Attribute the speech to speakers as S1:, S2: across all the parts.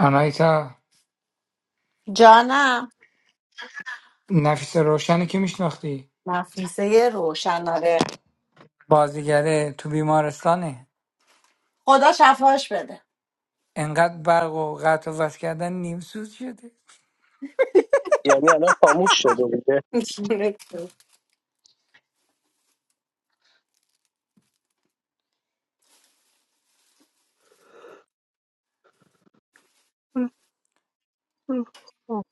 S1: آنایتا
S2: جانم
S1: نفیس روشنی که میشناختی
S2: نفیسه روشناره
S1: بازیگره تو بیمارستانه
S2: خدا شفاش بده
S1: انقدر برق و قطع و وصل کردن نیم سوز شده
S3: یعنی الان خاموش شده بوده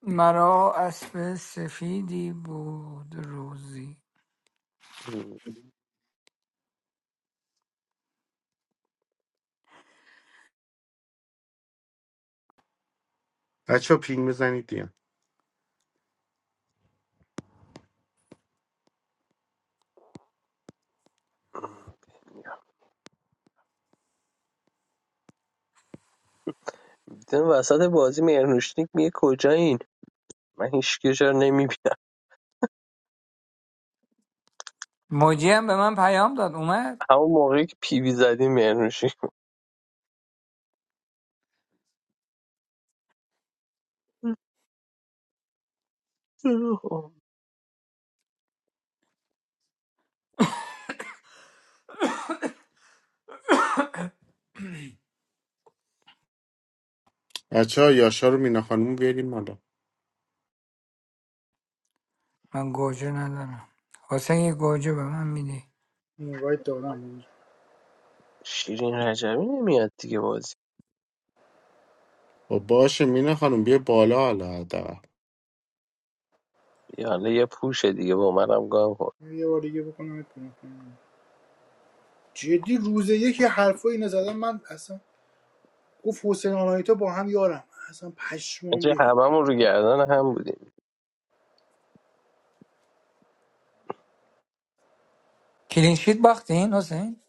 S1: مرا اسب سفیدی بود روزی
S4: بچه ها پینگ بزنید دیگه
S3: دیدم وسط بازی مهرنوشنیک میگه کجایین من هیچ کجا نمیبینم
S1: موجی هم به من پیام داد اومد
S3: همون موقعی که پیوی زدیم مهرنوشنیک
S4: بچه ها یاشا رو مینا خانوم بیاریم حالا
S1: من گوجه ندارم حسین یه گوجه به من میدی
S5: اینوایت دادم بهش.
S3: شیرین رجبی نمیاد دیگه بازی
S4: خب باشه مینا خانوم بیا بالا حالا حداقل.
S3: یا حالا یه پوشه دیگه با منم گام کن
S5: یه بار دیگه بکنم کنم. جدی روز یکی حرفا اینا زدم من اصلا گفت حسین آنایتا با هم یارم اصلا پشمام
S3: اینجا
S5: ریخت
S3: هممون رو گردن هم بودیم
S1: کلینشیت باختین حسین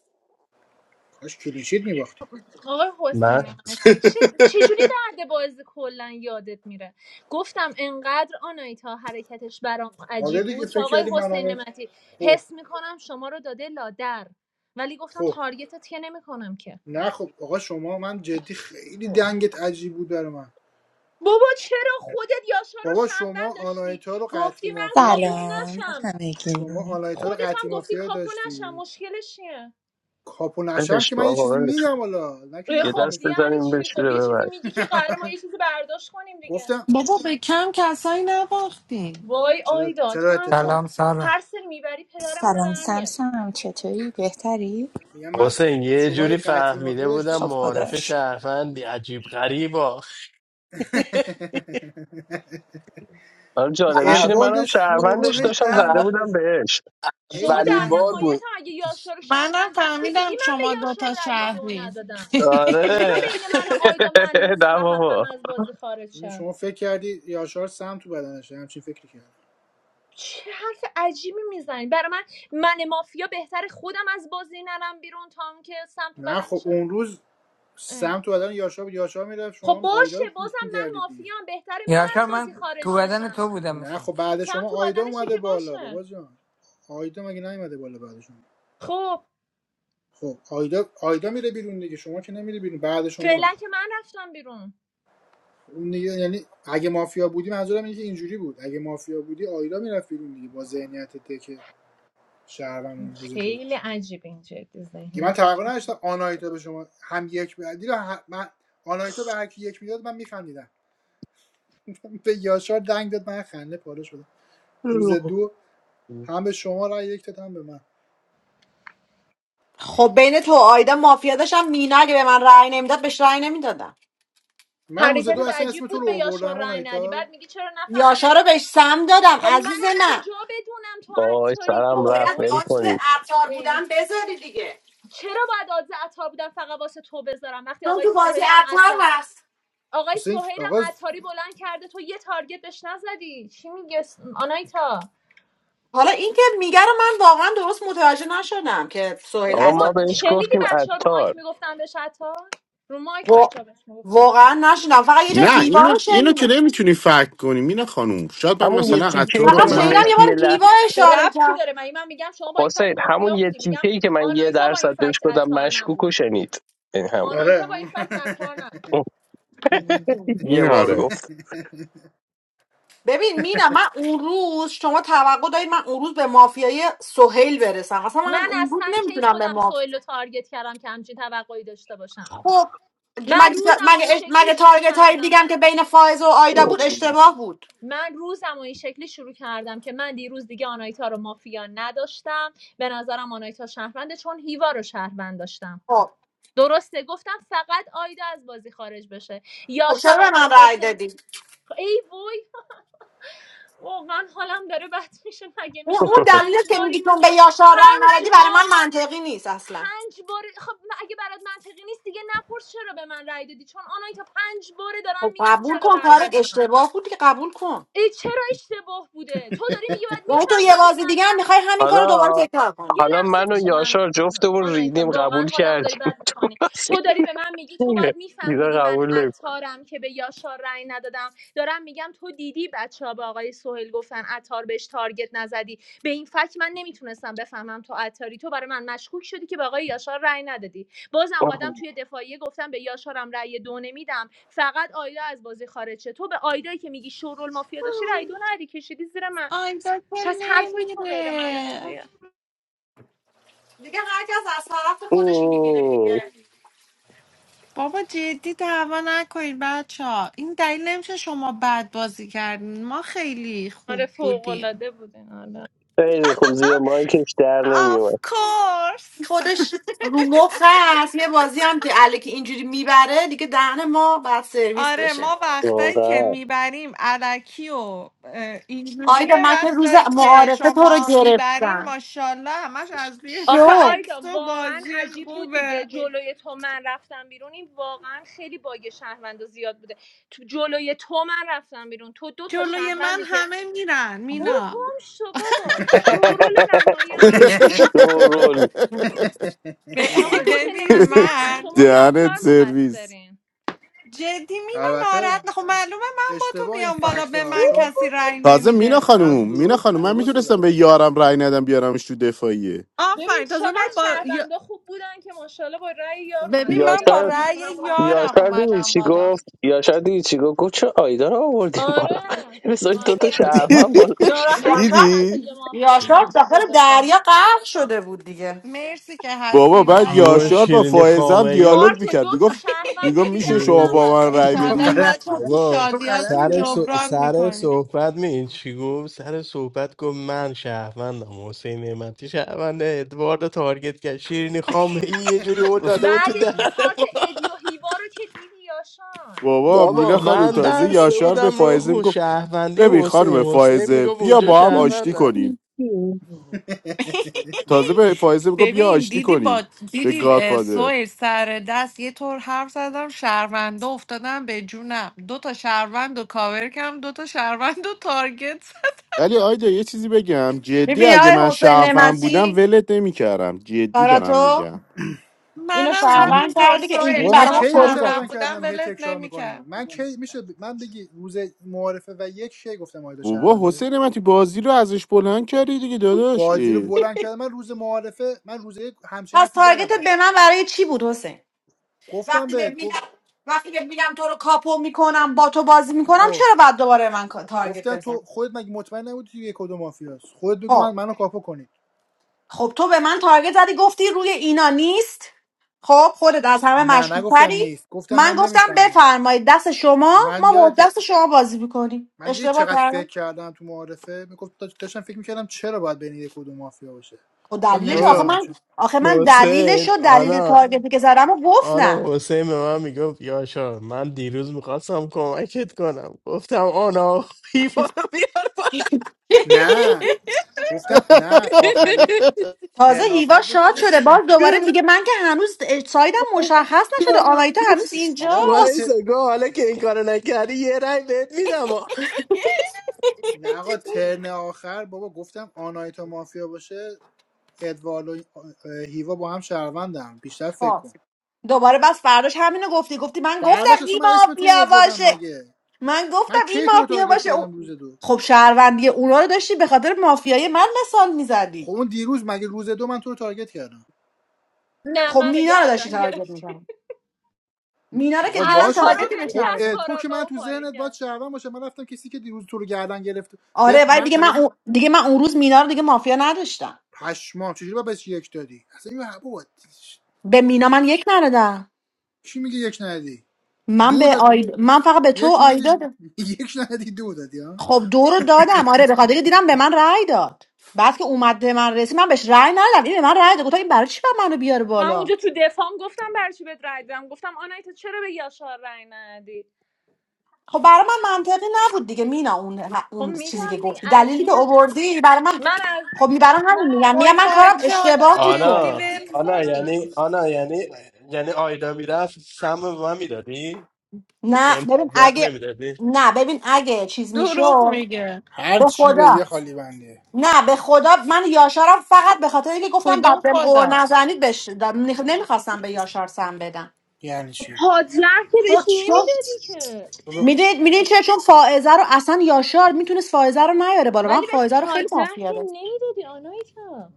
S5: کاش کلینشیت میباختیم
S6: آقای حسین
S7: من
S6: نعمتی چه چجوری بعد بازی کلا یادت میره گفتم انقدر آنایتا حرکتش برام
S5: آره
S6: عجیب
S5: دیگه
S6: بود که
S5: فکر
S6: آقای
S5: کردی من
S6: حسین
S5: آنایتا
S6: نعمتی
S5: خب
S6: حس میکنم شما رو داده لادر ولی گفتم
S5: خب
S6: تارگتت که نمیکنم که
S5: نه خب آقا شما من جدی خیلی دنگت عجیب بود برای من
S6: بابا چرا خودت یاشا رو
S5: بابا شما
S6: شهروند داشتی
S5: آنایتا رو قطعی
S6: گفتی من
S5: مافیا
S6: کاپو
S5: د-
S8: سلام به
S6: نشم
S8: همگی
S5: شما آنایتا رو
S6: خودت
S5: قطعی
S6: هم گفتی
S5: مافیا
S6: کاپو نشم
S5: داشتی
S6: مشکلش چیه
S5: کاپو نشم
S3: بدش
S5: که
S3: کن
S5: من یه
S3: آقا
S5: چیزی
S3: ولش کن.
S5: میگم والا نه که
S6: اه،
S3: یه
S5: نخوام
S6: خب
S3: دست
S5: بشم
S6: یعنی
S3: بزنیم
S6: چی خب
S3: بشوره
S6: یه چیزی
S3: ببر
S6: میگی که قرار ما یه چیزی برداشت کنیم دیگه
S5: گفتم
S9: بابا به کم کسایی نباختیم
S6: وای
S5: چرا
S6: آیدا
S5: چرا
S6: تو هم خود
S5: اتفاقا
S1: سلام سارا
S6: هر سری میبری پدرمون رو
S8: سلام
S6: در میاری
S8: سمسم چطوری بهتری
S5: میگم من
S7: حسین یه
S5: شما یه
S7: جوری
S5: قطعی مافیا
S7: فهمیده
S5: داشتی
S7: بودم
S8: خب
S7: معارف
S8: خداش
S7: شهروند عجیب غریبا
S3: حالا جالبیش اینه
S7: اول-
S5: ادوارد
S3: منم
S5: شورول
S3: شهروندش
S5: هی
S3: داشتم
S5: ده
S3: زده بودم
S5: میذاشت
S3: بهش
S5: هی
S6: شما در
S7: اولین
S5: ده
S7: بار
S6: نهایت
S5: میذاشت
S7: بود
S6: هم اگه یاشار رو
S9: منم
S6: شهروند داشتی دیدی
S9: فهمیدم
S6: من به
S9: شما
S6: یاشار
S9: دوتا
S6: رأی دو
S9: شهری
S6: ندادم چرا
S7: آره
S6: بین من و آیدا من
S3: نه
S6: مستحقم
S3: بابا
S6: از بازی خارج
S5: یعنی
S6: شم
S5: شما فکر کردی یاشار سم تو بدنشه همچین فکری کرد
S6: چه حرف عجیبی میزنی برای من من مافیا بهتر خودم از بازی نرم بیرون تا اون که سمت تو
S5: نه خب
S6: بدنش
S5: اون روز
S6: اه.
S5: سم تو بدن یاشار بود یاشار میرفت
S6: خب
S5: شما آیدا
S6: باشه
S5: رو پوش
S6: بازم من
S5: میکردید دیگه
S6: مافیام بهتر من
S1: یاشار
S6: از بازی
S1: من تو
S6: خارج
S1: بدن
S6: نشم
S1: تو بودم
S5: نه
S1: مثل
S5: خب
S1: اینکه.
S5: بعد
S6: سمت
S5: شما
S6: تو
S5: آیدا
S6: بدنشه
S5: اومده
S6: که
S5: بالا
S6: باشه
S5: بابا جان آیدا مگه نیومده بالا بعد شما
S6: خب
S5: خب آیدا آیدا میره بیرون دیگه شما که نمیری بیرون بعد شما
S6: فعلا که من رفتم بیرون
S5: اون دیگه یعنی اگه مافیا بودی منظورم اینه که اینجوری بود اگه مافیا بودی آیدا میرفت بیرون دیگه با ذهنیت تک شهروند روز دو
S6: خیلی عجیب این جدی
S5: که من تقریبا
S6: ذهنیتتون
S5: نداشتم آنایتا به شما هم یک بدی من آنایتا به هر کی یک میداد من میخندیدم به یاشار دنگ داد من خنده پاره شدم روز دو هم به شما رای یک داد هم به من
S2: خب بین تو و آیدا مافیا داشتم مینا اگه به من رأی نمیداد بهش رأی نمیدادم
S5: من روز دو
S6: حرکتت
S5: اصلا اسم
S6: عجیب
S5: تو
S6: بود
S5: رو
S6: به یاشار
S5: آوردم
S6: رای ندی بعد
S5: آنایتا
S6: میگی چرا
S2: یاشا
S6: نفهمیدین من
S2: رو بهش سم دادم
S6: خب من
S2: عزیز
S6: از
S2: من
S6: کجا بدونم تو
S3: وای
S6: عطاری
S2: تو
S3: سرم رفت
S2: باید
S6: وای
S3: ول
S2: آسب
S3: کنید
S2: عطار
S6: اه.
S2: بودن بذاری دیگه
S6: چرا باید آدز عطار بودن فقط واسه تو بذارم وقتی
S2: چون
S6: آقای
S2: تو بازی
S6: سهیلم
S2: عطار
S6: عطار
S2: هست
S6: آقای
S5: مثل این
S6: سهیلم
S5: آقا
S6: عطاری بلند کرده تو یه تارگت بهش نزدی چی میگه س- آنایتا
S2: حالا این که میگه رو من واقعا درست متوجه نشدم که سهیل
S3: آقا
S2: عطار
S3: ما
S6: بابا
S3: بهش
S6: شنیدی
S3: گفتیم
S6: بچه ها رو
S3: عطار
S6: مایک میگفتن بهش عطار رو مایک
S2: و...
S6: بچه ها بهش میگفتن
S2: واقعا نشدم فقط یه جا
S4: نه
S2: هیوا
S4: اینو
S2: رو
S4: اینو که
S2: شنیدم
S4: نمیتونی فکر کنی مینا خانوم شاید من
S3: همون یه
S2: هی-
S4: مثلا از
S3: تیکه
S4: تو
S3: ای که
S4: رو
S5: چرا
S2: فقط
S3: من
S4: من
S2: شنیدم
S3: بهش
S5: فکر
S2: یه بار
S3: یه
S5: کنی؟
S3: لحظه
S2: هیوا
S6: چه
S2: اشاره
S6: ربطی داره من من میگم شما با این فکت
S3: حسین همون
S6: مافیا
S3: یه
S6: بودی
S3: تیکه
S6: میگم
S3: ای که من یه
S6: آنایتا با این
S3: درصد بهش
S6: فکت
S3: گفتم
S6: عطار نبود
S3: مشکوکو شنید این همون
S6: آنایتا
S5: آره
S6: با این
S5: اون-
S6: فکت عطار نبود
S2: کرد
S3: یه
S4: این
S3: بار
S4: آره
S3: گفت
S2: ببین مینا من اون روز شما توقع دارید من اون روز به مافیای سهیل برسم اصلا من
S6: من
S2: اون روز
S6: اصلا کی
S2: نمیتونم به
S6: خودم
S2: مافیا
S6: سویل رو تارگت کردم که همچین توقعی داشته باشم
S2: خب ج-
S6: من
S2: مگه
S6: روزم و
S2: مگه
S6: این
S2: اش-
S6: شکلی
S2: مگه
S6: شروع
S2: تارگت های
S6: کردم
S2: دیگم که بین فائز و آیدا بود اشتباه بود
S6: من روزم و این شکلی شروع کردم که من دیروز دیگه آنایتا رو مافیا نداشتم به نظرم آنایتا شهرونده چون هیوا رو شهروند داشتم
S2: خب
S6: درسته گفتم فقط آیدا از بازی خارج بشه
S2: خب چرا
S6: یاشار
S2: به من
S6: آقای
S2: رأی
S6: حسین
S2: دادی
S6: ای وای واقعا حالم داره بد میشه مگه
S2: اون
S6: میشه
S2: اون
S6: من
S2: دلیلی
S6: پنج
S2: که
S6: بار
S2: میگی
S6: اینو
S2: چون به یاشار رأی
S6: پنج
S2: ندادی برای
S6: بار
S2: من منطقی نیست اصلا
S6: پنج بار خب اگه برات منطقی نیست دیگه نپرس چرا به من رأی دادی چون آنایی تا پنج باره دارم
S2: خب
S6: میگم
S2: قبول
S6: چرا
S2: کن
S6: رأی
S2: کارت
S6: دادم
S2: اشتباه بود که قبول کن
S6: ای چرا اشتباه بوده تو داری میگی باید
S2: یعنی تو یه
S6: میفهمیدین
S2: بازی
S6: من
S2: دیگه هم میخوای همین کار رو دوباره
S3: حالا
S2: تکرار
S6: یه
S2: کنی
S3: حالا
S6: لحظه
S3: من و
S6: میشه من
S3: یاشار جفتمون
S6: آنایتا
S3: ریدیم قبول
S6: واقعا حالمو داری
S3: کردیم
S6: بد
S3: تو
S6: میکنی
S3: بازی
S6: تو داری به من میگی تو باید
S3: اینا
S6: میفهمیدی من
S3: قبول
S6: عطارم که به یاشار رأی ندادم دارم میگم تو دیدی بچه ها به آقای سهیل گفتن عطار بهش تارگت نزدی به این فکر من نمیتونستم بفهمم تو عطاری تو برای من مشکوک شدی که به آقای یاشار رأی ندادی باز اومدم
S3: نمی‌کنه.
S6: توی دفاعیه گفتم به یاشارم رأی دو نمیدم فقط آیدا از بازی خارج شه تو به آیدایی که میگی شورول مافیا داشتی رأی دو ندی کشیدی زیر من
S9: آیدا که
S6: پس حرفای تو غیر
S9: نمیره
S6: منطقیه
S2: دیگه هر کس از طرف خودش
S3: اوه،
S2: میگیره
S9: بابا جدی دعوا نکنید بچه ها این دلیل نمیشه شما بد بازی کردین ما خیلی
S6: آره
S9: خوب
S6: فوق
S9: بودیم
S6: العاده بود
S3: خیلی خوب زیر مایکش در
S9: of
S3: نمیومد
S9: course
S2: خودش رو مخ هست یه بازی هم که الکی اینجوری میبره دیگه دهن ما بعد سرویس
S9: آره
S2: بشه
S9: ما وقتایی که
S3: واقعا
S9: میبریم علکی و اه،
S2: آیدا
S9: اینجوریه
S2: من که روز
S9: وقتایی که
S2: معارفه تو رو
S9: شما میبرین
S2: گرفتم
S9: ماشاءالله همش از روی
S6: آخه
S2: شو
S6: آیدا
S9: فکس و
S6: واقعا
S9: بازی
S6: عجیب بود دیگه
S9: خوبه
S6: جلوی تو من رفتم بیرون این واقعا خیلی باگ شهروندا زیاد بوده تو جلوی تو من رفتم بیرون تو دو تا
S9: جلوی من
S6: شهروندی که
S9: همه میرن
S6: برو
S9: مینا
S6: گم شو بابا شورول نمایان
S3: شورول
S9: ب-
S6: آقای حسین
S9: ببین
S6: نعمتی نخن
S9: من
S6: شما
S4: دهنت
S6: یاشار
S4: سرویس
S6: مقصرین
S9: جدی مینا
S5: البته
S9: ناراحت نه. خب معلومه من با تو
S5: اشتباه این
S9: میام بالا
S5: فکت
S9: به
S5: ها
S9: من
S6: برو
S5: چون
S9: کسی
S6: بابا
S9: رأی
S4: تازه مینا
S9: نمیده
S6: تخم.
S5: نه تو
S4: خانوم مینا
S5: درست
S4: خانوم من
S5: درست بود
S4: میتونستم به
S5: البته
S4: یارم رای ندم بیارمش تو دفاعیه
S6: ببین
S9: آفرین تازه من
S6: چقدر
S9: با یا-
S6: شهروندا خوب بودن که ماشاءالله با رأی یار اومد
S9: ببین
S6: توی
S9: من با
S3: یاشار
S6: دفاع من
S9: رأی
S6: همونم
S9: یارم
S3: یاشار دیدی
S9: اومدم
S3: چی
S9: بالا
S3: گفت یاشار دیدی چی گفت گفت چه آیدا رو آوردیم بالا
S6: آره
S3: بذارید
S6: آره
S3: دوتا شهرمن بالا
S6: ناراحت بود
S2: یاشار
S6: حتی
S4: دیدی
S6: یه مافیا
S2: یاشار
S6: آمده توی
S2: داخل
S6: دفاع
S2: دریا غرق شده بود دیگه
S9: مرسی که
S4: بابا
S9: هستین
S4: بعد
S9: بچه
S7: بابا
S4: یاشار با
S7: شیرینی
S4: فائزم
S7: خامه یا
S4: دیالوگ
S6: کارت دو
S4: میکرد
S6: تا
S4: میگفت
S6: شهروند
S4: میگم
S6: رو دیدن
S4: میشه شما
S6: من
S7: شیرینی
S4: با
S7: خ-
S6: باید
S4: من
S6: برم
S4: رأی
S5: گفت
S9: ایشالله
S6: بیرون
S4: بدی
S5: غلط
S9: بچه ها تو
S7: بابا
S5: گفت غلط
S9: شادیاتون
S7: سر,
S5: کردم
S7: صح-
S9: جبران
S7: سر
S9: میکنی
S7: صحبت می چی گفت سر صحبت گفت من شهروندم حسین نعمتی شهرونده ادوارد رو تارگت کرد شیرینی خامه ای یه جوری هل داده بود تو
S6: بعدش
S7: دهن
S6: که کارت
S7: ما
S6: ادی و هیوا رو که دیدی یاشان
S4: بابا
S7: بابا
S6: کارت
S4: مینا
S6: اون
S4: خانم
S6: دوتا
S7: من
S6: رو
S4: تازه
S6: دیدی
S7: بسته
S4: یاشار
S6: دیگه
S4: به
S7: بودم رو
S4: فائزه
S7: خو-
S4: میگفت
S7: شهروندی
S4: ببین
S7: حسین
S4: خانم
S7: حسین
S4: فائزه
S7: میگفت
S4: بیا
S7: اونجا
S4: با هم آشتی
S7: شهروندن
S4: کنیم تازه به فائزه میگفت بیا
S9: ببین
S4: آشتی
S9: دیدی با
S4: کنیم به
S9: دیدی اه،
S4: گادفادر
S9: سهیل سر دست یه طور حرف زدم شهرونده افتادم به جونم دو تا شهروند و کاور کم دو تا شهروند و تارگت زدم.
S4: ولی آیدا یه چیزی بگم جدی
S2: ببین
S4: اگه من
S2: آقای حسین
S4: شهروند بودم
S2: نعمتی
S4: ولت نمیکردم جدی
S2: برا
S4: دارم
S2: تو
S4: میگم
S2: اینو
S9: منم
S5: کدوم
S2: شهروند
S9: همینطور
S2: کردی که اینجوری
S9: سویل
S5: بابا من
S2: برای ما
S9: منم
S5: کی اینو
S2: فوری بده
S5: شرابن
S9: شهروند بودم
S5: کردم هی
S9: ولت
S5: تکرار میکنی
S9: نمیکرد
S5: من کی میشه ب- من بگی روز معارفه و یک کی گفتم آیدا
S4: بابا
S5: شربنده
S4: حسین من بازی رو ازش بلند کردی دیگه داداش
S5: بازی رو
S4: اه.
S5: بلند کردم من روز معارفه من روز یک همچین
S2: پس
S5: حرفی زدم
S2: تارگتت به
S5: علکی
S2: من برای چی بود حسین
S5: گفتم
S2: وقتی به
S5: بهت
S2: میگم
S5: گفت
S2: وقتی که میگم تو رو کاپو میکنم با تو بازی میکنم
S5: اوه
S2: چرا بعد دوباره من کا- تارگت
S5: گفتم
S2: بزنی
S5: تو خودت مگه مطمئن نبودی توی یک کدوم مافیاست خودت بگو من
S2: خب
S5: منو کاپو کنی
S2: خب تو به من تارگت زدی گفتی روی اینا نیست خب خودت از همه
S5: نه
S2: مشکوک
S5: نگفتم
S2: پری
S5: نیست گفتم
S2: من
S5: من
S2: گفتم
S5: نمیفهمم
S2: بفرمایید دست شما
S5: من
S2: ما با
S5: یادت
S2: دست شما بازی میکنیم
S5: من دیدی
S2: اشتباه
S5: چقدر فکر
S2: کردم
S5: کردم تو معارفه میگفت دا- داشتم فکر میکردم چرا باید بین یک و دو مافیا باشه
S2: خب
S5: چون
S2: دلیلش آخه
S7: بابا
S5: نمیفهمم
S2: من
S5: چه
S2: آخه من
S7: حسین
S2: دلیلش و دلیل
S7: آنا
S2: تارگتی که زدم و گفتم
S7: آنا حسین به من میگفت یاشا من دیروز میخواستم کمکت کنم گفتم آنا خیفا رو بیار پایین.
S5: نه گفتم نه آخری
S2: تازه
S5: ترن آخر
S2: هیوا شاد
S5: گفتم
S2: شده باز دوباره دیگه من که هنوز سایدم مشخص نشده آنایتا هنوز
S5: آقا من
S2: اینجاست
S7: وایسا
S5: ت...
S7: گو حالا که این کارو نکردی یه رای بهت میدم
S5: نه آقا ترن آخر بابا گفتم آنایتا مافیا باشه ادوارد و اه، هیوا با هم شهروندم بیشتر فکر
S2: خب
S5: کن
S2: دوباره بس فرداش همینو گفتی گفتی من گفتم
S5: برداشت اصلا من
S2: هیوا
S5: اسم تو رو
S2: بیا
S5: آوردم
S2: باشه
S5: مگه
S2: من گفتم
S5: من
S2: این
S5: کی تو رو
S2: مافیا
S5: تارگت
S2: باشه
S5: کردم روز
S2: اون-
S5: دو
S2: خب شهروندی اونا رو داشتی به خاطر مافیای من مثال
S5: خب
S2: میزدی
S5: اون دیروز مگه روز دو من تو رو تارگت کردم
S6: نه
S2: خب
S6: منو
S2: مینا رو داشتی
S6: گردن
S2: تارگت
S6: گرفتی
S2: میکنم مینا رو که
S5: آقا
S2: دیگه من
S5: باشه
S6: عطا رو
S5: خب
S2: تارگتی
S6: ول
S2: بهش
S5: خب،
S6: کرد
S2: نداشتم
S5: تو که من
S6: کاراگاه و
S5: تو
S6: پاره
S5: ذهنت باید
S6: کرد
S5: شهروند باشه من رفتم کسی که دیروز تو رو گردن گرفت بهت
S2: آره ولی
S5: من
S2: دیگه
S5: مگه
S2: من
S5: من
S2: اون... دیگه من اون روز مینا رو دیگه مافیا نداشتم
S5: پشمام چجوری باید بهش یک دادی اصلا این بابا
S2: به مینا من یک ندادم
S5: کی میگه یک ندی
S2: من
S5: دو
S2: به
S5: دادی
S2: آید... من فقط به تو و
S5: یک
S2: آیدا
S5: ندی
S2: دادم.
S5: یک ندی دو دادی ها
S2: خب دو رو دادم آره به خاطر که دیدم به من رأی داد بعد که اومد به من رسید من بهش رأی ندادم این به من رأی داد گفتم این برای چی باید منو بیاره
S6: من
S2: بالا
S6: اونجا تو دفام گفتم برای چی بهت رای دادم گفتم آنای تو چرا به یاشار رای ندی
S2: خب برای من منطقی نبود دیگه مینا اون
S6: خب
S2: اون چیزی
S6: میگم
S2: که
S6: دیگه،
S2: گفتی دلیلی که
S6: عجیبه دیگه
S2: آوردی برای من
S6: من از
S2: خب می برای
S6: من
S2: همین میگم
S6: از
S2: میگم
S9: وای
S2: من
S6: چند
S2: کارم
S9: بچه
S6: نفر
S9: ها
S2: اشتباه
S6: دارم
S2: بود که
S9: جدی
S7: آنا
S6: تارگت
S9: ول
S7: آنا
S9: کنی
S6: میخورم
S7: یعنی آنا یعنی یعنی آیدا میرفت سم به من میدادی
S2: نه
S7: بهم
S2: ببین
S7: 15
S2: اگه
S7: نمیدادی
S2: نه ببین اگه چیز
S9: دروغ
S2: میشد
S9: میگه
S5: هر
S2: به
S5: چی به یه
S2: خدا
S5: خالی بنده
S2: نه به خدا من یاشارم فقط به خاطر اینکه گفتم
S9: کدوم
S2: بعد بهم قور
S9: خدا
S2: نزنید بش نمیخواستم به یاشار سم بدم
S5: یعنی چی
S6: پادلر که بهش
S2: چون چون
S6: نمیدادی که
S5: تو به
S2: میدونید میدونید چه چون فائزه رو اصلا یاشار میتونست فائزه رو نیاره بالا من
S6: ولی بهش
S2: فائزه رو خیلی
S6: پادزهر که
S2: مافیا داشتم
S6: نمیدادی آنایتا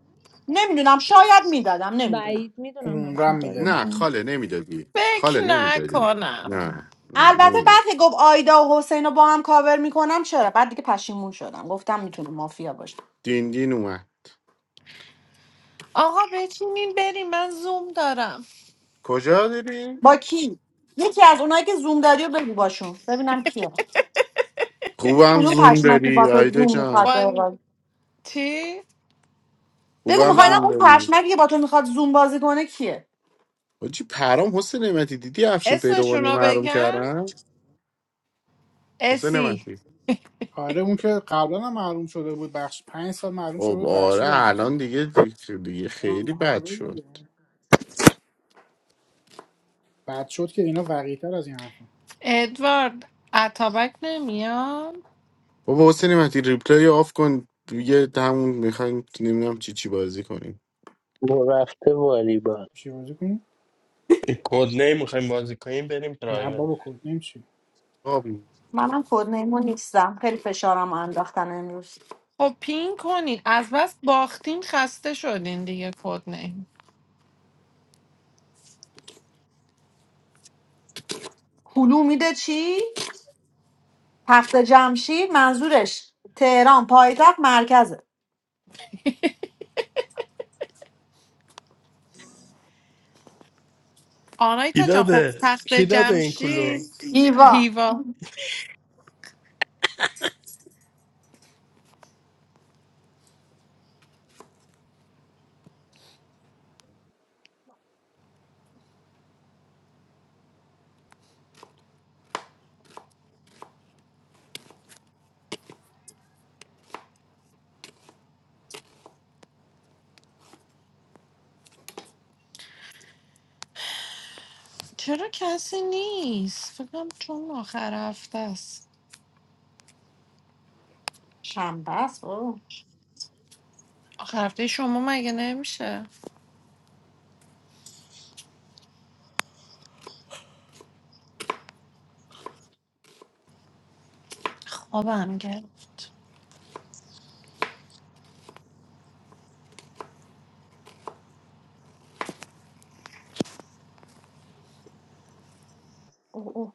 S2: نمیدونم شاید میدادم نمیدونم
S6: بعید میدونم
S5: عمرم
S6: همچین کاری
S5: میدادی
S4: نه
S6: میکنم
S4: خاله نمیدادی
S9: فکر
S4: خاله نمیدادی
S9: نکنم
S4: نه نه
S2: البته
S4: نمیدادی
S2: بعد که گفت آیدا و حسین رو با هم کاور میکنم چرا بعد دیگه پشیمون شدم گفتم میتونه مافیا باشه
S4: دین دین اومد
S9: آقا بچینین بریم من زوم دارم
S4: کجا داری؟
S2: با کی یکی از اونایی که زوم داری رو بگو باشون ببینم کیه
S4: خوبم
S2: کدوم
S4: زوم
S2: پشمکی با
S4: داری
S2: تو
S4: آیده
S2: زوم میخواد
S4: جان
S9: با
S2: بازی
S9: تی
S2: بگو
S4: خوبم
S2: میخوای نه
S4: زوم
S9: با
S2: اون
S4: داری
S2: پشمکی که با تو میخواد زوم بازی کنه کیه
S4: حاجی پرام حسین نعمتی دیدی افشین
S9: اسمشون
S4: پیروانی
S9: رو
S4: محروم
S9: بگم
S4: کردن حسین
S9: اسی
S4: نعمتی
S5: آره اون که قبلا هم معلوم شده بود بخش پنج سال معلوم شده
S4: خب
S5: بود
S4: آره
S5: بخشیدنش
S4: الان دیگه دیگه خیلی
S5: آه،
S4: بد
S5: آره
S4: شد
S5: دیگه. بعد شد که اینا وقیتر از این حرفا
S9: ادوارد اتابک نمیان
S4: بابا حسین نعمتی ریپلای آف کن دیگه همون میخوایم نمیدونم چی چی بازی کنیم
S3: رفته والیبال
S5: چی بازی کنیم
S7: این کد نیم میخوایم بازی کنیم بریم
S5: نه
S7: پرایوه
S5: بابا کد نمیشه.
S4: آب.
S2: منم کد نیمون نیستم خیلی فشارم انداختن امروز
S9: خب پین کنین از بس باختین خسته شدین دیگه کد نیم
S2: کلو میده چی تخت جمشید منظورش تهران پایتخت مرکزه
S7: کی
S9: آنایتا جان خب
S7: داده
S9: تخت
S7: کی داده این
S9: جمشید
S7: کلو
S2: ایوا
S9: هیوا چرا کسی نیست فکرم چون آخر هفته است
S2: شنبه است اوه.
S9: آخر هفته شما مگه نمیشه خوابم گرفت
S2: اوه، اوه.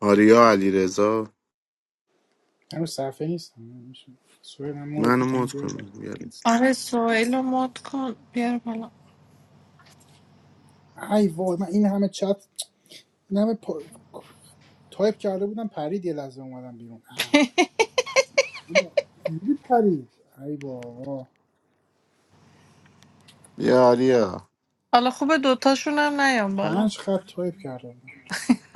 S4: آریا علیرضا
S5: من رو صفحه نیستم میشه. سوهل من مودت
S4: منو
S5: میکنم
S4: مد
S5: بیار بالا
S4: کن بیا
S9: آره سویل رو مد کن بیار بالا
S5: ای وای من این همه چت این همه پا... تایپ کرده بودم پرید یه لحظه اومدم بیرون اه، بابا، دیدی پرید ای بابا
S4: بیا آریا
S9: حالا خوبه دوتاشون هم نیام بالا
S5: پنج خط تایپ کرده بودم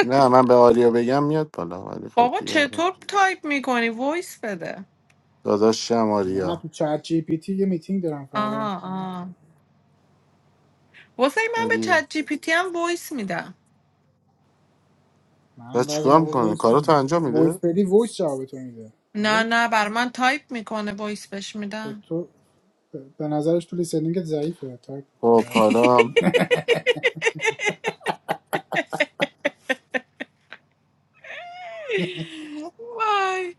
S4: نه من به آریا بگم میاد بالا ولی خب
S9: بابا
S4: دیگه آره
S9: چطور تایپ میکنی وایس بده
S4: داداشم
S5: نه
S4: آریا
S5: تو چت جی پی تی یه میتینگ دارم فردا
S9: آها آها واسه من به
S4: آریا.
S9: چت جی پی تی هم وایس میدم
S4: و
S5: منم بعضی
S4: چیکار
S5: موقع
S4: میکنه
S5: وایس
S4: کاراتو
S5: میدم
S4: انجام
S5: وایس
S4: میده
S5: بدی وایس جواب تو میده
S9: نه
S5: آره
S9: نه بر من تایپ میکنه وایس بهش
S5: تو,
S9: میدم
S5: تو به نظرش تو لیسنینگت ضعیفه تا
S4: خب
S5: بعد
S4: حالا
S9: وای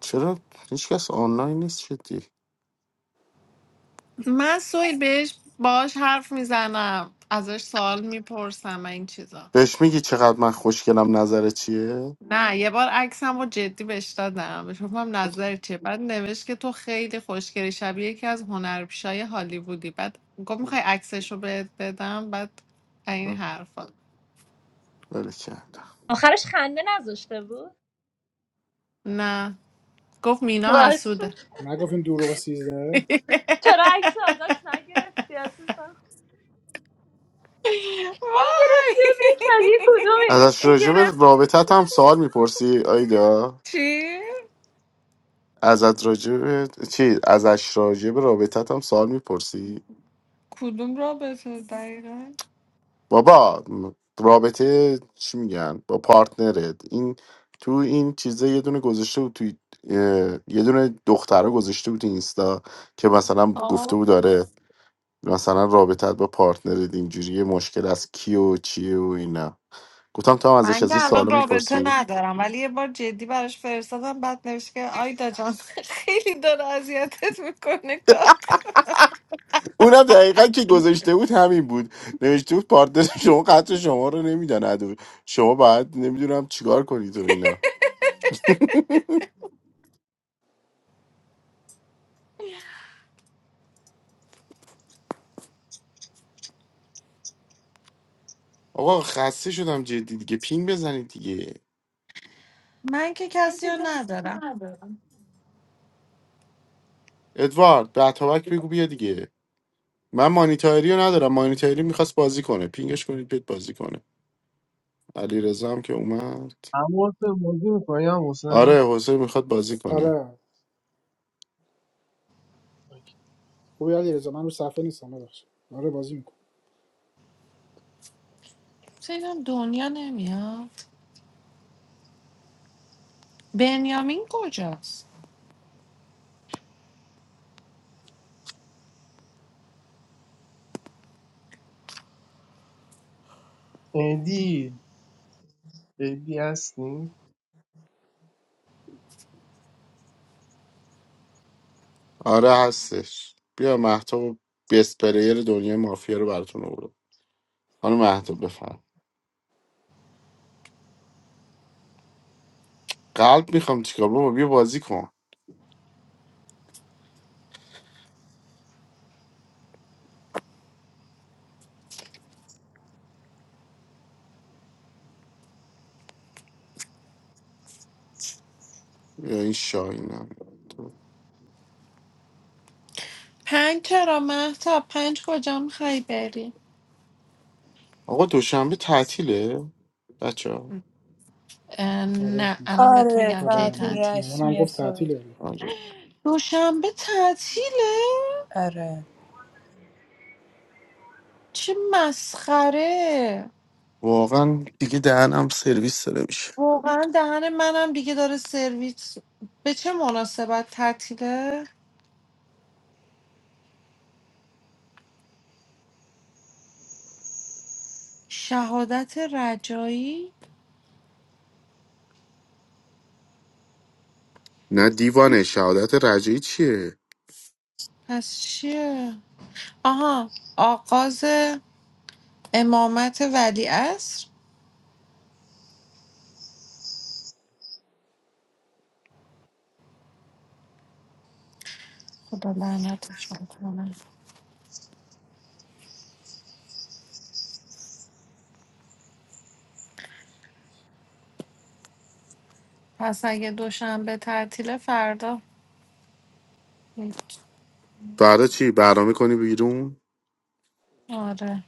S4: چرا هیچکس آنلاین نیست شدی
S9: من سویل بهش باش حرف میزنم ازش سوال میپرسم این چیزا
S4: بهش میگی چقدر من خوشگلم نظر چیه
S9: نه یه بار عکسم رو جدی بهش دادم بهش گفتم نظر چیه بعد نوشت که تو خیلی خوشگلی شبیه یکی از هنرپیشای هالیوودی بعد گفت میخوای عکسش رو بهت بدم بعد این حرفا
S4: بله کرد
S6: آخرش خنده نذاشته بود
S9: نه گفت مینا
S6: باش
S9: حسوده
S5: نگفتین دروغ 13
S6: چرا عکس ازش نگرفتی عزیزم
S9: وای
S6: میگرفتی ببینی شبیه کدومی
S4: ازش راجع به
S6: میگرفتی
S4: رابطت هم سوال میپرسی آیدا
S9: چی؟
S4: ازت راجع به چی ازش راجع به رابطت هم سوال میپرسی
S9: کدوم رابطه دقیقا؟
S4: بابا رابطه چی میگن با پارتنرت این تو این چیزه یه دونه گذاشته بود توی اه، یه دونه دختره گذاشته بود تو اینستا که مثلا گفته
S9: آه.
S4: بود داره مثلا رابطت با پارتنرت اینجوری مشکل از کی و چیه و اینا گفتم تو هم ازش
S9: من که
S4: از این
S9: الان
S4: سوالا
S9: رابطه
S4: میپرسی
S9: ندارم ولی یه بار جدی براش فرستادم بعد نوشت که آیدا جان خیلی داره اذیتت میکنه کار
S4: اونم دقیقا که گذاشته بود همین بود نوشته بود پارتنر شما قطع شما رو نمیداند شما باید نمیدونم چیکار کنید و اینا آقا خسته شدم جدی دیگه پین بزنید دیگه
S9: من که کسی رو ندارم
S4: ادوارد به اتابک بگو بیا دیگه من مانیتاری رو ندارم مانیتاری میخواست بازی کنه پینگش کنید بیاد بازی کنه علی هم که اومد
S10: Amos, Mazoo, Payam, Hossein,
S4: آره حسین میخواد بازی کنه
S5: آره خوبی علیرضا من رو صفحه نیستم ببخشید آره بازی می‌کنم.
S9: سیدم دنیا نمیاد بنیامین کجاست
S10: Andy, Baby, Asni.
S4: آره هستش بیا محتاب بیست پلیر دنیای مافیا رو براتون آورد حالا محتاب بفرم قلب میخوام چیکار بابا بیا بازی کن بیا این شاهینم
S9: پنج چرا مهتا پنج کجا میخوایی بری
S4: آقا دوشنبه تعطیله بچه
S9: اه،
S5: آره
S9: نه الان بهت
S8: آره
S9: میگم کی
S5: آره
S8: تعطیل
S5: من
S9: تعطیل
S5: مامانم
S8: رسمی
S5: گفت
S8: سوئیل
S5: تعطیله
S4: آره
S9: دوشنبه تعطیله
S8: آره
S9: چه مسخره
S4: واقعا دیگه دهنم سرویس داره میشه
S9: واقعا دهن منم دیگه داره سرویس به چه مناسبت تعطیله شهادت رجایی
S4: نه دیوانه شهادت رجعی چیه
S9: پس چیه آها آغاز امامت ولی خدا لعنتش کنه پس اگه دوشنبه تعطیله فردا هیچ.
S4: فردا چی برنامه کنی بیرون
S9: آره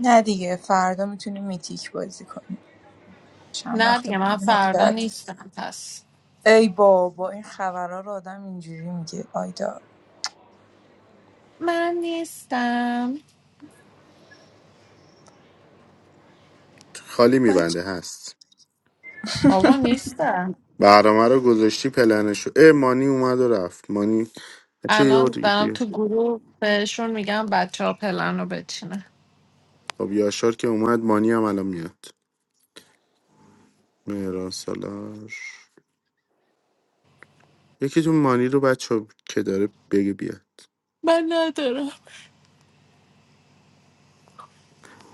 S8: نه دیگه فردا میتونیم میتیک بازی کنیم چند
S9: نه
S8: وقت
S9: دیگه
S8: بود
S9: من فردا
S8: نکرد
S9: نیستم پس
S8: ای بابا این خبرها رو آدم اینجوری میگه آیدا
S9: من نیستم
S4: خالی میبنده
S8: بچه
S4: هست
S9: بابا نیستم
S4: برنامه رو گذاشتی پلنشو اه مانی اومد و رفت مانی چه یه
S9: الان
S4: بار
S9: دارم
S4: دیگه.
S9: تو گروه بهشون میگم بچه ها پلن رو بچینه
S4: خب یاشار که اومد مانی هم الان میاد مهران سالار یکیتون مانی رو بچه که داره بگه بیاد
S9: من ندارم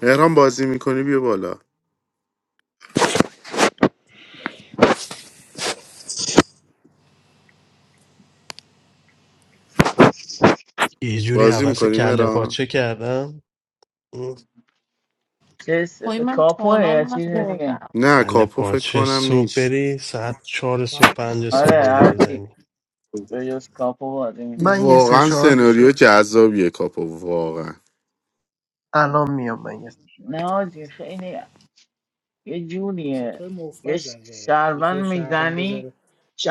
S4: مهران بازی میکنی بیا بالا
S7: یه جوری
S4: بازی
S7: حوث
S4: میکنی
S7: کله
S4: مهران
S7: پاچه کردم اه.
S11: چیز
S9: وای من
S11: کاپوه
S9: تانال
S11: یا چیز دیگه
S9: نخوردم
S4: نه
S7: کله
S4: کاپو فکر
S7: پاچه
S4: کنم
S7: صبح
S4: نیست
S7: بری ساعت چهار صبح
S5: فقط
S7: پنج
S11: آره
S7: صبح بری
S11: هرچی
S7: بزنی
S11: به جز کاپو بازی میکنه
S10: I'm a
S4: واقعا
S10: special order.
S4: سناریو جذابیه کاپو واقعا
S10: I'm not a special order.
S11: نه آجی خیلی یه
S5: واسه
S11: جوریه
S5: تو
S11: یه
S5: موفر جذابه
S11: شهروند
S5: یکی شهروند
S11: میزنی
S5: بذاره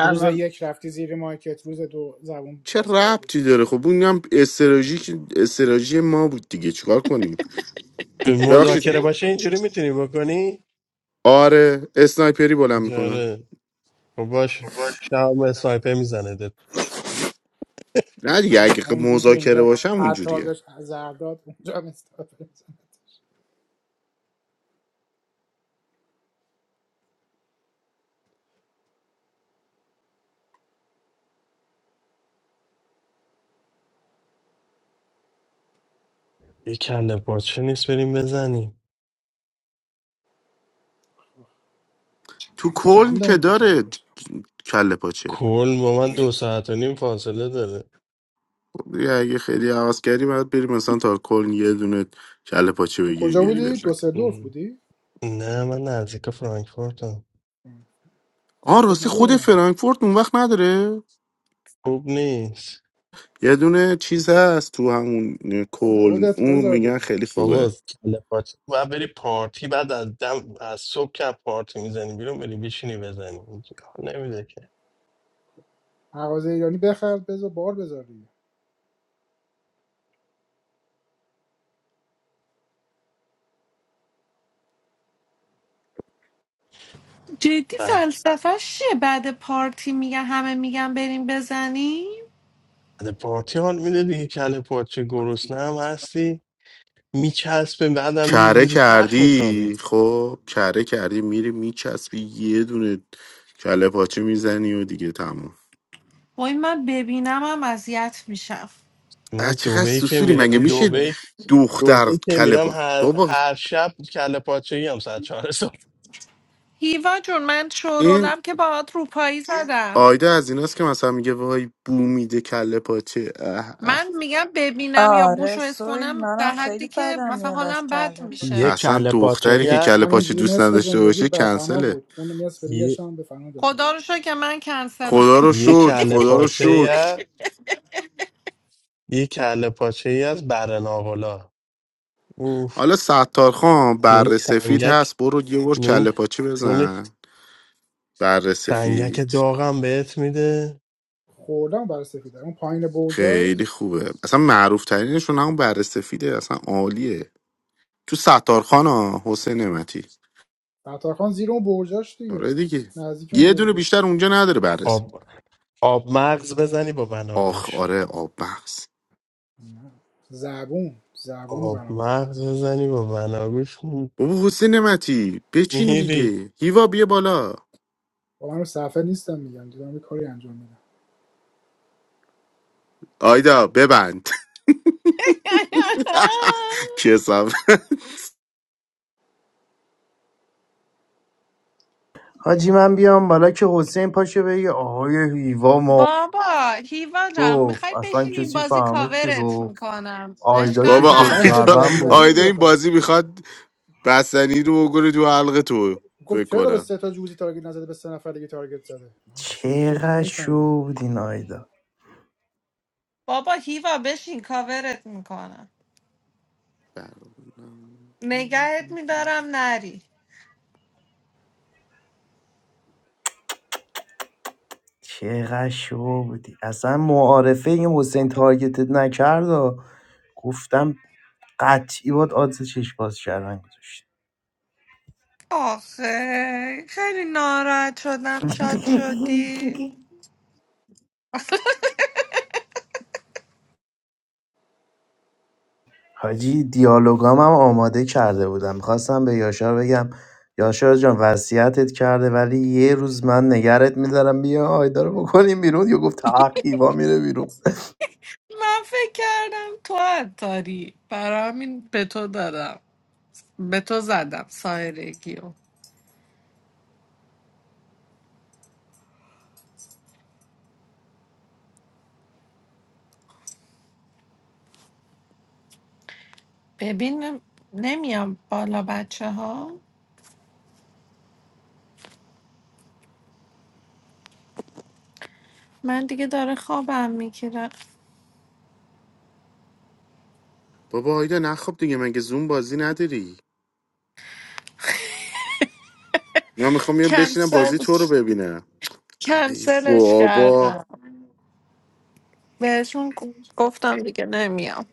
S5: روز یک رفتی زیر مارکت روز دو زبون
S4: چه
S5: باز کردی
S4: ربطی داره خب اون هم استراتژی استراتژی ما بود دیگه چیکار کنیم ببخشید
S7: مذاکره باشه اینجوری میتونی بکنی
S4: آره اسنایپری بلند میکنه
S7: اجاره خب باش شب سایپه میزنه دت
S4: نه دیگه اگه ق-
S5: همون جور که
S4: مذاکره
S5: اینجا
S4: باشم
S5: عطار
S4: اونجوریه
S5: بهش زرداد اونجا هم استفاده می‌کنه.
S7: یه کله پاچه نیست بریم بزنیم
S4: تو کلن
S5: چنده
S4: که
S5: اونجا کله
S4: داره
S5: کجا
S4: ج- کله پاچه
S7: کل با من دو ساعت و نیم فاصله داره
S4: خب دیگه اگه خیلی عوض کردی باید بریم مثلا تا کلن یه دونه کله پاچه
S5: تو
S4: بگیری
S5: کجا
S4: بیاری
S5: بودی
S4: بزن
S5: دوسلدورف
S7: ام.
S5: بودی
S7: نه من نزدیک فرانکفورتم
S4: آه
S5: فرانکفورت
S4: راستی
S5: نداره
S4: خود
S5: من
S4: فرانکفورت اون وقت نداره
S7: خوب نیست
S4: یه دونه چیز هست تو همون کلن
S5: خودت
S4: اون
S5: بذار
S4: میگن
S5: دیگه
S4: خیلی
S7: بابا
S4: خوبه
S7: کله پاچه و بری پارتی بعد از دم از صبح که از پارتی میزنی بیرون بری بشینی بزنی اینجا حال نمیده که
S5: مغازه ایرانی بخر بذار بار بذار دیگه
S9: جدی
S7: بعد
S9: فلسفهش چیه بعد پارتی میگن همه میگن بریم بزنیم
S7: بعد پارتی حال میده دیگه کله پاچه گرسنه هم هستی میچسبه بعدم
S4: کره
S7: میگیری تخ میخوابی
S4: کردی خب کره کردی میری میچسبی یه دونه کله پاچه میزنی و دیگه تمام
S9: وای من ببینم هم اذیت میشم
S4: اه،
S7: من
S4: چقدر
S7: دوبهی که
S4: سوسوری مگه
S7: میرم
S4: میشه
S7: دوبهی
S4: دختر
S7: دوبهی که
S4: کله
S7: میرم
S4: پا
S7: هر,
S4: بابا
S7: هر شب کله پاچه ای هم ساعت چهار صبح
S9: هیوا جون من
S4: این
S9: شورولم که باهات روپایی زدم
S4: آیده از ایناست که مثلا میگه وای بو میده کله پاچه اه
S9: من
S4: اه.
S9: میگم ببینم یا
S8: آره
S9: بوش و حس
S8: سویل
S9: کنم در
S8: منم خیلی
S9: حدی که
S8: بدم
S9: مثلا
S8: میاد از
S9: حالم بد
S8: کله
S7: یه
S8: باش
S9: میشه
S4: اصلا
S7: کله پاچه
S4: دختری
S7: ای
S4: که
S5: تو
S7: هست،
S4: کله پاچه
S5: همینجوری
S4: دوست
S5: نصف
S4: نداشته باشه
S5: زندگیت بر فنا
S4: کنسله
S5: بود اون نصف دیگه
S7: یه
S5: هم به فنا دادی
S9: خدا رو شکر که من کنسلم
S4: خدا رو
S7: یه
S4: شکر
S7: کله
S4: خدا رو
S7: پاچه ای
S4: شکر
S7: هست، یه کله پاچه ای از برناولا اوف
S4: حالا ستار خان
S7: نون
S4: بر سفید
S7: سنگک
S4: هست برو یه بار
S7: نون
S4: کله پاچه
S7: نون
S4: بزن بر
S7: سنگک
S4: سفید
S7: داغم بهت میده
S5: خوردم برای سفیده اون پایین
S4: خیلی
S5: برجاست
S4: خوبه اصلا معروف ترینشون همون بر سفیده اصلا عالیه تو ستارخان ها حسین نعمتی
S5: خان زیر اون برجاش
S4: آره
S5: دیگه
S4: دیگه
S5: نزدیک اون
S4: یه دونه
S5: برجاش
S4: بیشتر اونجا نداره بررس
S7: آب آب مغز بزنی با
S4: آخ
S7: بناگوش
S4: آره آب بخص
S5: نه. زبون زبون رو
S7: آب
S5: برام
S7: مغز بزنی با بناگوش
S4: بابا حسین نمتی بچین
S7: میری
S4: دیگه هیوا بیا بالا
S5: با من رو صفحه نیستم میگم دیدم یه کاری انجام میدم
S4: آیدا ببند کسم
S12: حاجی من بیام بالا که حسین پاشه بگه آهای هیوا ما
S9: بابا هیوا جان
S12: گفت
S9: میخوای
S12: اصلا
S9: بشین این
S12: کسی
S9: بازی
S12: فهمید که
S9: کاورت
S12: گفت
S9: میکنم
S12: آیدا که
S4: بابا
S9: اشکال
S5: اصلا
S12: شو
S5: فکت
S9: نداره
S4: آیدا
S12: شهروند بود
S5: دلیوری بود
S4: آیدا این
S5: آخه
S4: بازی میخواد بستنی رو بگره تو حلق تو
S5: گفت
S4: فکر
S5: چرا به
S4: کنم
S5: سه تا جوزی تارگت نزده به سه نفر دیگه تارگت زده من جدی
S12: چقدر
S5: نمیفهمیدم
S12: شو بود این آیدا
S9: بابا هیوا بشین کاورت میکنم نگهت میدارم نری
S12: چقدر شو بودی اصلا معارفه این حسین تارگتت نکرد و گفتم قطعی باید آدز چشم باز کردن گذاشت
S9: آخه خیلی ناراحت شدم شاد شدی
S12: حاجی دیالوگام هم آماده کرده بودم، خواستم به یاشار بگم یاشار جان وصیتت کرده ولی یه روز من نگرت میدارم بیا آیدا رو بکنیم بیرون. یا گفت تقیوا میره بیرون.
S9: من فکر کردم تو عطاری برای همین به تو دادم به تو زدم سایرگیو ببین نمیام بالا بچه ها من دیگه داره خوابم میگیرم
S4: بابا آیدا نخواب دیگه مگه زوم بازی نداری من میخوام بیام بشینم بازی
S9: کنسل
S4: تو رو ببینم ای
S9: کنسلش
S4: بابا
S9: کردم بهشون گفتم دیگه نمیام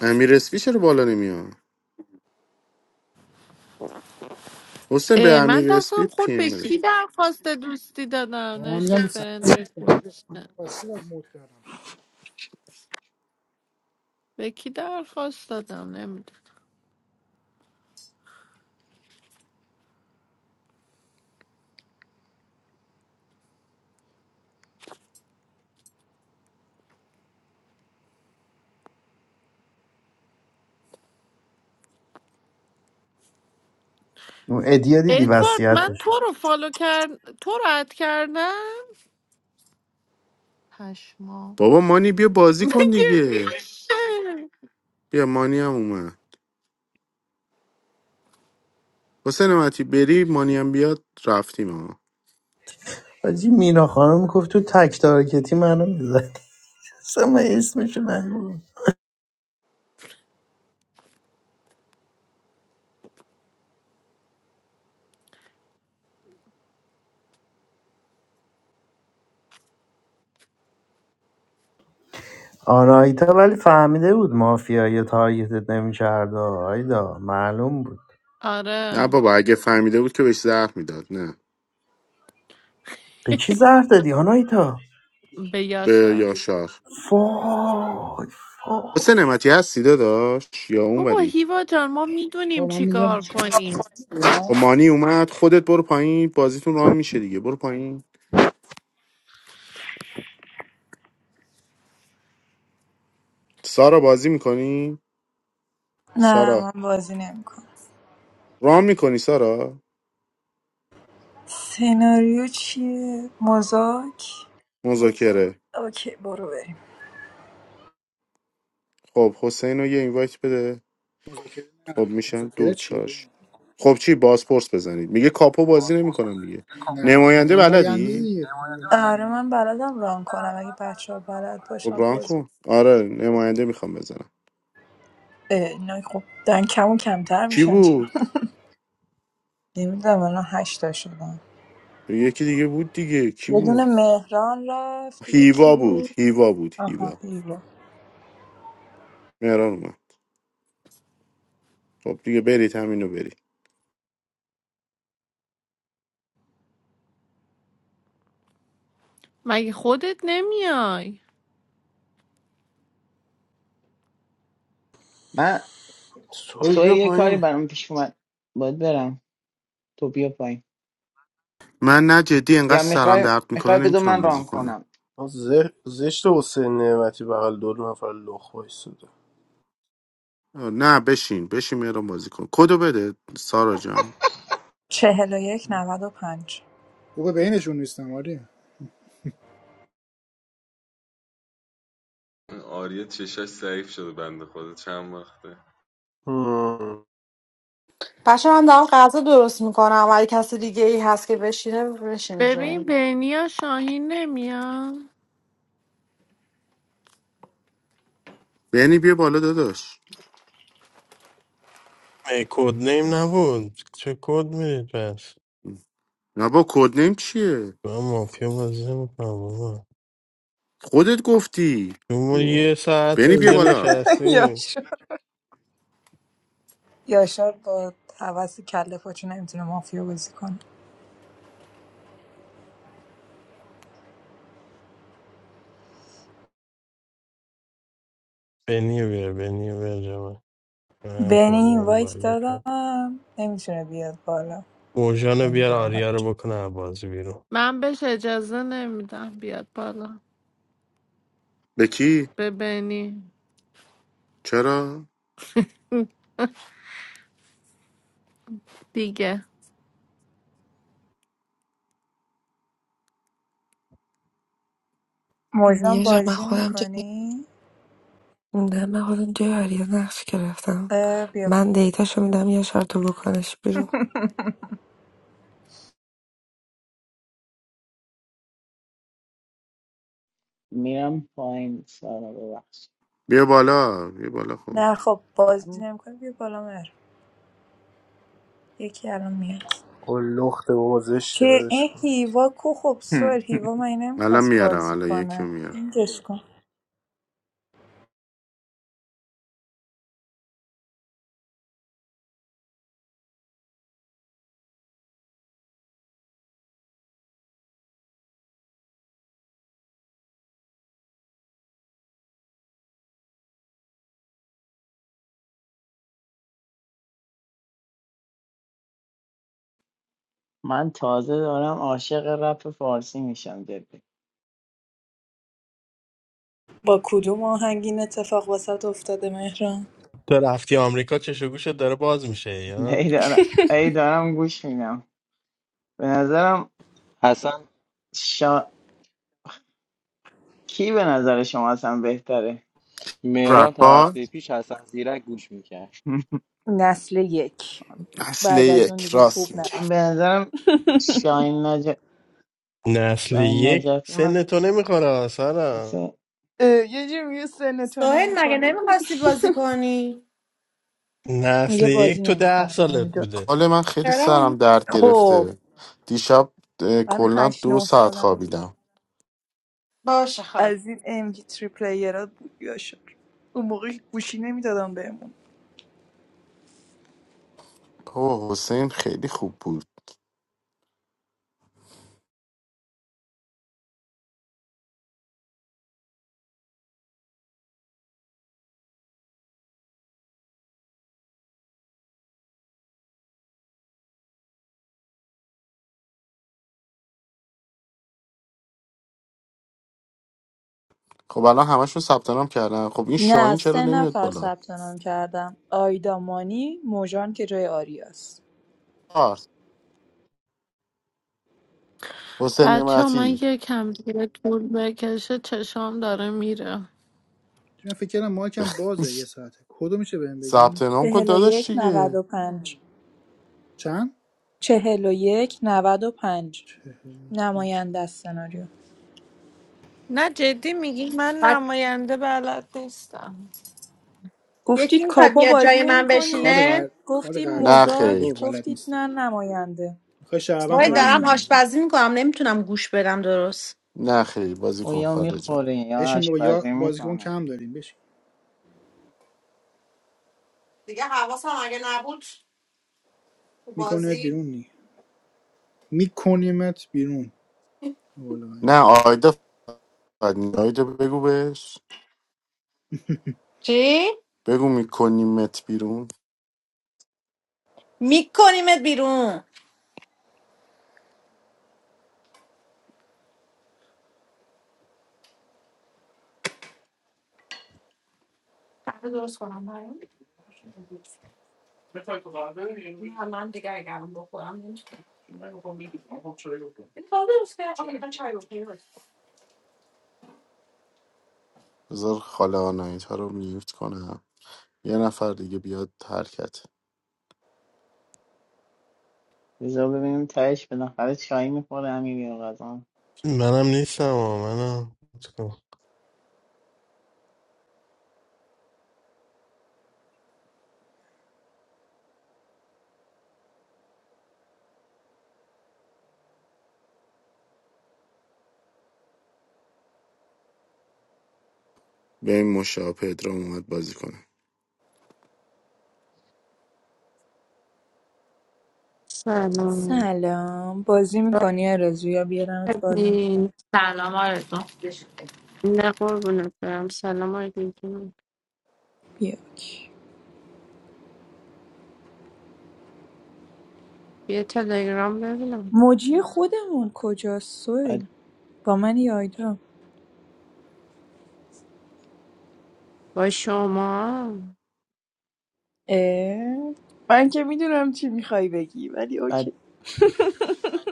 S4: امیر اسپی چرا بالا نمیاد حسین به
S9: اه، من
S4: امیر
S9: دستم
S4: اسپی
S9: خورد به
S4: پیم
S9: کی درخواست دوستی دادم
S5: آقا من
S9: نوشته
S5: میگم به صفحه
S9: فرند ریکوست
S5: واسه چی موت کردم
S9: به کی درخواست دادم نمیدونم
S12: اون ادیا دیدی
S9: ادوارد من
S12: وصیتش
S9: تو رو فالو کرد تو رو اد کردم پشما
S4: بابا مانی بیا بازی
S9: مگه
S4: کن دیگه
S9: میشه
S4: بیا مانی هم اومد حسین نمتی بری مانی هم بیاد رفتیم ها
S12: حاجی مینا خانم گفت تو تک تارکتی منو میزنی. اصلا من اسمشو نگو. آناهیتا ولی فهمیده بود مافیای تارگتت نمیکرد. آیدا معلوم بود
S4: نه
S9: آره
S4: بابا اگه فهمیده بود که بهش زهر میداد نه
S12: به کی زهر دادی آناهیتا؟
S9: به
S4: به
S9: یاشار
S4: یاشار
S12: فای فای
S4: حسین نمتی هستی داشت یا
S9: بابا
S4: اونوری
S9: هیوا جان ما
S5: آقا
S9: میدونیم
S5: من
S9: چی
S5: میگم
S9: کار کنیم
S5: اونا
S4: خب مانی اومد خودت برو پایین بازیتون رام میشه دیگه برو پایین سارا بازی میکنی
S8: نه
S4: سارا
S8: من بازی نمیکنم
S4: رام میکنی سارا
S8: سناریو چیه مزاک
S4: مذاکره
S8: اوکی برو بریم
S4: خب حسین رو یه اینوایت بده
S5: مذاکره نه
S4: خب میشن دو
S5: مذاکره چیه بود
S4: چاش خب چی بازپرس بزنید میگه کاپو بازی نمیکنم دیگه
S5: نم-
S4: نماینده
S5: نماینده
S4: بلدی
S5: دیگه نماینده بلد
S8: آره من بلدم ران کنم اگه بچه ها بلد
S4: خب
S8: باشم
S4: ران
S8: باز
S4: کن آره نماینده میخوام بزنم
S8: اه، اینا خب دارن کم و کمتر
S4: کی
S8: میشن چرا
S4: بود
S8: نمیدونم الان هشتا شدن
S4: یکی دیگه بود دیگه کی
S8: یه دونه
S4: بود
S8: مهران رفت دیگه کی
S4: هیوا بود
S8: بود
S4: هیوا بود
S8: آها
S4: هیوا
S8: هیوا
S4: مهران اومد خب دیگه برید همینو برید
S9: مگه خودت نمیای
S11: من
S13: سوال
S11: سوی
S13: بیا
S11: یه کاری
S13: پایین
S11: برام پیش اومد باید برم تو بیا پایین
S4: من نه جدی انقدر
S11: یا
S4: سرم
S11: میخوای
S4: درد میکنه
S11: میخوای بذار
S4: نمیتونم
S11: من
S4: بازی
S11: ران
S4: کنم
S11: کنم
S13: آه، ز- زشت حسین نعمتی بغل دو نفر لخ وایستاده
S4: آه، نه بشین بشین مهران بازی کن کدو بده سارا جان
S8: چهل و یک نود و پنج
S5: خوبه بینشون نیستم آره
S14: این آریا چشاش ضعیف شده بنده خدا چند وقته
S13: هم.
S2: بچه من دارم غذا درست میکنم و اگه کسی دیگه ای هست که بشینه بشینه جایی
S9: ببین بینیا شاهین نمیاد
S4: یعنی بیا بالا داداش
S7: کد نیم نبود چه کد میرید پس
S4: نه با کد نیم چیه
S7: من مافیا بازی میکنم بابا
S4: خودت گفتی
S7: ما
S4: اوه.
S7: یه ساعت
S4: بنی بیا
S7: اینجا
S4: بالا
S7: نشستیم
S8: یاشار یاشار با حوث کله پاچه نمیتونه مافیا بازی کنه
S7: بنیو بیار بنیو بیار جمع منم
S8: بنی
S7: کد نیم
S8: اینوایت
S7: باید میکنم
S8: دادم نمیتونه بیاد بالا
S7: موجانو بیار
S8: نمیدونم
S7: آریا رو بکنه از بازی بیرون
S9: من بهش اجازه نمیدم بیاد بالا
S4: به کی
S9: ببینی
S4: چرا
S9: دیگه
S8: مجرم
S15: یه جا من
S8: بازی
S15: خودم تو
S8: میکنی
S15: خوندم من خودم توی آریا نقش گرفتم
S8: بیا
S15: من دیتاشو میدم یه تو بکنش بیرون
S11: میرم پایین سارا ببخش
S4: بیا بالا بیا بالا خب
S8: نه خب بازی
S11: من
S8: نمیکنی بیا بالا یکی الان میاد
S13: آه، لخته بابا زشته
S8: چه
S13: بدش
S8: این
S13: پایین
S8: هیوا کو خب سر هیوا من
S4: الان
S8: نمیخواست
S4: میارم
S8: بازی
S4: الان یکی رو
S8: کنه
S4: میارم
S8: پینگش کن
S11: من تازه دارم عاشق رپ فارسی میشم جدی
S8: با کدوم آهنگ این اتفاق وسط افتاده مهران
S7: تو رفتی آمریکا چش و گوشت داره باز میشه
S11: ای
S7: یا
S11: دارم ای دارم گوش میدم به نظرم
S16: حسن
S11: شا... کی به نظر شما اصلا بهتره
S16: مهران تا
S4: رکار
S16: هفته پیش حسن زیرک گوش میکرد
S8: نسل یک
S4: اصل
S8: بعد از اون
S4: یک
S8: دیگه
S4: راست
S8: خوب نه
S4: میگه
S11: من به نظرم شاین نج...
S7: نسل
S11: شاین
S7: یک
S11: نجفی مثل,
S7: سن تو نمیخوره سارا
S11: مثل
S8: اه، یه جی میگه سن تو
S2: سوهل مگه
S8: نمیخوره
S2: نمیخواستی بازی کنی
S7: نسل
S8: میگه
S7: یک
S8: بازی
S7: تو ده
S8: نمیکنم
S7: سالت
S8: نمیدونم
S7: بوده
S4: حال من خیلی سرم
S2: چرا؟
S4: درد
S8: خب
S4: گرفته دیشب اه،
S8: من
S4: کلا
S8: هشت
S4: دو
S8: نه
S4: ساعت
S8: سالم
S4: خوابیدم
S2: باشه خال
S8: از این ام جی تری پلیر ها بود یا شکر. اون موقع گوشی نمیدادم بهمون
S4: اوه حسین خیلی خوب بود خب الان همشون ثبت نام کردن خب این شاهین
S8: نه
S4: چرا
S8: سه
S4: نمیاد
S8: نفر
S4: بالا
S8: ثبت نام کردم. آیدا مانی موژان که جای آریاست
S4: آرت حسین
S9: بچه من
S4: نعمتی
S9: یکم دیگه طول بکشه چشام داره میره
S5: چون فکر کردم مایکم بازه یه ساعته کدو میشه بهم
S4: ثبت
S5: بگین
S4: نام کن
S8: چهل و
S4: داداش
S8: یک نود
S4: دیگه
S8: و پنج
S5: چند
S8: چهل و یک نود و پنج
S5: چهل و یک.
S8: نماینده از سناریو
S9: نه جدی میگی من
S2: بعد
S9: نماینده بلد نیستم
S2: یکی
S8: گفتید
S2: میخواد
S8: کاپا
S2: بیاد
S8: بازی
S2: جای
S8: نمی
S2: من
S5: کار
S8: کنی؟
S2: بشینه
S5: قر... کار
S8: گفتیم
S5: قرار
S4: نه
S5: نیست بکنی
S4: خیر
S5: بابا
S8: مزاک
S5: بلد
S8: گفتید
S5: نیستی
S8: نه نماینده
S5: میخوای شهروند
S8: دیگه
S2: سوهل
S8: من
S5: تارگت
S2: دارم
S8: نمی
S5: کنی
S2: آشپزی میکنم نمیتونم گوش بدم درست
S4: نه خیر بازی کن
S11: اویا
S4: خارجم
S11: میخوره یا
S5: بشین بابا یا
S11: آشپزی
S5: بازیکن
S11: میکنه
S5: کم داریم بشین
S2: دیگه حواسم اگه نبود تو
S5: میکنیمت
S2: بازی
S5: بیرون نی میکنیمت بیرون والله
S4: نه آیدا فقط نی- آیدا بگو بهش
S2: چی
S4: بگو میکنیمت بیرون
S2: میکنیمت بیرون
S4: بذار خاله آنایت ها رو میوت کنم یه نفر دیگه بیاد حرکت
S11: بذار ببینیم تهش بالاخره چای میخوره همین یه
S7: منم نیستم آه، منم
S4: به این مشابه پدرام اومد بازی کنه
S17: سلام
S8: سلام بازی میکنی آرزو یا بیارمت بالا
S17: ببین
S9: سلام آرزو
S17: نه قربونت برم سلام علیکم
S8: بیاک
S17: بیا تلگرام ببینم
S8: موجی خودمون کجاست
S11: بعد
S8: سویل با من یا آیدا
S17: با شما
S8: اه؟ من که میدونم چی میخوای بگی ولی
S11: بعد
S8: اوکی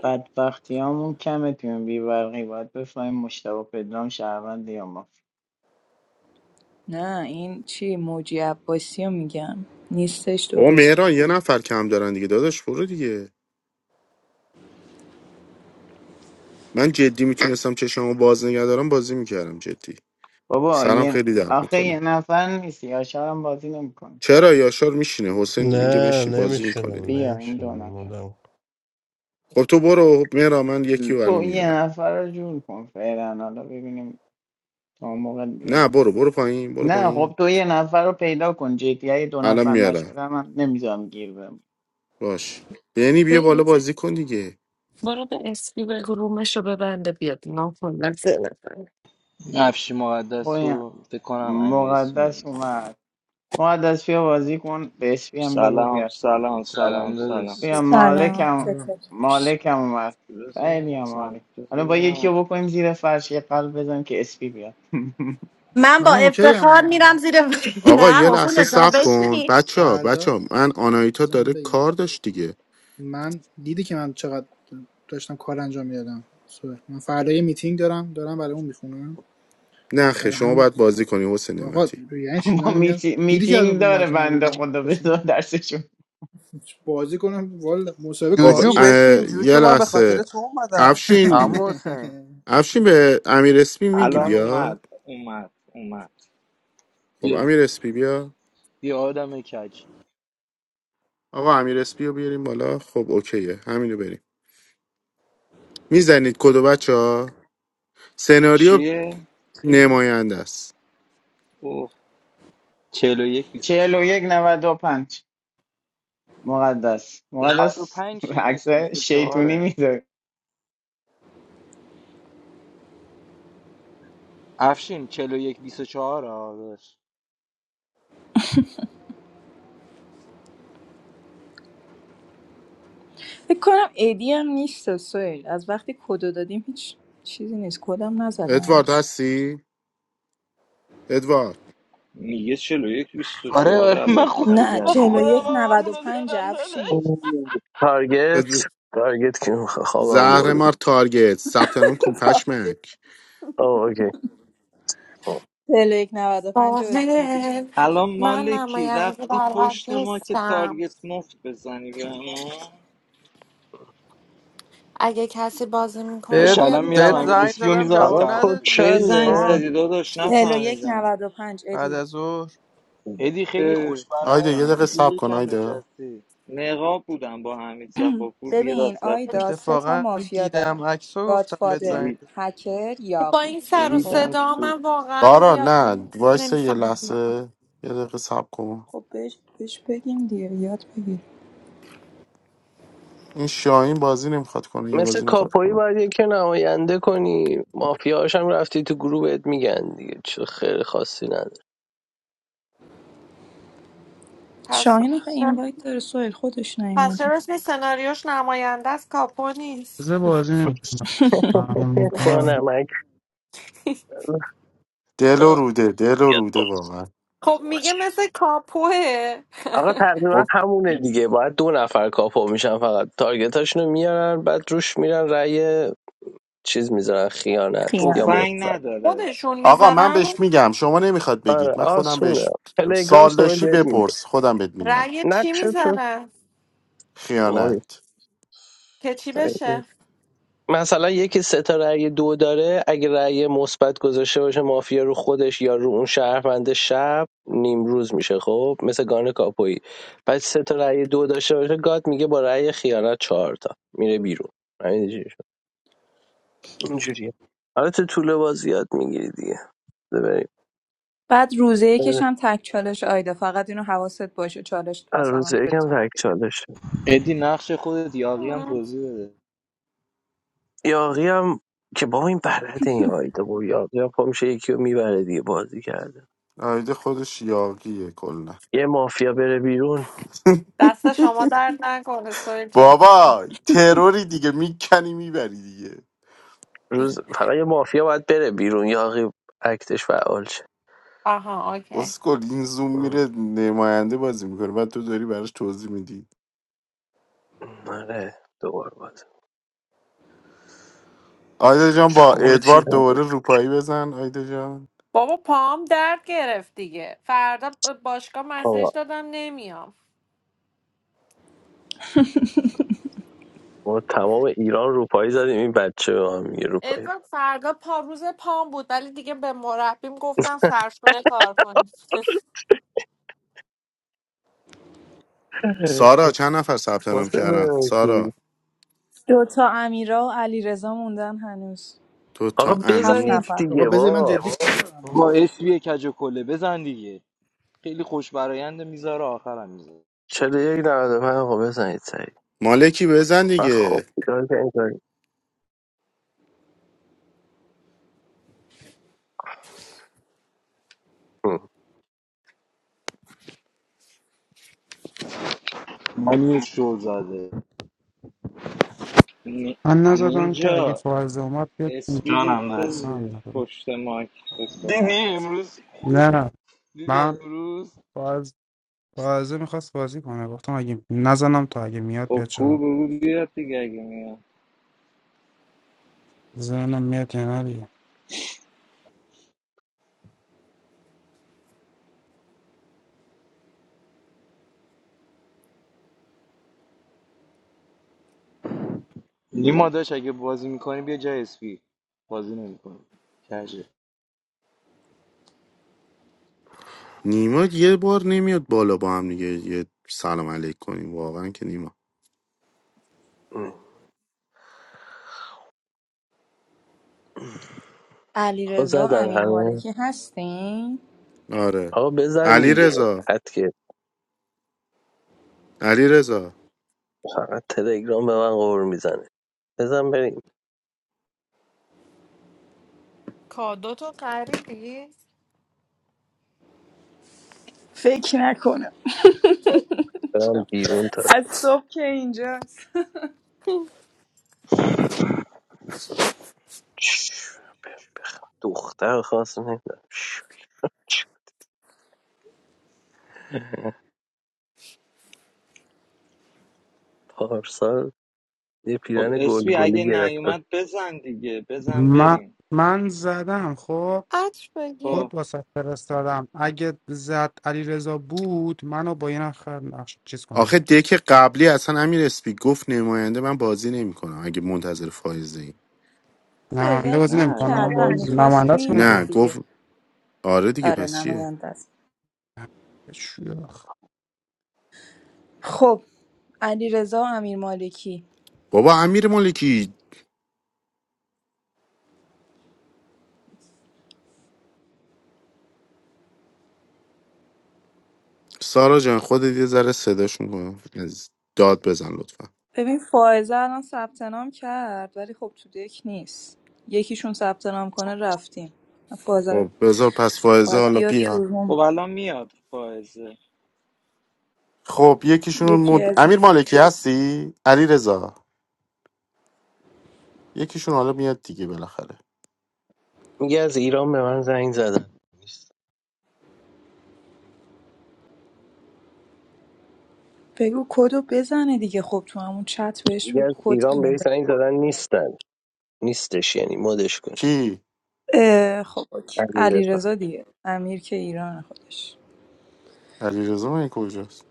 S11: بعد وقتی همون کمه تیم بیبرقی باید بفهمیم مشتبه پدرام شهروند یا ما
S8: نه این چی موجی عباسی رو میگم نیستش دو
S4: او
S8: روز
S4: مهران یه نفر کم دارن دیگه داداش برو دیگه من جدی میتونستم چشمو باز نگه دارم بازی میکردم جدی
S11: بابا
S4: سرم
S11: یه
S4: خیلی درد
S11: آخه یه
S4: میکنه
S11: نفر نیست یا شهرم بازی نمیکنه
S4: چرا یاشار میشینه حسین
S7: نه
S4: میگه بشین بازی میکنه
S7: نمیشونم
S4: دیگه
S11: بیا این دو
S7: نمیشونم
S11: نفر
S7: مدام
S4: خب تو برو مهران من یکی رو الان
S11: تو یه
S4: میارم
S11: نفر رو جور کن فعلا حالا ببینیم تا اون موقع دیگه
S4: نه برو برو پایین برو
S11: نه
S4: پایین
S11: خب تو یه نفر رو پیدا کن جدی اگه دو
S4: الان
S11: نفر
S4: میارم
S11: نشده من نمیذارم گیر بهم
S4: باش بینی بیا بالا بازی کن دیگه
S15: برو به اسمی بگو رومشو ببنده بیاد ناخن
S16: افشی
S11: با
S16: مقدس
S11: این
S16: و فکر کنم امیر
S11: مقدس
S16: اسمی
S11: اومد مقدس بیا بازی کن به اسپی هم بگو
S18: سلام
S11: بیاد
S18: سلام سلام
S16: سلام
S18: سلام
S16: داداش
S11: بیا
S16: چطوری
S11: مالک
S8: سلام
S5: سلام
S8: چطوری؟
S11: مالکم اومد
S18: بذار
S11: خیلی
S18: ببینم،
S11: هم
S18: سلام
S11: مالک
S18: بذار
S11: حالا با یکی
S18: ببینم.
S11: رو بکنیم زیر فرش یه قلب بزنیم که اسپی بیاد
S2: من با
S5: من اوکی
S2: افتخار
S5: اما
S2: میرم زیر
S4: آقا یه
S2: نه
S5: من
S4: لحظه
S2: حسن شما
S4: صبر کن
S2: بشین
S4: بچه ها بچه
S5: فردا
S4: ها من آنایتا
S5: زمان من
S4: داره
S5: بگم
S4: کار داشت دیگه
S5: من دیدی که من چقدر داشتم کار انجام میدادم سوال. من فردا یه میتینگ دارم دارم برای اون میخونم
S4: نه خیر،
S5: برای
S4: شما
S5: همین
S4: باید بازی کنی حسین
S5: آقا
S4: نعمتی
S5: یعنی چینا
S11: ما
S5: میگن
S11: میتی...
S5: دیدی که الان
S11: میتینگ
S5: رو
S11: داره
S5: ماک
S11: بنده
S5: نبودم
S11: خدا
S5: داشتم
S11: بذار درسشون
S5: بازی کنم والا مصاحبه
S4: خب
S19: جوجو
S5: کاریه
S19: بشین
S4: اه، یه
S19: جوجو من به
S4: لحظه
S19: خاطر تو اومدم
S4: افشین
S16: عمو حسین
S4: افشین به امیر اسپی میگی
S18: الان
S5: اونم
S18: اومد
S4: بیاد
S18: اومد اومد
S4: خب
S16: بیا
S4: امیر اسپی بیا
S16: بیا آدم کج
S4: آقا امیر اسپی رو بیاریم بالا خب اوکیه همینو بریم میزنید کدو بچه ها سناریو
S18: چیه؟
S4: نماینده است
S18: او
S16: 41
S11: چهل و یک نود و پنج
S16: و
S11: مقدس مقدس
S16: 95 چیه
S11: عکس
S16: داشت
S11: شیطونی
S16: 24
S11: میده
S16: افشین 41 24 آه داشت
S8: فکر کنم ایدی هم نیست سویل از وقتی کدو دادیم هیچ چیزی نیست کدم نزده
S4: ادوارد
S8: هنوز
S4: هستی؟ ادوارد
S18: میگه 41
S16: آره
S18: 24
S16: آره من
S18: الکی
S16: خودم
S8: نه
S16: من
S8: چهل و
S16: خودم
S8: یک
S18: یزیدتون
S16: هم
S8: نود و
S16: همونو
S8: پنج
S16: زدم
S8: افشین
S16: داداش
S3: تارگت تارگت که می‌خواد خوابم
S4: زهر
S3: برده
S4: مار تارگت ثبت نام کن پشمک
S3: آه، اوکی خب.
S8: چهل و یک نود و پنج رو بزن ایدی
S9: آفرین
S18: الان
S9: من
S18: مالکی
S9: نماینده
S18: رفتی
S9: بلد
S18: پشت ما که
S9: نیستم
S18: تارگت مفت بزنی به ما
S9: اگه کسی بازی میکنه
S16: داش
S19: بهت
S9: بیاد
S16: الان میرم
S19: بهت
S9: میشه
S16: امیر
S19: زنگ
S16: اسپیو
S19: زدم
S16: میذارم
S19: جواب
S3: آقا
S16: تحت
S3: کد
S18: چه
S16: فشار
S19: ندادی
S18: زنگ
S3: چنده
S19: خان
S18: زدی داداش
S8: چهل و یک
S18: نفهمیدم
S8: نود و پنج
S19: بعد
S8: ادی
S19: از ظهر
S16: ادی خیلی
S18: اه
S16: خوش
S4: آیده یه
S16: برایند
S4: دقیقه
S16: سیتی
S18: نفهمیدم
S4: سب کن
S16: یکم
S4: آیده
S16: نشستی
S18: نقاب بودم با حمید صفاپور یه
S8: ببین
S18: دست رفتیم
S8: آیدا سه تا
S19: اتفاقا
S8: مافیا داره
S19: دیدم عکس رو گفتم بهت
S8: گادفادر
S19: زنگ
S18: رید-
S8: هکر
S9: با
S8: یاقی
S9: این سر و
S8: خب
S18: ریدم
S9: صدا
S18: تو
S9: من واقعا
S4: دارا
S9: زیاد
S4: نه وایس یه
S9: نمیفهمم
S4: لحظه یه دقیقه سب کن
S8: خب بهش بهش بگیم دیگه یاد بگیر
S4: این شاهین بازی نمیخواد کنه یه
S3: مثل
S4: بازی میخواد
S3: کاپویی
S4: کنه
S3: باید یکی نماینده کنی مافیاهاش هم رفتی تو گروه بهت میگن دیگه چه خیلی خاصی نداره
S9: پس
S8: شاهین آخه اینوایت داره سوهل خودش
S9: پس
S8: نیومده
S9: چرا اسم سناریوش نماینده از کاپو
S20: تازه
S9: نیست
S20: بازی میکنم
S3: اتبا
S20: میخوای
S4: دل و
S3: نمک
S4: روده دل و روده واقعا
S9: خب میگه مثل کاپوه
S3: آقا تقریبا
S4: خب
S3: همونه دیگه باید دو نفر کاپو میشن فقط تارگتاشونو میارن بعد روش میرن رأی چیز میذارن خیانت یا
S8: خیان
S18: تفنگ
S3: مثبت
S18: نداره
S9: خودشون
S4: آقا من
S9: میذارن
S4: بهش میگم شما نمیخواد
S3: آره
S4: بگید من خودم
S3: آسونه
S4: بهش
S3: تلگرام
S4: سال
S3: سوال
S4: داشتی
S3: بهت میگه
S4: بپرس خودم بهت میگم
S9: رأی چی
S3: نقش تو
S9: میذارن
S3: وای
S4: خیانت
S9: که چی
S3: سنگه.
S9: بشه
S3: مثلا یکی سه تا رأی دو داره اگه رأی مثبت گذاشته باشه مافیا رو خودش یا رو اون شهروند شب نیمروز میشه خب مثل گان کاپویی بعد سه تا رأی دو داشته باشه گاد میگه با رأی خیانت چهار تا میره بیرون اینجوریه حالا تو طول بازی یاد میگیری دیگه بذار بریم
S8: بعد روزه یکش هم تک چالش آیده فقط اینو حواست باشه چالش
S3: از روز
S8: مثلا به
S3: یکم
S8: تایم
S3: تک
S8: بگیر
S3: چالش
S16: ادی نقش خودت یاقی هم
S9: مم.
S16: توضیح بده
S3: یاقی هم که با این بلده این آیده با یاقی هم پا میشه یکی رو میبره دیگه بازی کرده
S4: آیده خودش یاقیه کلا
S3: یه مافیا بره بیرون
S9: دست شما درد نکنه سویل جان
S4: بابا تروری دیگه میکنی میبری دیگه.
S3: روز فقط یه مافیا باید بره بیرون یاقی اکتش فعال شه
S9: آها اوکی
S4: اسکل این زوم
S3: ام.
S4: میره نماینده بازی میکنه بعد تو داری براش توضیح میدی
S3: آره دوباره باز
S4: آیدا جان با
S3: چورتی
S4: ادوارد
S3: زدیم
S4: دوباره روپایی بزن آیدا جان
S9: بابا پام درد گرفت دیگه فردا به باشگاه مسیج
S3: آقا
S9: دادم نمیام
S3: ما تمام ایران روپایی زدیم این بچه به هم میگه روپایی
S9: ادوارد فردا پا روز پام بود ولی دیگه به مربیم گفتم سرشونه کار کنید
S4: سارا چند نفر ثبت نام
S3: واسه
S4: کردن سارا
S3: بازی.
S8: دوتا امیرا و علیرضا موندن هنوز
S4: تو تا
S3: آقا
S8: هفت
S3: بزنید
S4: امیر
S8: نفر
S5: آقا
S3: دیگه
S5: بذار من
S3: با
S5: جدی کنم
S16: با
S5: آقا
S16: اسبی کج و کله بزن دیگه خیلی خوش براینده میذاره آخرم میذاره
S3: چلو یک نود و پنج آقا بزنید سریع
S4: مالکی بزن
S3: من خب
S4: دیگه
S3: بیدار که این کاری ام،
S16: من یه شو زاده
S18: نی-
S20: من نزدم که اگه
S18: نینجا
S20: فائزه اومد بیاد تو.
S18: اسپی
S16: جانم
S18: ریخته
S16: هست
S20: اصلا
S18: بودی
S20: نزدم.
S18: پشت مایک فکر کنم
S16: دیدی امروز خود-
S20: نه
S16: دیدی
S20: من
S16: امروز
S20: فائز فائزه میخواست بازی کنه گفتم اگه نزنم تا اگه میاد
S18: خب
S20: بیاد
S18: کو
S20: شما
S18: بگو بیاد دیگه اگه میاد
S20: زنم میاد یا نه دیگه.
S16: نیما داشت اگه بازی میکنی بیا جای اسبی بازی نمیکنی کجه
S4: نیما یه بار نمیاد بالا با هم دیگه یه سلام علیک کنیم واقعا که نیما
S3: ام. آقا
S8: علیرضا
S3: زدن
S8: امیر
S3: همه
S8: مالکی هستین
S4: آره
S3: آقا بزن
S4: علی
S3: دیگه
S4: رضا
S3: حد که
S4: علی رضا
S3: فقط تلگرام به من قور میزنه بزن بریم
S9: کادو تو خریدی؟
S8: فکر نکنم
S3: برم بیرون تا
S8: از صبح که اینجاست
S3: چش، بخ- دختر خواست نمیدونم پارسال یه
S18: خب
S3: پیرن
S18: اسپی
S3: گلگلی
S18: اگه
S3: گرفتم
S18: نیومد بزن دیگه بزن
S20: من
S18: بریم
S20: من زدم خب
S9: عطر بگیر
S18: خب
S20: خود واسه فرستادم اگه زد علی رضا بود منو با یه نفر نقش چیز کن
S4: آخه
S20: دیگه
S4: دک قبلی اصلا امیر اسپی گفت نماینده من بازی نمیکنم اگه منتظر فایزه
S8: فوزه
S20: نماینده
S8: رو
S20: بازی
S18: نه
S8: پین
S20: نمیکنم
S18: ما
S8: کردن
S18: بازی
S20: نماینده
S8: میخواست
S18: کنیم
S20: است
S8: میومد
S4: نه
S20: مگه
S4: گفت
S8: دیگه
S4: آره دیگه
S8: آره
S4: پس چیه
S8: نماینده است خب علیرضا و امیر مالکی
S4: بابا امیر مالکی سارا جان خودت یه ذره صداشون کن داد بزن لطفا
S8: ببین فائزه الان ثبت نام کرد ولی خب تو دک نیست یکیشون ثبت نام کنه رفتیم فائزه رو
S4: خب بذار پس فائزه
S8: باید
S4: حالا
S8: بیاد تو
S4: بیا
S18: خب
S8: روم
S18: الان میاد فائزه
S4: خب یکیشون
S8: یکی
S4: مد...
S8: از
S4: امیر مالکی هستی علی رضا یکیشون حالا میاد دیگه بالاخره
S3: میگه از ایران به من زنگ زدن نیست.
S8: بگو کدو بزنه دیگه خب تو همون چت بهش
S3: میگه
S8: بگو
S3: از
S8: کد
S3: ایران به
S8: اینه
S3: زنگ زدن نیستن نیستش یعنی مدش کن
S4: کی
S8: اه، خب اوکی.
S3: علیرضا
S8: علیرضا دیگه امیر که ایران خودش
S4: علی رضا من کجاست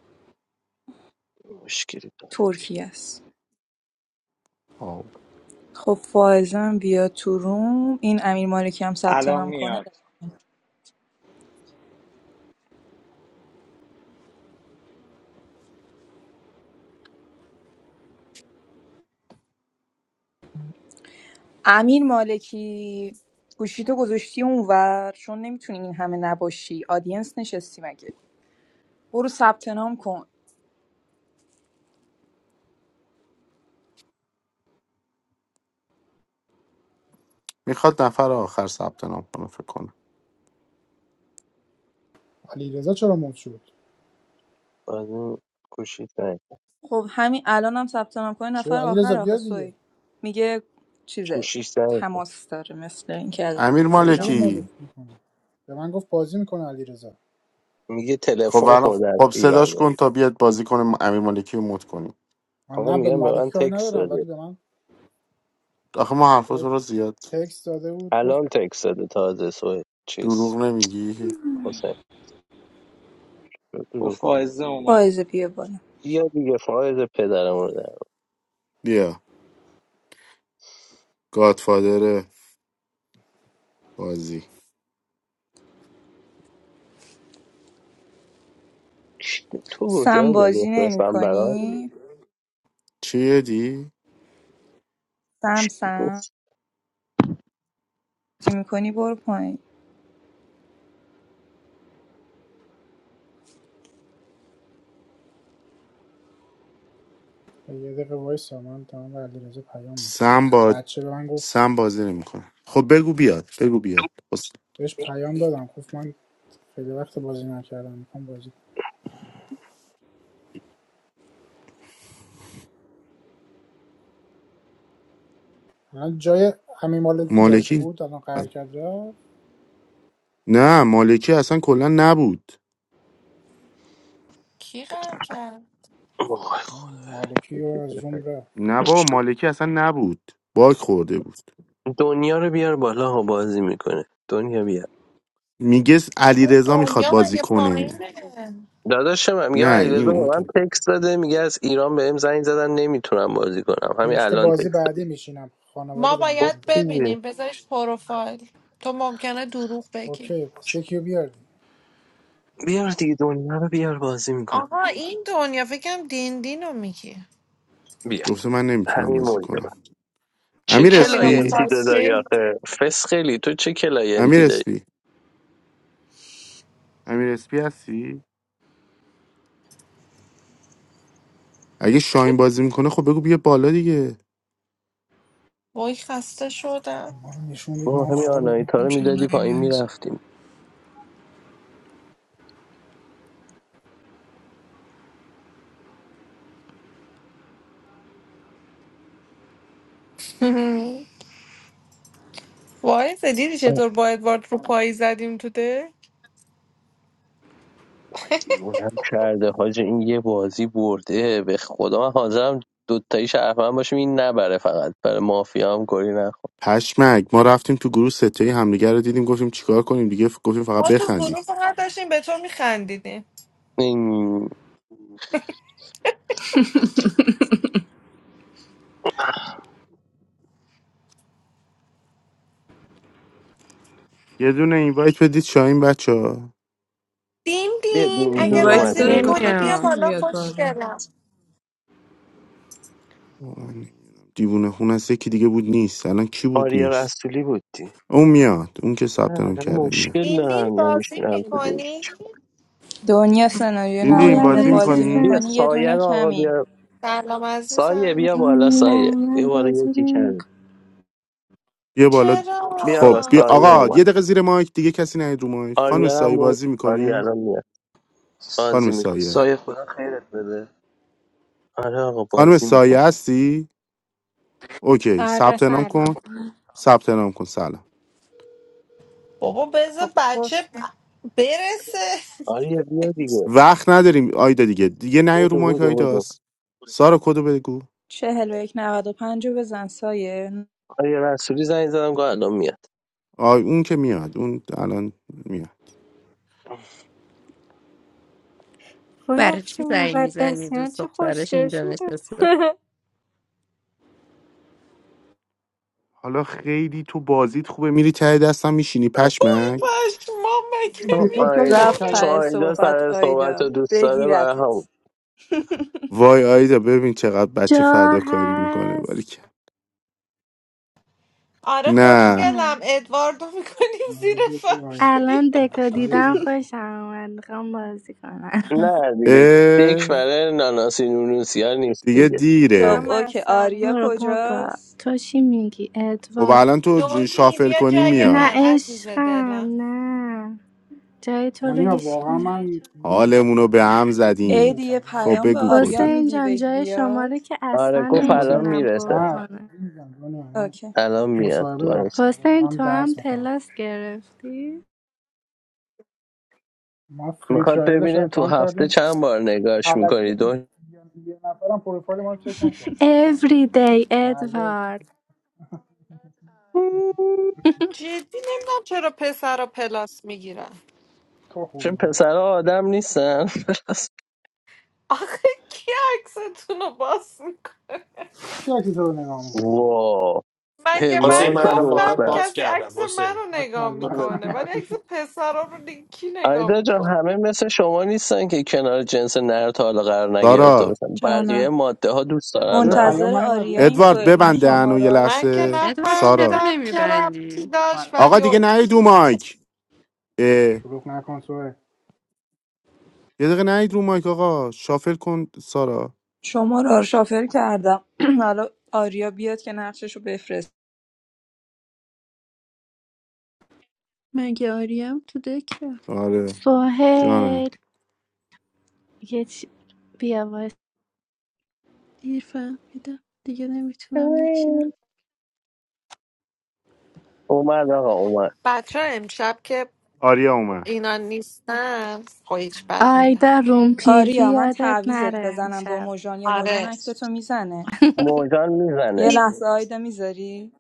S3: مشکلی داره
S8: ترکیه است
S4: آه.
S8: خب فائزه هم بیاد تو روم این امیر مالکی هم ثبت
S18: الان
S8: نام کنه
S18: میاد
S8: امیر مالکی گوشیتو گذاشتی اونور چون نمیتونی این همه نباشی آدینس نشستی مگه برو ثبت نام کن
S4: میخواد نفر آخر ثبت نام کنه فکر کنم
S5: علیرضا چرا مود شد
S3: بعد گوشی زنگ
S8: خب همین الانم هم ثبت نام کنی
S5: چرا
S8: نفر آخر
S5: علیرضا
S8: آخه
S5: بیا دیگه
S8: سوی میگه چیزه
S3: گوشیش زنگ خورد.
S8: تماس داره مثل اینکه از
S4: امیر
S5: آقا چرا
S8: ایران
S5: مودش
S4: مالکی
S5: میکنه به من گفت بازی میکنه علیرضا
S3: میگه
S4: خب
S3: تلفن
S4: الان
S3: خورده از
S4: خب
S3: ایران
S4: صداش
S3: میاد
S4: کن تا بیاد بازی کنه امیر مالکی رو مد کنیم
S5: من
S3: آقا
S5: نه به
S3: میگم به
S5: مالکی
S3: من
S5: کاری
S3: تکس
S5: ندارم ولی
S3: داده
S5: به من
S4: آخه ما
S5: یه
S4: حرفاتون رو زیاد
S5: تکست داده بود گفت
S3: الان تکس داده تازه سو
S4: دروغ
S3: چیز
S4: نمیگی
S3: حسین
S18: خب
S3: دروغ میگه.
S18: فائزه اومد
S8: فائزه بیا بالا
S3: بیا دیگه فایز پدرم رو در
S4: بیا گادفادر بازی
S3: چی- تو گفتی
S8: سم
S3: نه ده
S8: بازی نمی
S3: بفرستم برات
S8: کنی
S4: چیه دی؟
S3: چی
S8: سم سم
S3: گفت
S8: بازی میکنی برو پایین
S5: یه دقیقه وایس من تمام به علیرضا پیام میدم
S4: سم
S5: این
S4: با
S5: بچه به من گفت
S4: سم بازی نمیکنه خب بگو بیاد بگو بیاد بس-
S5: بهش پیام دادم گفت من خیلی وقت بازی نکردم میخوام بازی الان جای همین مالکی جاش
S4: مالکی
S5: بود الان قهر کرد رفت
S4: نه مالکی اصلا کلا نبود
S9: کی قهر کرد
S3: وای خدا.
S5: مالکی رو از روم رفت
S4: نه با مالکی اصلا نبود باک خورده بود
S3: دنیا رو بیار بالا ها بازی میکنه دنیا بیار
S4: میگه علی رضا میخواد
S9: دنیا
S4: بازی
S9: مگه
S4: کنه
S9: پایینه
S3: داداشم هم میگم
S4: نه این
S3: علیرضا به
S4: اون
S3: من
S4: تو
S3: تکس داده میگه از ایران بهم زنگ زدن نمیتونم بازی کنم همین
S5: نوشته
S3: الان
S5: بازی
S3: تکس داده
S5: بعدی میشینم خانواده
S9: ما
S5: بهم
S9: باید
S5: زنگ زد
S3: خب
S9: ببینیم بذارش پروفایل تو ممکنه دروغ بگی
S5: اوکی پس یکی رو بیاردیم
S3: بیار دیگه دنیا رو بیار بازی میکنه
S9: آها این دنیا فکرم دین دین رو میگی
S3: بیار
S4: گفته من نمیتونم
S3: همین
S4: بازی
S3: مونده
S4: کنم
S3: چه
S4: امیر
S9: همینو
S4: اسپی
S3: کلاینتی تو داری
S9: میخواستی
S3: آخه فسخلی تو چه
S4: امیر
S3: کلاینتی داری
S4: اسپی امیر اسپی هستی اگه شاین بازی میکنه خب بگو بیا بالا دیگه
S9: وای خسته شدم
S5: ما رو نشوندید
S3: ما
S5: ما هم
S3: همین
S5: کار داریم
S3: آنایتا رو
S8: چرا
S3: میدادی پایین
S8: نیومد
S3: میرفتیم
S9: وای دیدی چطور با ادوارد رو پایی زدیم تو ده
S3: دیوونم کرده حاج این یه بازی برده به خدا من حاضرم دوتایی شرفم باشیم این نبره فقط برای مافیا هم گلی نخور
S4: پشمک ما رفتیم تو گروه ستهی همدیگه رو دیدیم گفتیم چیکار کنیم دیگه ف- گفتیم فقط
S9: ما تو
S4: بخندیم
S9: گروه فقط داشتیم به تو میخندیدیم
S3: این-
S4: یه دونه اینوایت بدید شاین بچه ها
S9: دین
S3: بیا
S9: دین
S3: دین
S8: این
S9: اگه
S3: دین
S8: وایت
S3: اومد
S9: بازی
S8: داره
S3: دین دین.
S9: میکنی
S8: بخواد
S9: بیا
S17: نمیاد
S8: میتونه
S9: بالا
S8: بیاد بالا
S9: خوشگلم
S4: دیوونه خون است یکی دیگه بود نیست الان کی بود
S3: آریا
S4: نیست
S3: رسولی بودی
S4: اون میاد اون که ثبت نام کرده میاد
S3: مشکل
S9: دین
S3: دارن
S9: دین بازی
S3: نمیشونم تو دیگه
S9: میکنی
S8: دنیا سناریو
S4: دیندین
S21: سلام
S8: نماینده
S4: بازی
S8: بازی
S4: میکنی
S3: بیا
S21: عزیزم
S8: میکنی یه
S3: سایه
S8: دونه
S3: رو آقا
S8: کمیم
S3: بیا
S9: سلام
S3: سایه
S9: عزیزم
S3: بیا
S21: سلام
S3: بالا سایه
S21: نه
S3: یه
S21: من
S3: بار
S21: بازی
S3: یکی کردیم
S21: نمیکنم
S4: بیا بالا
S3: بیا آقا
S4: خب
S9: چرا
S4: بیا
S3: سایه
S4: آقا
S3: اومد
S4: یه دقیقه زیر مایک دیگه کسی نیاد رو مایک خانم
S3: آریا هم
S4: سایه
S3: اومد.
S4: بازی
S3: آریا
S4: میکنی
S3: الان میاد
S4: خانم
S3: بازی میکنه
S4: سایه
S16: سایه خدا خیرت بده
S3: آره آقا
S4: خانم
S3: بازی
S4: سایه
S3: میکنه
S4: هستی اوکی
S22: آره
S4: ثبت نام
S22: سلام
S4: کن ثبت نام کن سلام
S9: بابا
S22: خب
S9: بذار
S22: کد
S9: بچه برسه
S3: آریا بیا دیگه
S4: وقت نداریم آیدا دیگه دیگه نه رو
S3: بودو
S4: مایک
S3: بودو بودو
S4: آیداست سارا کدو بگو
S8: چهل و یک نود و پنج رو بزن سایه
S3: آریا رسولی زنگ زدم گفت الان میاد
S4: آی اون که میاد اون الان میاد
S22: وای
S17: برای چی
S22: افشین
S17: زنگ میزنی
S22: مقدسیان
S17: دوست
S22: چه
S17: دخترش
S22: خوشگل
S17: اینجا
S22: شده
S17: نشسته
S4: حالا خیلی تو بازیت خوبه میری ته دستم میشینی
S3: آه،
S9: توی
S4: پشمک
S9: پشمام مگه
S3: چون
S5: بی خود کردی
S3: آی
S5: دست
S9: میتون
S8: رفت
S5: کرد
S3: چون
S5: از
S8: ته
S5: من
S3: آیدا
S5: سیت سه
S8: صحبت
S3: سر
S5: بودم
S3: صحبت
S8: آیدا
S3: رو دوست داره برای هم
S8: بگیرتت
S4: وای آیدا ببین چقدر بچه
S21: جا
S4: فداکاری میکنه ولی
S21: هست
S9: آره
S4: نه
S9: خوشگلم
S21: هم.
S9: ادواردو میکنیم
S5: حالا
S9: زیر
S5: بیا جای آینه
S9: فرش می‌گیری.
S21: الان دکا دیدم
S5: جای
S21: خوشم آمد میخوام بازی کنم
S3: نه دیگه دیک
S4: اه
S3: برای ناناسی نونوسی ها نیست
S4: دیگه
S3: دیگه
S8: خب
S22: جمع
S4: دیره
S8: اوکی
S22: اثر
S8: آریا
S21: برو بابا
S8: کجاست
S21: تو چی میگی
S4: خب
S21: ادوار
S4: الان تو ج-
S9: دونی
S4: شافل
S9: بیا
S4: کنی
S9: جای
S21: نه
S4: میاد
S9: من عزیز
S21: عشقم
S9: دلم
S21: نه جای تو رو
S5: دنیا واقعا
S21: هیشکی
S5: من
S4: حالمونو
S5: نمی‌تونم.
S4: به هم زدین
S8: عید یه
S5: نشستم
S4: خب
S8: پیام به
S4: بگو
S8: آریا
S4: کدو
S21: حسین
S8: میدی
S21: جان
S8: بگی
S21: جای شما
S8: بیاد
S21: رو که
S3: آره
S21: اصلا
S5: به
S3: گفت الان
S5: خدا
S21: نمیتونم پر
S3: میرسه
S5: نه
S21: کنم
S5: جدی میگم دنیا من
S8: اوکی
S3: الان میاد
S5: مصاحبه دارم فردا
S21: حسین
S5: دارم
S21: تو هم
S5: درس میخونم
S21: پلاس گرفتی
S5: ما فری
S3: میخواد
S5: ترایلش رو
S3: ببینه تو
S5: امتحان کردیم
S3: هفته چند بار نگاش
S5: علکی
S3: میکنی
S5: هم بود
S3: دو
S5: یه نفرم پروفایل ما رو چک نکرد
S21: every day
S5: درزا
S21: ادوارد
S9: جدی نمیدونم چرا پسر پلاس میگیرن
S5: تو خوبی
S3: چون
S5: بابا
S3: پسرها آدم نیستن
S9: آخه کی عکستون رو باز میکنه
S5: چی عکس تو رو نگاه میکنم
S3: وا
S9: مگه
S7: حسین
S3: هزار
S9: من
S7: من
S3: تا
S7: الان بارت
S9: گفتم
S3: دختر
S7: باز
S9: کسی عکس
S7: کردم حسین
S9: منو نگاه
S7: برو
S5: ماشاءالله
S7: ببین.
S9: میکنه ولی عکس پسرا رو دیگه کی نگاه
S3: آیدا جان
S9: میکنه
S3: همه مثل شما نیستن که کنار جنس نر تا حالا قرار نگرفته
S4: سارا
S3: باشن بقیه
S8: جانم
S3: ماده ها دوست دارن
S5: چرا
S3: نر
S8: منتظر
S5: پیام نیومد
S8: آریا این
S5: یاشا
S4: ادوارد
S5: هیچ
S8: سوال من
S4: ببند
S5: نمیاد
S4: دهنو
S8: شماره
S4: یه
S8: ها رو
S9: من که
S4: لحظه
S8: فرست
S17: ادوارد چرا
S4: سارا
S9: نفهمیدم چه ربطی
S17: نمیبندی
S9: داشت
S4: آقا
S9: ولی
S4: دیگه نهید رو مایک اه.
S5: شلوغ نکن سوه
S4: یه دقیقه نهید رو مایک آقا شافل کن سارا
S8: شماره ها رو شافر کردم حالا آریا بیاد که نقشش رو بفرست
S23: مگه آریم تو دکه
S4: آره
S21: سوهل
S4: جانه
S21: یه چی بیا باید
S23: دیر فهمیدم دیگه نمیتونم نشینم
S3: آی. اومد آقا اومد
S9: بچه امشب که
S4: آریا اومد
S9: اینا نیستن خب هیچ بد
S21: آی
S9: میگم
S21: دا روم پیوی
S8: آریا من
S21: یادت
S8: تعویزت
S21: نره
S8: بزنم با
S21: میشم
S8: موژان یا موژان
S9: آره
S8: اکتتو میزنه
S3: موجان
S8: یه
S3: میزنه
S8: لحظه آیدا میذاری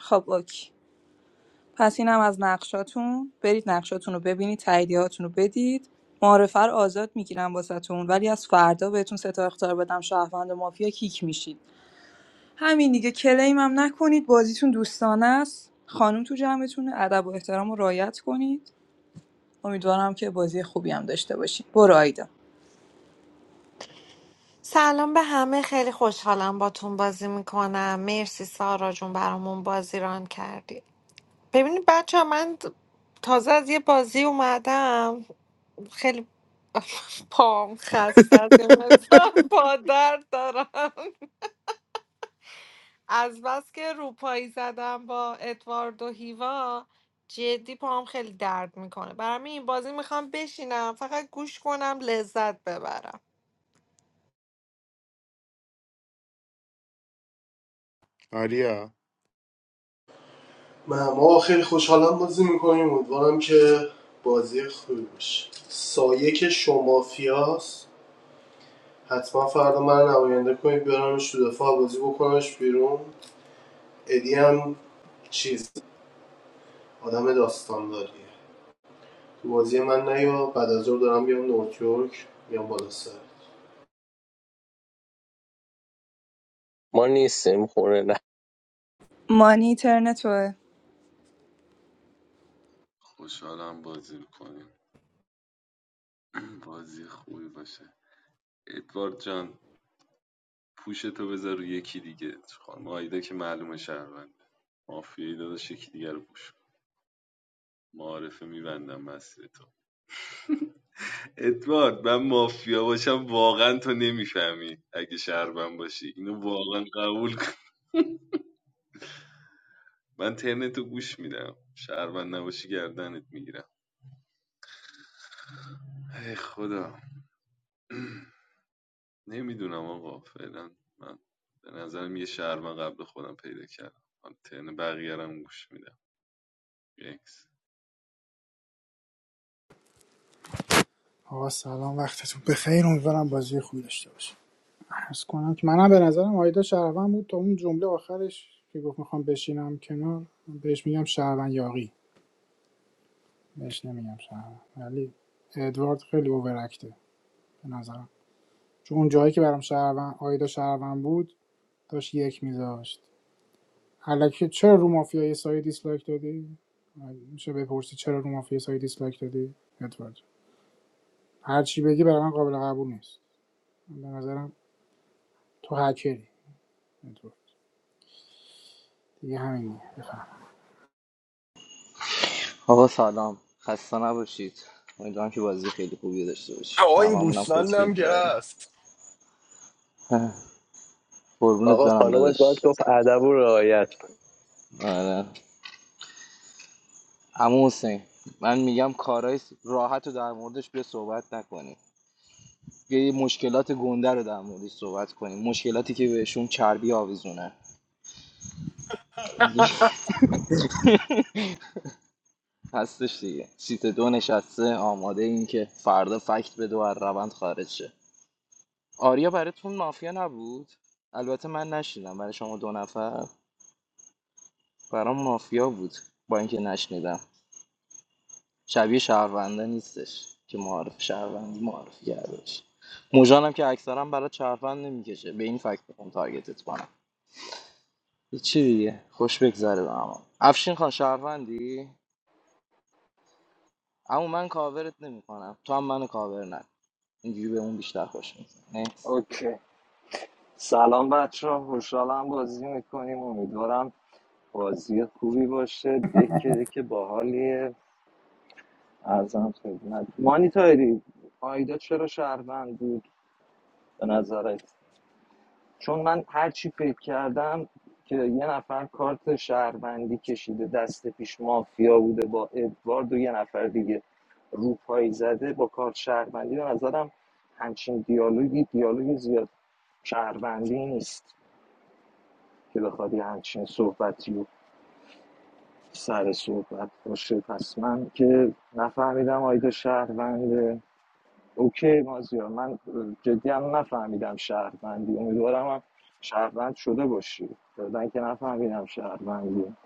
S8: خب اوکی پس اینم از نقشاتون برید نقشاتون رو ببینید تاییدیهاتون رو بدید معارفه رو آزاد میگیرم واسهتون ولی از فردا بهتون سه تا اختار بدم شهروند و مافیا کیک میشید همین دیگه کلیم هم نکنید بازیتون دوستانه است خانم تو جمعتونه ادب و احترام رو رعایت کنید امیدوارم که بازی خوبی هم داشته باشید برو آیدا
S9: سلام به همه خیلی خوشحالم باتون بازی میکنم مرسی سارا جون برامون بازی ران کردی ببینید بچه من تازه از یه بازی اومدم خیلی پام خسته از یه مقدار. پا درد دارم از بس که روپایی زدم با ادوارد و هیوا جدی پاهم خیلی درد میکنه برام این بازی میخوام بشینم فقط گوش کنم لذت ببرم
S4: آریا
S13: ما ما خیلی خوشحالم بازی میکنیم امیدوارم که بازی خوبی باشه سایه که شما فیاس حتما فردا من نماینده کنید بیارمش تو دفاع بازی بکنمش بیرون ادی هم چیز آدم داستان داریه تو بازی من نیا بعد از ظهر دارم بیام نیویورک بیام بالا سر
S3: ما نیستیم خونه نه
S8: مانی اینترنت توه
S14: خوشحالم بازی میکنیم بازی خوبی باشه ادوارد جان پوشتو بذار رو یکی دیگه خانم آیدا که معلومه شهروند مافیایی داداش یکی دیگه رو پوش معارفه میبندم مسیر تو ادوارد من مافیا باشم واقعا تو نمیفهمی اگه شهروند باشی اینو واقعا قبول کن من ترنتو گوش میدم شهروند نباشی گردنت میگیرم ای خدا نمیدونم آقا فعلا من به نظرم یه شهر من قبل خودم پیدا کردم حالا ترن بقیه رو گوش میدم یکس
S5: آقا سلام وقتتون بخیر امیدوارم بازی خوبی داشته باشیم عرض کنم که منم به نظرم آیدا شهروند بود تا اون جمله آخرش که گفت میخوام بشینم کنار بهش میگم شهروند یاقی بهش نمیگم شهروند ولی ادوارد خیلی اوورکته به نظرم چون اون جایی که برام شهروند آیدا شهروند بود داشت یک میذاشت الکی چرا رو مافیای سایه دیسلایک دادی میشه بپرسی چرا رو مافیای سایه دیسلایک دادی ادوارد هر چی بگی برای من قابل قبول نیست من به نظرم تو هکری ادوارد دیگه همینه. بفهم
S16: آقا سلام خسته نباشید امیدوارم که بازی خیلی خوبی داشته باشی
S13: آقا
S16: به
S13: این
S16: هممونم خوش
S13: گوسفندم که
S16: بگذره
S13: هست
S16: اه، قربونت
S3: آقا
S16: برم
S3: خانم گاد
S16: داداش
S3: گفت ادب و رعایت
S16: آره عمو حسین من میگم کارهای راحت رو در موردش به صحبت نکنیم یه مشکلات گنده رو در موردش صحبت کنیم مشکلاتی که بهشون چربی آویزونه دیگه هستش دیگه سیت دو نشسته آماده این که فردا فکت بده و از روند خارج شه آریا براتون مافیا نبود البته من نشنیدم برای شما دو نفر برام مافیا بود با اینکه نشنیدم شبیه شهرونده نیستش که معارف شهروندی معرفی کرده باشه موژانم که اکثرا برای شهروند نمیکشه به این فکر بکن تارگتت کنم چی دیگه خوش بگذره به همون افشین خان شهروندی اما من کاورت نمیکنم تو هم منو کاور نکن اینجوری به اون بیشتر خوش میزنه نکس
S18: اوکی سلام بچه ها خوشحالم بازی میکنیم امیدوارم بازی خوبی باشه دکه دکه باحالیه ارزم خدمت مانیتاری آیدا چرا شهروند بود به نظرت چون من هر چی فکر کردم که یه نفر کارت شهروندی کشیده دست پیش مافیا بوده با ادوارد و یه نفر دیگه روپایی زده با کارت شهروندی به نظرم همچین دیالوگی دیالوگی زیاد شهروندی نیست که بخواد یه همچین صحبتی و سر صحبت باشه پس من که نفهمیدم آیدا شهرونده اوکی مازیار من جدی هم نفهمیدم شهروندی امیدوارم هم شهروند شده باشی بعدن که نفهمیدم شهروندی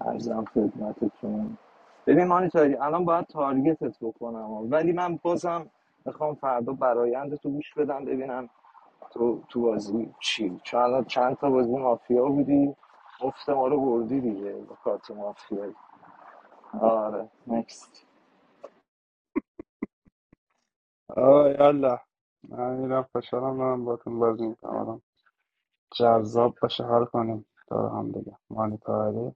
S18: ارزم خدمتتون ببین مانیتاری الان باید تارگتت بکنم ولی من بازم میخوام فردا برایند تو گوش بدم ببینم تو تو بازی چی چون الان چند تا بازی مافیا بودی مفت ما رو بردی دیگه با کارت مافیا آره نکست
S20: آه یالا من میرم خوشحالم دارم باتون بازی میکنم آدم جذاب باشه حال کنیم دور هم دیگه مانی تاهری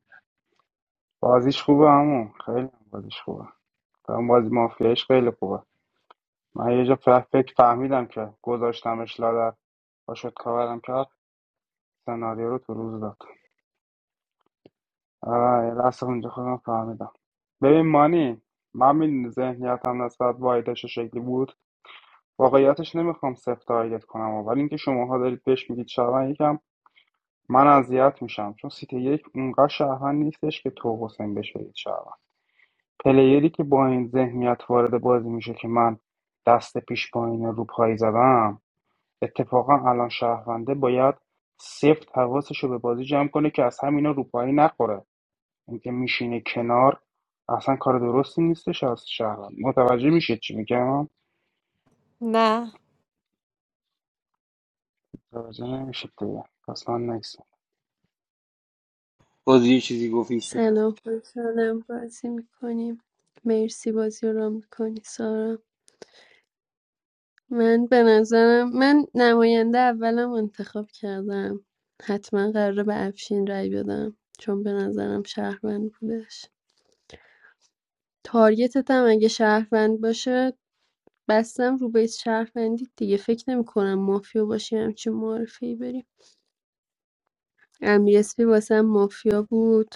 S20: بازیش خوبه همون خیلی هم بازیش خوبه هم بازی مافیایش خیلی خوبه من یه جا ف- فکر فهمیدم که گذاشتمش لادر با شد کاورم کرد سناریو رو تو روز داد آه یه لحظه اونجا خودم فهمیدم ببین مانی من میدونی ذهنیتم نسبت به آیدش چه شکلی بود واقعیتش نمیخوام سفت تارگت کنم ولی اینکه شماها دارید بهش میگید شبن من اذیت میشم چون سیتی یک اونقدر شهروند نیستش که تو و حسین بشوید شهروند پلیری که با این ذهنیت وارد بازی میشه که من دست پیش با این رو پای زدم اتفاقا الان شهرونده باید سفت حواسش رو به بازی جمع کنه که از همینا روپایی نخوره اینکه میشینه کنار اصلا کار درستی نیستش از شهروند متوجه میشید چی میگم
S9: نه
S20: متوجه نمیشید دیگه پس من نکسم
S16: باز یه چیزی گفتی که
S23: سلام خوشحالم بازی میکنیم مرسی بازی رو رام میکنی سارا من به نظرم من نماینده اولم انتخاب کردم حتما قراره به افشین رای بدم چون به نظرم شهروند بودش تارگتت هم اگه شهروند باشه بستم رو بیس شهروندی دیگه فکر نمی کنم مافیا باشی همچین معرفی بریم امیر اسپی واسم مافیا بود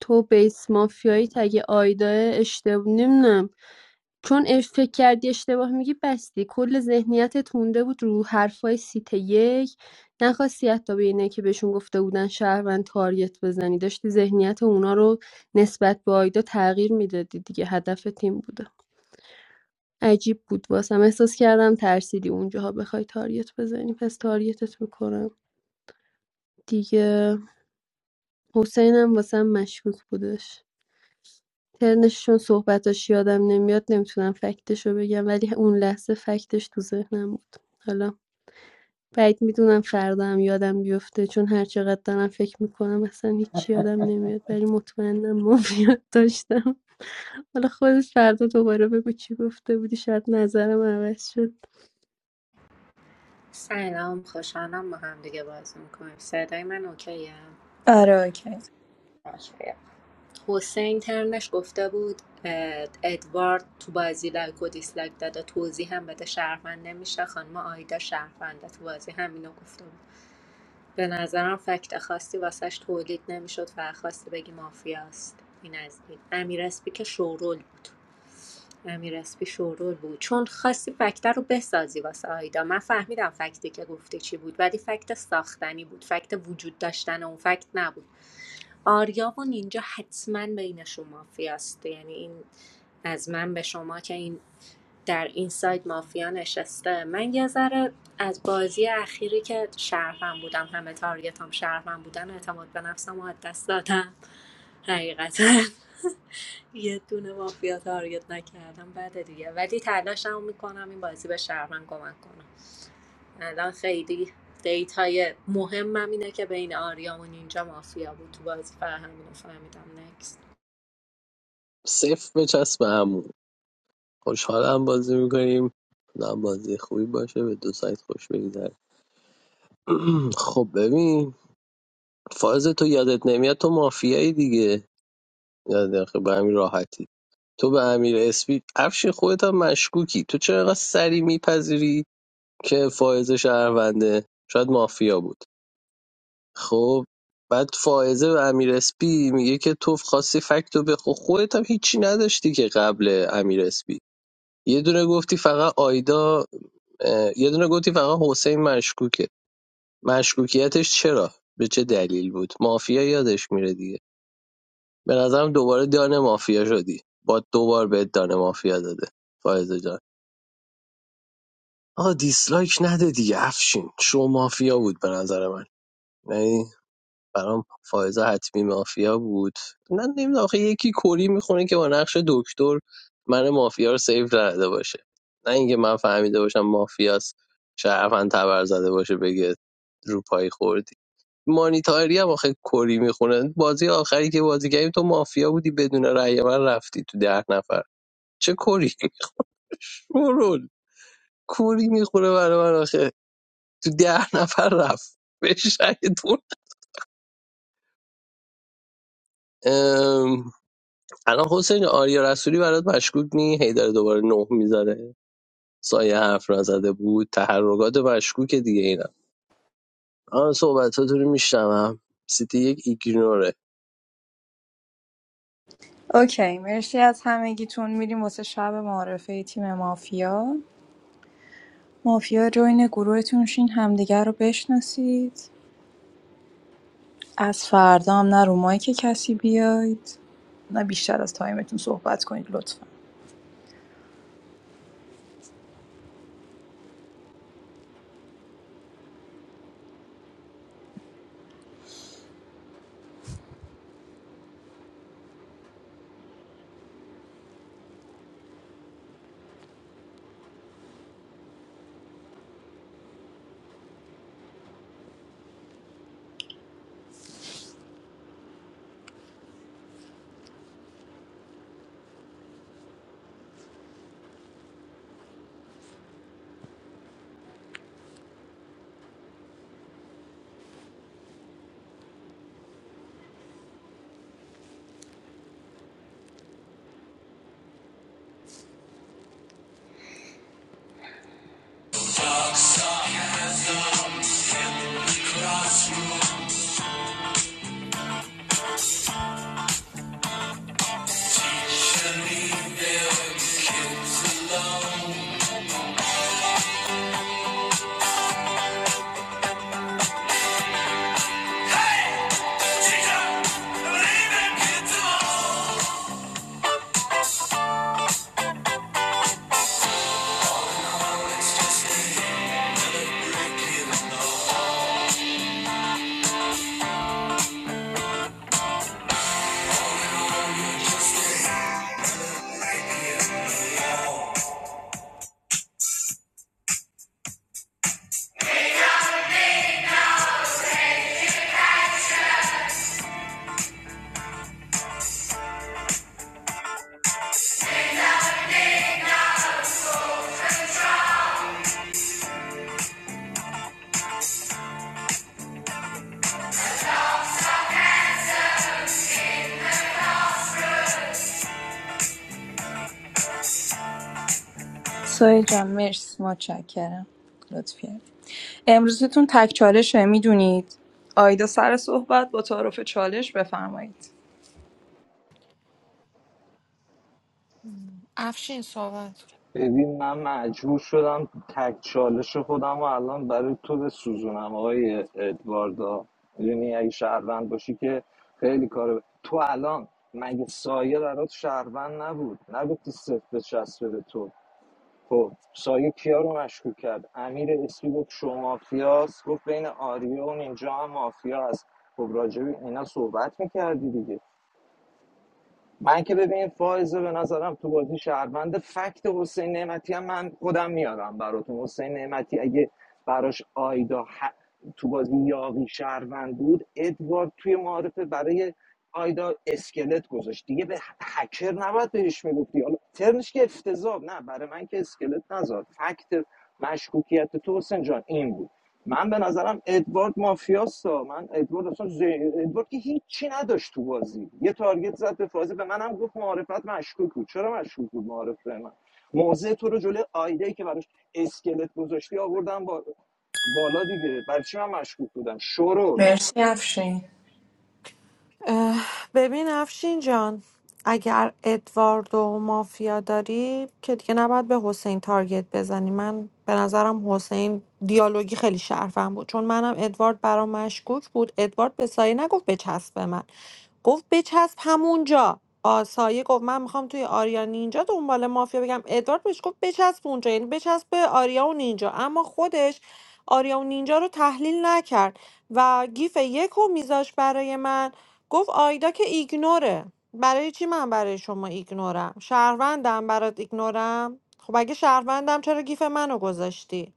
S23: تو بیس مافیایی اگه آیدا اشتباه نمیدونم چون اش- فکر کردی اشتباه میگی بستی کل ذهنیتت مونده بود رو حرفای سیت یک نخواستی حتی به اینه که بهشون گفته بودن شهروند تارگت بزنی داشتی ذهنیت اونا رو نسبت به آیدا تغییر میدادی دیگه هدف تیم بوده عجیب بود واسم احساس کردم ترسیدی اونجاها بخوای تاریت بزنی پس تاریتت میکنم دیگه حسینم واسم مشکوک بودش ترنشون صحبتاش یادم نمیاد نمیتونم فکتشو بگم ولی اون لحظه فکتش تو ذهنم بود حالا بعید میدونم فردا هم یادم بیفته چون هر چقدر دارم فکر میکنم اصلا هیچ یادم نمیاد ولی مطمئنم مافیات داشتم حالا خودت فردا دوباره بگو چی گفته بودی شاید نظرم عوض شد
S22: سلام خوشحالم با هم دیگه بازی میکنیم صدای من اوکیه
S8: آره اوکی
S22: باش حسین ترنش گفته بود اه، ادوارد تو بازی لایک و دیسلایک داده توضیح هم بده شهروند نمیشه خانم آیدا شهرونده تو بازی همینو گفته بود به نظرم فکت خاصی واسش تولید نمیشد و خواستی بگی مافیاست این از این امیر اسپی که شورول بود امیر اسپی شورول بود چون خواستی فکته رو بسازی واسه آیدا من فهمیدم فکتی که گفته چی بود ولی فکت ساختنی بود فکت وجود داشتن اون فکت نبود آریا و نینجا حتما بینشون مافیاست یعنی این از من به شما که این در این سایت مافیا نشسته من یه ذره از بازی اخیری که شرفم بودم همه تارگتام هم شرفم بودن اعتماد به نفسم رو از دست دادم حقیقتا یه دونه مافیا تارگت نکردم بعد دیگه ولی تلاشمو میکنم این بازی به شهرمن کمک کنم الان خیلی دیتای مهمم اینه که بین آریام و نینجا مافیا بود تو بازی فهمیدم فهمیدم نکست
S3: صفر بچسب به عمو خوشحالم بازی میکنیم نه بازی خوبی باشه به دو سایت خوش بگذره خب ببین فائز تو یادت نمیاد تو مافیایی دیگه یاد نخیر، به همین راحتی تو به امیر اسپی افشین خودت هم مشکوکی تو چرا اینقدر سری میپذیری که فائز شهرونده شاید مافیا بود خب بعد فائزه به امیر اسپی میگه که تو خاصی فکتو بخو خودت هم هیچی نداشتی که قبل امیر اسپی یه دونه گفتی فقط آیدا اه، یه دونه گفتی فقط حسین مشکوکه مشکوکیتش چرا به چه دلیل بود مافیا یادش میره دیگه به نظرم دوباره دانه مافیا شدی با دوبار بهت دانه مافیا داده فائزه جان آقا دیسلایک نده دیگه افشین شو مافیا بود به نظر من یعنی برام فائزه حتمی مافیا بود نه نمیدونم آخه یکی کری میخونه که با نقش دکتر من مافیا رو سیو کرده باشه نه اینکه من فهمیده باشم مافیاست شرفن تبر زده باشه بگه رو پای خوردی مانیتاری هم آخه کری میخونن بازی آخری که بازی کردیم تو مافیا بودی بدون رأی من رفتی تو ده نفر چه کری شورول کری میخونه برای من آخه تو ده نفر رفت بشهیدون الان حسین آریا رسولی برات مشکوک نی هی داره دوباره نه میذاره سایه حرف نزده بود تحرکات مشکوک دیگه اینا آن صحبتاتون رو میشنوم سیتی یک ایگنوره
S8: اوکی مرسی از همگیتون میریم واسه شب معارفه تیم مافیا مافیا جوین گروهتون شین همدیگه رو بشناسید از فردا هم نه رو مایک کسی بیاید نه بیشتر از تایمتون صحبت کنید لطفا سایه جان مرسی متشکرم لطفی امروزتون تک چالشه میدونید آیدا سر صحبت با تعارف چالش بفرمایید
S9: افشین صحبت
S18: ببین من مجبور شدم تک چالش خودم و الان برای تو بسوزونم آقای ادواردا یعنی اگه شهروند باشی که خیلی کار ب- تو الان مگه سایه برات شهروند نبود نگفتی صفر بچسبه به تو خب سایه کیا رو مشکوک کرد امیر اسپی گفت شما مافیاست گفت بین آریا و اینجا هم مافیا هست خب راجب اینا صحبت میکردی دیگه من که ببین فائزه به نظرم تو بازی شهروند فکت حسین نعمتی هم من خودم میارم براتون حسین نعمتی اگه براش آیدا ح- تو بازی یاقی شهروند بود ادوارد توی معارفه برای آیدا اسکلت گذاشت دیگه به هکر نباید بهش میگفتی حالا ترنش که افتضاح نه برای من که اسکلت نذار فکت مشکوکیت تو حسین جان این بود من به نظرم ادوارد مافیاستا من ادوارد اصلا ز... ادوارد که هیچی نداشت تو بازی یه تارگت زد به فازی به منم گفت معارفت مشکوک بود چرا مشکوک بود معارفه من موضع تو رو جلوی آیده که براش اسکلت گذاشتی آوردم با... بالا دیگه برای چی من مشکوک بودم شورول
S8: مرسی افشین
S9: اه، ببین افشین جان اگر ادوارد و مافیا داری که دیگه نباید به حسین تارگت بزنی من به نظرم حسین دیالوگی خیلی شرفم بود چون منم ادوارد برام مشکوک بود ادوارد به سایه نگفت بچسب به من گفت بچسب همونجا آ، سایه گفت من میخوام توی آریا نینجا دنبال مافیا بگم ادوارد بهش گفت بچسب اونجا یعنی بچسب به آریا و نینجا اما خودش آریا و نینجا رو تحلیل نکرد و گیف یک رو میذاش برای من گفت آیدا که ایگنوره برای چی من برای شما ایگنورم شهروندم برات ایگنورم خب اگه شهروندم چرا گیف منو گذاشتی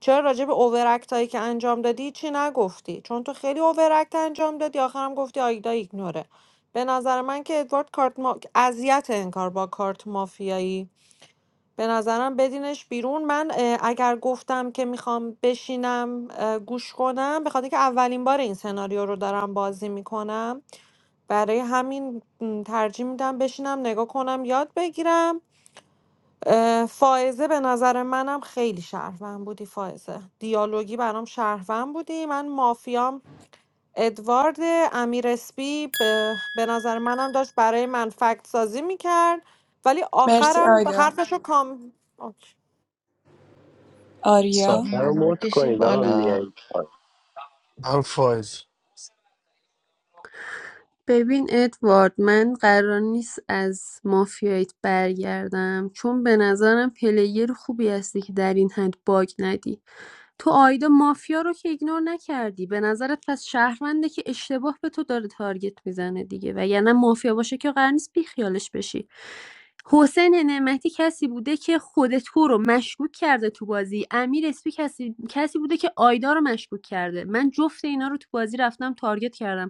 S9: چرا راجع به اوورکت هایی که انجام دادی چی نگفتی چون تو خیلی اوورکت انجام دادی آخرم گفتی آیدا ایگنوره به نظر من که ادوارد کارت ما... اذیت انکار با کارت مافیایی به نظرم بدینش بیرون من اه، اگر گفتم که میخوام بشینم اه، گوش کنم به خاطر که اولین بار این سناریو رو دارم بازی میکنم برای همین م، ترجیح میدم بشینم نگاه کنم یاد بگیرم اه، فائزه به نظر منم خیلی شهروند بودی فائزه دیالوگی برام شهروند بودی من مافیام ادوارد امیر اسپی به به نظر منم داشت برای من فکت سازی میکرد ولی
S8: مرسی
S9: آخرم
S8: آیدا
S9: حرفشو کام آکی.
S3: سایه
S24: آقا
S8: آریا
S3: رو
S24: منو
S3: مد
S24: بکشین
S3: کنید آقا
S24: بالا
S3: میایید
S13: هم فایز
S23: ببین ادوارد من قرار نیست از مافیایت برگردم چون به نظرم پلیر خوبی هستی که در این حد باگ ندی تو آیدا مافیا رو که ایگنور نکردی به نظرت پس شهرونده که اشتباه به تو داره تارگت میزنه دیگه و یعنی مافیا باشه که قرار نیست بیخیالش بشی حسین نعمتی کسی بوده که خود تو رو مشکوک کرده تو بازی امیر اسپی کسی کسی بوده که آیدا رو مشکوک کرده من جفت اینا رو تو بازی رفتم تارگت کردم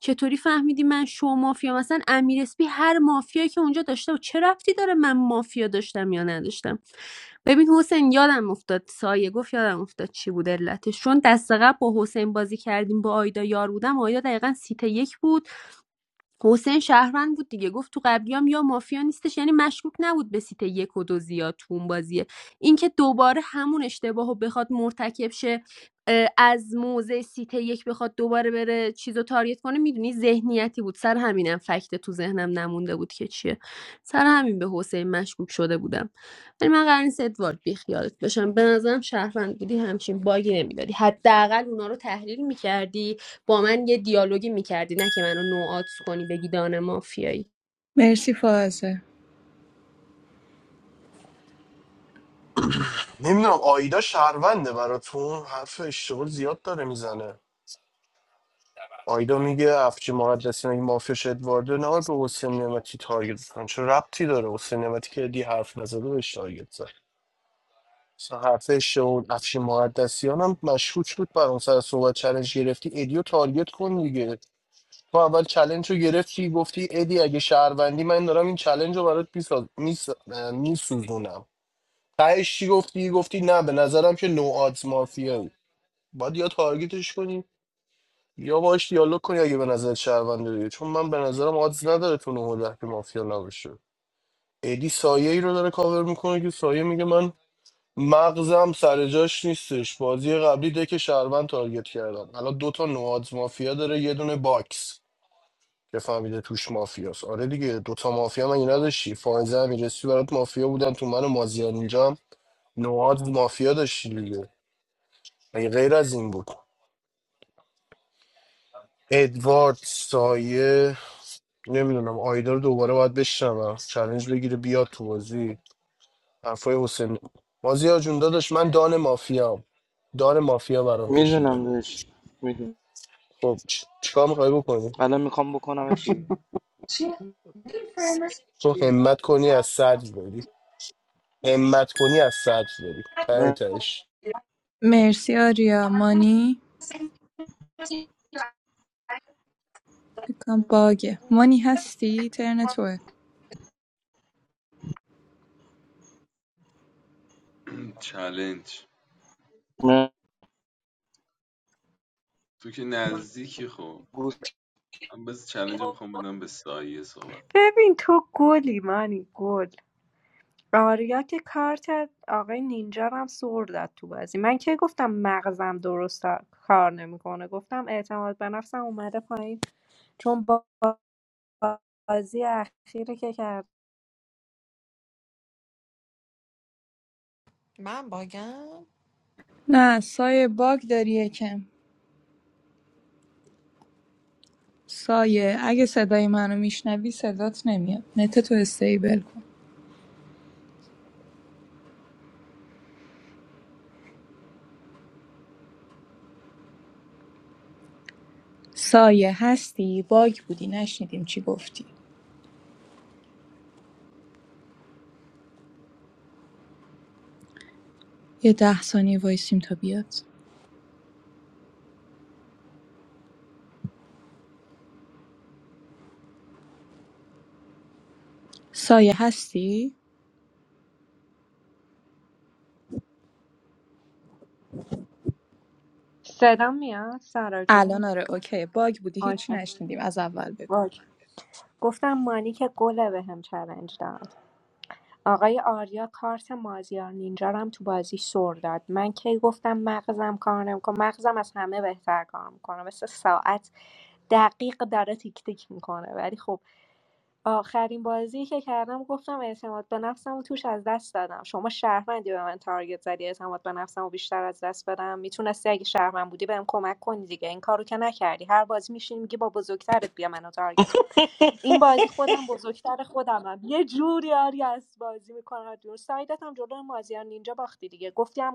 S23: چطوری فهمیدی من شو مافیا مثلا امیر اسپی هر مافیایی که اونجا داشته و چه رفتی داره من مافیا داشتم یا نداشتم ببین حسین یادم افتاد سایه گفت یادم افتاد چی بود علتش چون دست قبل با حسین بازی کردیم با آیدا یار بودم آیدا دقیقا سیت یک بود حسین شهروند بود دیگه گفت تو قبلیام یا مافیا نیستش یعنی مشکوک نبود به سیت یک و دو زیاد تو اون بازیه اینکه دوباره همون اشتباه رو بخواد مرتکب شه از موزه سیت یک بخواد دوباره بره چیز رو تاریت کنه میدونی ذهنیتی بود سر همینم فکت تو ذهنم نمونده بود که چیه سر همین به حسین مشکوک شده بودم ولی من قرار نیست ادوارد بیخیالت باشم به نظرم شهروند بودی همچین باگی نمیدادی حداقل اونا رو تحلیل میکردی با من یه دیالوگی میکردی نه که منو نوعات کنی بگی دانه مافیایی
S8: مرسی فازه
S13: نمیدونم آیدا شهرونده براتون حرف اشتغال زیاد داره میزنه آیدا میگه افجی مقدسیان اگه مافیاش ادوارده نه به حسین نعمتی تارگت بزن چه ربطی داره حسین نعمتی که دی حرف نزده بهش تارگت زد مثلا حرف اشتغال افشین مقدسیان هم مشکوک بود بر اون سر صحبت چلنج گرفتی ادیو تارگت کن دیگه تو اول چلنج رو گرفتی گفتی ادی اگه شهروندی من دارم این چلنج رو برات میساز- میس... میسوزونم تهش چی گفتی گفتی نه به نظرم که نو آدز مافیایی باید یا تارگتش کنی یا باش دیالوگ کنی اگه به نظر شهرونده دیگه چون من به نظرم آدز نداره تو نه ده که مافیا نباشه ادی سایه ای رو داره کاور میکنه که سایه میگه من مغزم سر جاش نیستش بازی قبلی ده که شهروند تارگت کردم الان دوتا نوادز مافیا داره یه دونه باکس که فهمیده توش مافیاست آره دیگه دوتا مافیا من نداشتی فائزه امیرسی برات مافیا بودن تو من و مازیار اینجا نواد مافیا داشتی دیگه مگه غیر از این بود ادوارد سایه نمیدونم آیدا رو دوباره باید بشنوم چالش بگیره بیاد تو بازی حرفای حسین بازی ها جون داداش من دان مافیا دان مافیا برام
S16: میدونم
S13: کشیده
S16: داشت میدونم
S13: خب چ- چیکار میخوای بکنی
S16: الان میخوام بکنمت
S13: تو همت کنی از صدر بری همت کنی از صدر بری ته
S16: بیرون
S13: تهش
S8: مرسی آریا مانی بکنم باگه مانی هستی ترن توه
S14: چلنج تو که نزدیکی خب
S16: گوش
S14: من بس چلنج رو میخوام بدم به سایه صحبت
S22: ببین تو گلی مانی گل آریا که کارت آقای نینجا رو هم سر داد تو بازی من که گفتم مغزم درست کار نمیکنه گفتم اعتماد به نفسم اومده پایین چون با- بازی اخیری که کردم
S9: من باگم
S8: نه سایه باگ داری یکم سایه اگه صدای منو میشنوی صدات نمیاد نت تو استیبل کن سایه هستی باگ بودی نشنیدیم چی گفتی یه ده ثانیه وایسیم تا بیاد سایه هستی
S22: صدام میاد سارا جون
S8: الان آره اوکی باگ بودی هیچی
S22: اوکی
S8: نشنیدیم از اول بگو
S22: اوکی گفتم مانی که گله به هم چلنج داد آقای آریا کارت مازیار نینجا رو هم تو بازی سر داد من کی گفتم مغزم کار نمیکنه مغزم از همه بهتر کار میکنه مثل ساعت دقیق داره تیک تیک میکنه ولی خب آخرین بازی که کردم گفتم اعتماد به نفسم و توش از دست دادم شما شهروندی به من تارگت زدی اعتماد به نفسم و بیشتر از دست بدم میتونستی اگه شهروند بودی بهم کمک کنی دیگه این کارو که نکردی هر بازی میشین میگی با بزرگترت بیا منو تارگت کن این بازی خودم بزرگتر خودمم یه جوری آری از بازی میکنم جور سایدت هم جلو مازیار نینجا باختی دیگه گفتی هم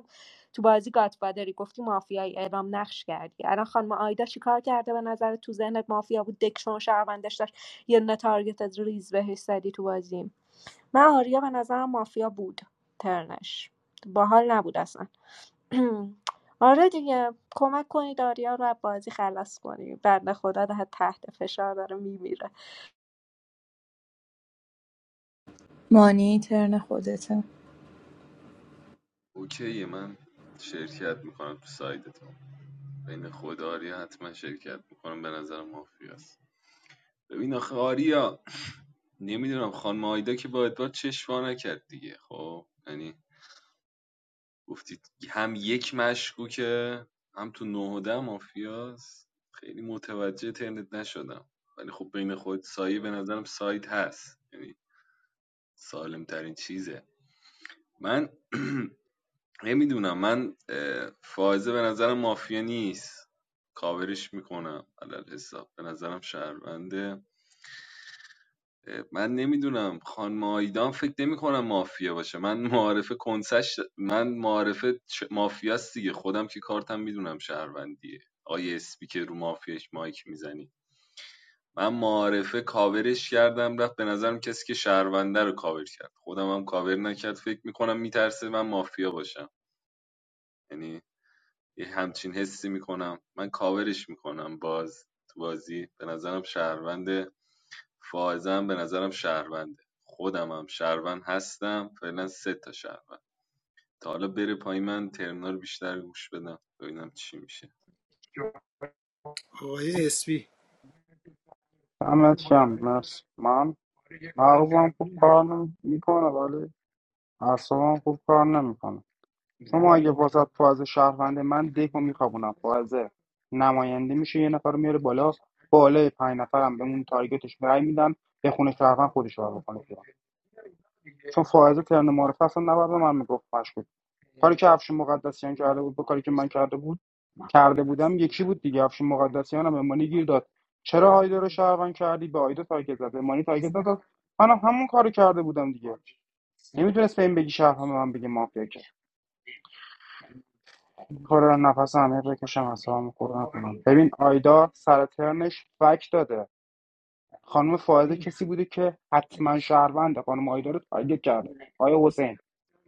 S22: تو بازی گاتفادری گفتی مافیایی اعلام نقش کردی الان خانم آیدا چیکار کرده به نظر تو ذهنت مافیا بود دکشون شهروندش داشت یه دونه تارگت از ریز بهش زدی تو بازی من آریا به نظرم مافیا بود ترنش باحال نبود اصلا آره دیگه کمک کنید آریا رو بازی خلاص کنید بنده خدا ده تحت فشار داره میمیره
S8: مانی ترن خودته
S14: اوکی من شرکت میکنم تو سایدتون بین خود آریا حتما شرکت میکنم به نظر مافیاست ببین آخه آریا نمیدونم خانم آیدا که با ادوار چشوا نکرد دیگه خب یعنی گفتید هم یک مشکوکه هم تو نه و ده مافیاست خیلی متوجه ترنت نشدم ولی خب بین خود سایه به نظرم سایت هست یعنی سالم ترین چیزه من نمیدونم من اه، فائزه به نظرم مافیا نیست کاورش میکنم علل حساب به نظرم شهرونده من نمیدونم خانم آیدان فکر نمی کنم مافیا باشه من معارف کنسش من معارف چ- مافیاست دیگه خودم که کارتم میدونم شهروندیه آیه اسپی که رو مافیاش مایک میزنی من معارفه کاورش کردم رفت به نظرم کسی که شهرونده رو کاور کرد خودم هم کاور نکرد فکر میکنم میترسه من مافیا باشم یعنی یه همچین حسی میکنم من کاورش میکنم باز تو بازی به نظرم شهروند فائزم به نظرم شهرونده خودم هم شهروند هستم فعلا سه تا شهروند تا حالا بره پایین من ترمینال بیشتر گوش بدم ببینم چی میشه
S5: آقای اسپی
S20: دمت گرم. مرسی. من مغزم خوب کار میکنه ولی اعصابم خوب کار نمیکنه شما اگه واسط فاز شهروند من دکو میخوابونم فازه نماینده میشه یه نفر رو میاره بالا بالای پنج نفرم به اون تارگتش رای میدن به خونه شهروند خودش رو بکنه بیرون چون فائزه ترن معرفه اصلا نباید به من میگفت مشکوک کاری که افشین مقدسیان کرده بود به کاری که من کرده بود کرده بودم یکی بود دیگه افشین مقدسیان هم امانی گیر داد چرا آیدا رو شهروند کردی به آیدا تارگت زد امانی تارگت نداد منم همون کاری کرده بودم دیگه نمیتونست به این بگی شهروند به من بگی مافیا کار نفس عمیق بکشم اصلا خورد نکنم ببین آیدا سر ترنش فک داده خانم فائزه کسی بوده که حتما شهرونده خانم آیدا رو تارگت کرده آیا حسین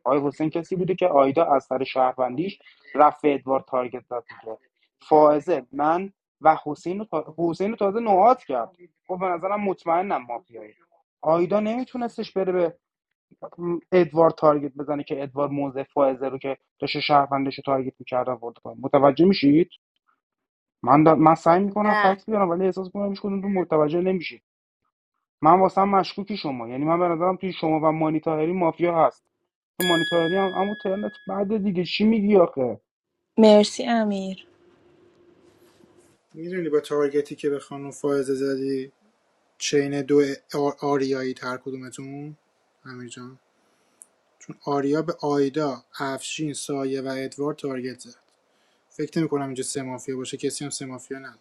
S20: آیا حسین کسی بوده که آیدا از سر شهروندیش رفت به ادوار تارگت زد دیگه فائزه من و حسین رو, تا... حسین رو تازه نوعات کرد خب به نظرم مطمئنم مافیایی آیدا نمیتونستش بره به ادوارد تارگت بزنه که ادوارد موزه فائزه رو که داشته شهروندش رو تارگت میکرده ورد کنه متوجه میشید من دا... من سعی میکنم
S9: نه
S20: فکس بیارم ولی احساس میکنم هیچ کدومتون متوجه نمیشید من واسم مشکوکی شما یعنی من به نظرم توی شما و مانیتاهری مافیا هست تو مانیتاهری هم اما ترنت بعد دیگه چی میگی آخه
S8: مرسی امیر
S5: میدونی با تارگتی که به خانم فائزه زدی چین دو آ- آریایی تر کدومتون امیر جان آریا به آیدا افشین سایه و ادوار تارگت زد فکر نمی کنم اینجا سه مافیا باشه کسی هم سه مافیا نداره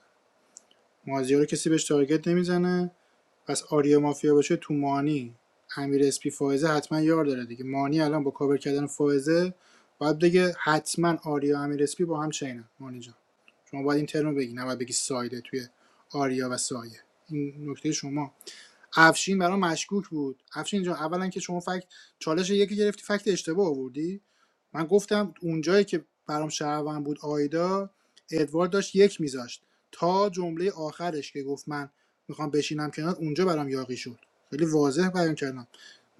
S5: مازیار رو کسی بهش تارگت نمیزنه پس آریا مافیا باشه تو مانی امیر اسپی فائزه حتما یار داره دیگه مانی الان با کاور کردن فائزه باید بگه حتما آریا و امیر اسپی با هم چینن مانی جان شما باید این ترم رو بگی نباید بگی سایده توی آریا و سایه این نکته شما افشین برام مشکوک بود افشین جان اولا که شما فکت چالش یکی گرفتی فکت اشتباه آوردی من گفتم اونجایی که برام شهروند بود آیدا ادوارد داشت یک میذاشت تا جمله آخرش که گفت من میخوام بشینم کنار اونجا برام یاقی شد خیلی واضح بیان کردم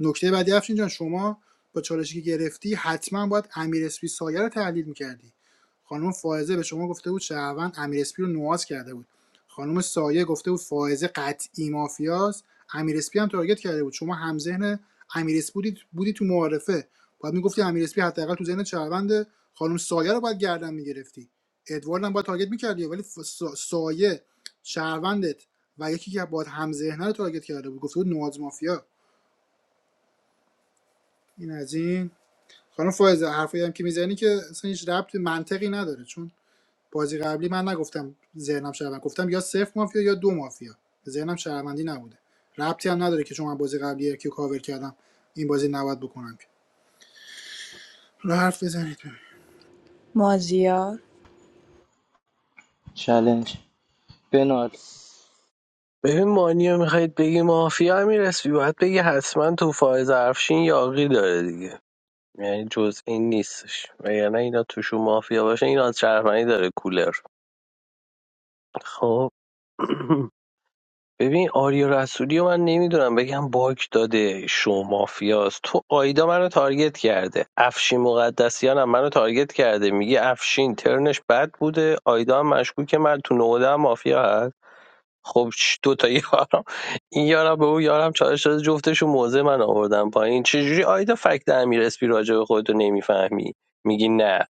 S5: نکته بعدی افشین جان شما با چالشی که گرفتی حتما باید امیر اسپی سایه رو تحلیل میکردی خانم فائزه به شما گفته بود شهروند امیر اسپی رو نواز کرده بود خانم سایه گفته بود فائزه قطعی مافیاست امیر اسپی هم تارگت کرده بود شما همذهن امیر اسپی بودی بودی تو معارفه باید میگفتی امیر اسپی حداقل تو ذهن شهروند خانم سایه رو باید گردن میگرفتی ادوارد هم باید تارگت میکردی ولی ف- سا- سایه شهروندت و یکی که باید همذهنه رو تارگت کرده بود گفته بود نواز مافیا این از این خانم فائزه حرفایی هم که میزنی که اصلا هیچ ربط به منطقی نداره چون بازی قبلی من نگفتم ذهنم شهروند گفتم یا صفر مافیا یا دو مافیا ذهنم شهروندی نبوده ربطی هم نداره که چون من بازی قبلی کیو کاور کردم این بازی نباید بکنم که رو حرف بزنید
S8: مازیار
S16: چلنج بنال
S3: ببین مانیو میخواید بگی مافیا میرسی باید بگی حتما تو فائز افشین یاقی داره دیگه یعنی جز این نیستش وگرنه اینا توشون مافیا باشه این از شهروندی داره کولر خب ببین آریا رسولی رو من نمیدونم بگم باگ داده شو مافیاست تو آیدا منو تارگت کرده افشین مقدسیان هم منو تارگت کرده میگه افشین ترنش بد بوده آیدا هم مشکوکه من تو نوده هم مافیا هست خب چ- دو تا یارم این یارم به اون یارم چالش داده جفتشون موزه من آوردن پایین چجوری آیدا فکت امیر اسپی راجع به خودتو نمیفهمی میگی نه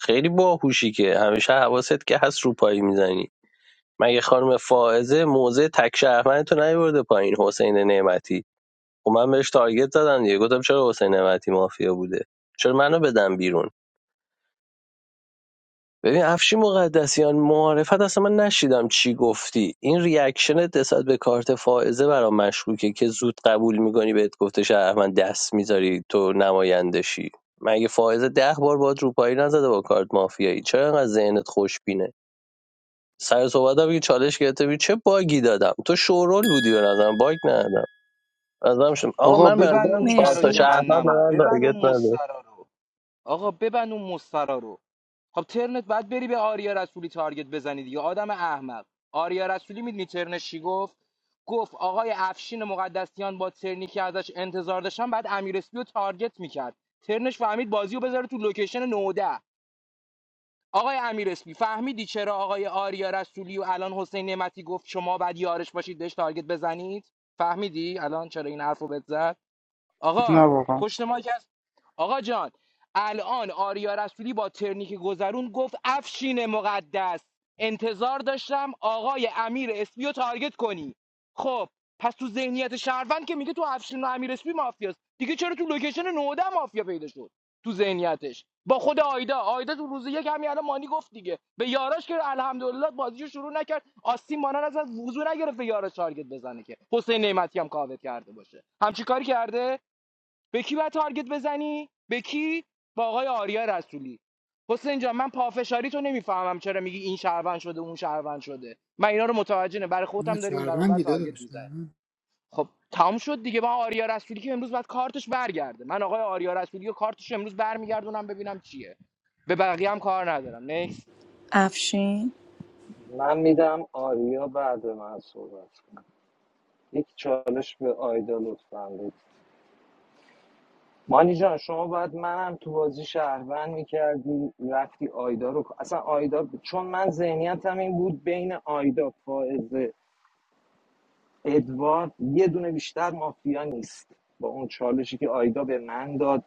S3: خیلی باهوشی که همیشه حواست که هست رو پایی میزنی مگه خانم فائزه موزه تک شهرمند تو نیورده پایین حسین نعمتی خب من بهش تارگت زدم دیگه گفتم چرا حسین نعمتی مافیا بوده چرا منو بدم بیرون ببین افشین مقدسیان معارفت اصلا من نشیدم چی گفتی این ریاکشنت نسبت به کارت فائزه برام مشکوکه که زود قبول میکنی بهت گفته شهر من دست میذاری تو نمایندشی مگه فائزه ده بار باید روپایی نزده با کارت مافیایی چرا انقدر ذهنت خوشبینه سر صحبت هم که چالش گرفته بودی، چه باگی دادم تو شورول بودی به نظرم باگ ندادم از نظرم شم. آقا
S16: آقا
S3: من به
S16: ببند
S3: نظرم
S16: اون در
S3: چهار
S16: و
S3: تا
S8: مرسی
S3: شهر من به
S16: جهنمو
S3: من
S16: ببند
S3: تارگت
S16: اون
S3: نداره.
S16: مسترا رو آقا ببند اون مسترا رو خب ترنت بعد بری به آریا رسولی تارگت بزنی دیگه آدم احمق آریا رسولی میدونی ترنش چی گفت گفت آقای افشین مقدسیان با ترنی که ازش انتظار داشتن بعد امیر اسپی رو تارگت میکرد ترنش فهمید بازی رو بذاره تو لوکیشن 19 آقای امیر اسپی فهمیدی چرا آقای آریا رسولی و الان حسین نعمتی گفت شما بعد یارش باشید بهش تارگت بزنید فهمیدی الان چرا این حرفو بزد
S20: نه
S16: آقا
S20: واقعا
S16: پشت ما کس آقا جان الان آریا رسولی با ترنیک گذرون گفت افشین مقدس انتظار داشتم آقای امیر اسپی رو تارگت کنی خب پس تو ذهنیت شهروند که میگه تو افشین و امیر اسپی مافیاست دیگه چرا تو لوکیشن نوده مافیا پیدا شد تو ذهنیتش با خود آیدا آیدا تو روز یک همین الان مانی گفت دیگه به یاراش که الحمدلله بازیشو شروع نکرد آستین مانان از وضو نگرفت به یاراش تارگت بزنه که حسین نعمتی هم کاوت کرده باشه همچی کاری کرده به کی باید تارگت بزنی به کی با آقای آریا رسولی حسین جان من پافشاری تو نمیفهمم چرا میگی این شهروند شده اون شهروند شده من اینا رو متوجه نه برای
S5: نه
S16: خودم داریم بر اون بر
S5: شهروندی
S16: تارگت
S5: داداش
S16: میزنه
S5: شهروند.
S16: خب تمام شد دیگه با آریا رسولی که امروز بعد کارتش برگرده من آقای آریا رسولی و کارتش امروز برمیگردونم ببینم چیه به بقیه هم کار ندارم نیکس
S8: افشین
S18: من میدم آریا بعد من صحبت کنم یک چالش به آیدا لطفا مانی جان شما باید منم تو بازی شهروند میکردی رفتی آیدا رو اصلا آیدا چون من ذهنیتم این بود بین آیدا فائزه ادوارد یه دونه بیشتر مافیا نیست با اون چالشی که آیدا به من داد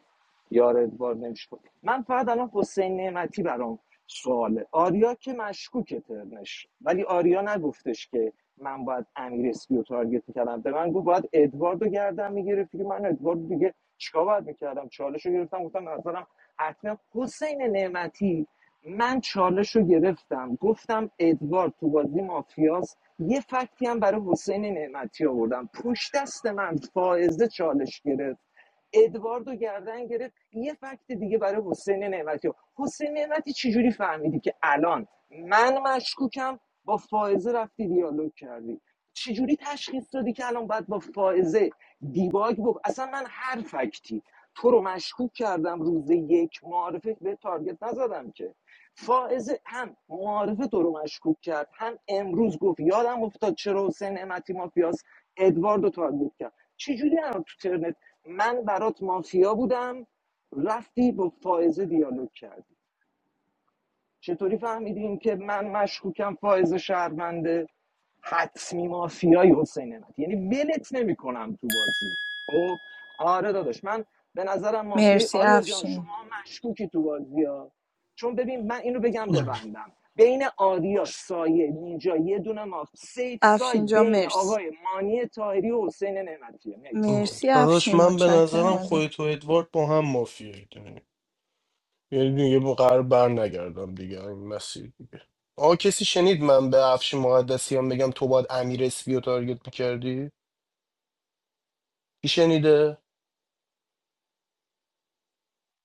S18: یار ادوارد نمیشه بود من فقط الان حسین نعمتی برام سواله آریا که مشکوکه ترنش ولی آریا نگفتش که من باید امیر اسپی رو تارگت میکردم به من گفت باید ادوارد گردم میگرفتی که من ادوارد دیگه چیکار باید میکردم چالش رو گرفتم گفتم به نظرم حتما حسین نعمتی من چالش رو گرفتم گفتم ادوارد تو بازی مافیا یه فکتی هم برای حسین نعمتی آوردم پشت دست من فائزه چالش گرفت ادواردو گردن گرفت یه فکت دیگه برای حسین نعمتی آورد. حسین نعمتی چجوری فهمیدی که الان من مشکوکم با فائزه رفتی دیالوگ کردی چجوری تشخیص دادی که الان باید با فائزه دیباگ بکن اصلا من هر فکتی تو رو مشکوک کردم روز یک معارفه به تارگت نزدم که فائز هم معارفه تو رو مشکوک کرد هم امروز گفت یادم افتاد چرا حسین نعمتی مافیاس ادوارد رو تارگت کرد چجوری الان تو ترنت من برات مافیا بودم رفتی با فائزه دیالوگ کردی چطوری فهمیدیم که من مشکوکم فائز شهرونده حتمی مافیای حسین نعمت یعنی ولت نمیکنم تو بازی خب آره داداش من به نظرم مافیای
S8: مرسی
S18: آریا جان شما
S8: افشین
S18: مشکوکی تو بازی ها چون ببین من اینو بگم ببندم بین آریا
S13: باش.
S18: سایه نینجا یه دونه ماف سیف سایت
S8: افشین جا
S18: بین
S8: مرسی
S18: آقای مانی تایری و حسین نعمتیه نکس
S8: مرسی
S13: داداش
S8: افشین
S13: من به
S8: متشکرم
S13: نظرم
S8: ازت
S13: خودت و ادوارد با هم مافیایی یعنی دیگه با قرار بر نگردم دیگه این مسیر دیگه آقا کسی شنید من به افشین مقدسیان بگم تو باید امیر اسپی رو تارگت میکردی؟ کی شنیده؟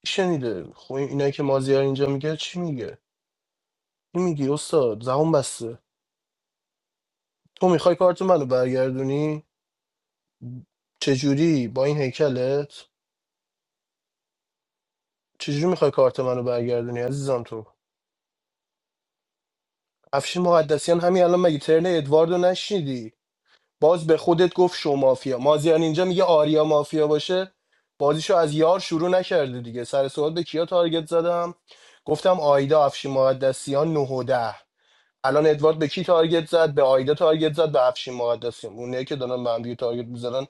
S13: کی شنیده؟ خب این- اینایی که مازیار اینجا میگه چی میگه؟ این میگی استاد زبون بسته تو میخوای کارت منو برگردونی؟ چجوری با این هیکلت؟ چجوری میخوای کارت منو برگردونی عزیزم تو؟ افشین مقدسیان همین الان مگه ترن ادواردو نشنیدی؟ باز به خودت گفت شو مافیا مازیار اینجا میگه آریا مافیا باشه بازیشو از یار شروع نکرده دیگه سر صحبت به کیا تارگت زدم گفتم آیدا افشین مقدسیان 9 و 10 الان ادوارد به کی تارگت زد به آیدا تارگت زد به افشین مقدسیان اونایی که دارن به هم دیگه تارگت میزنن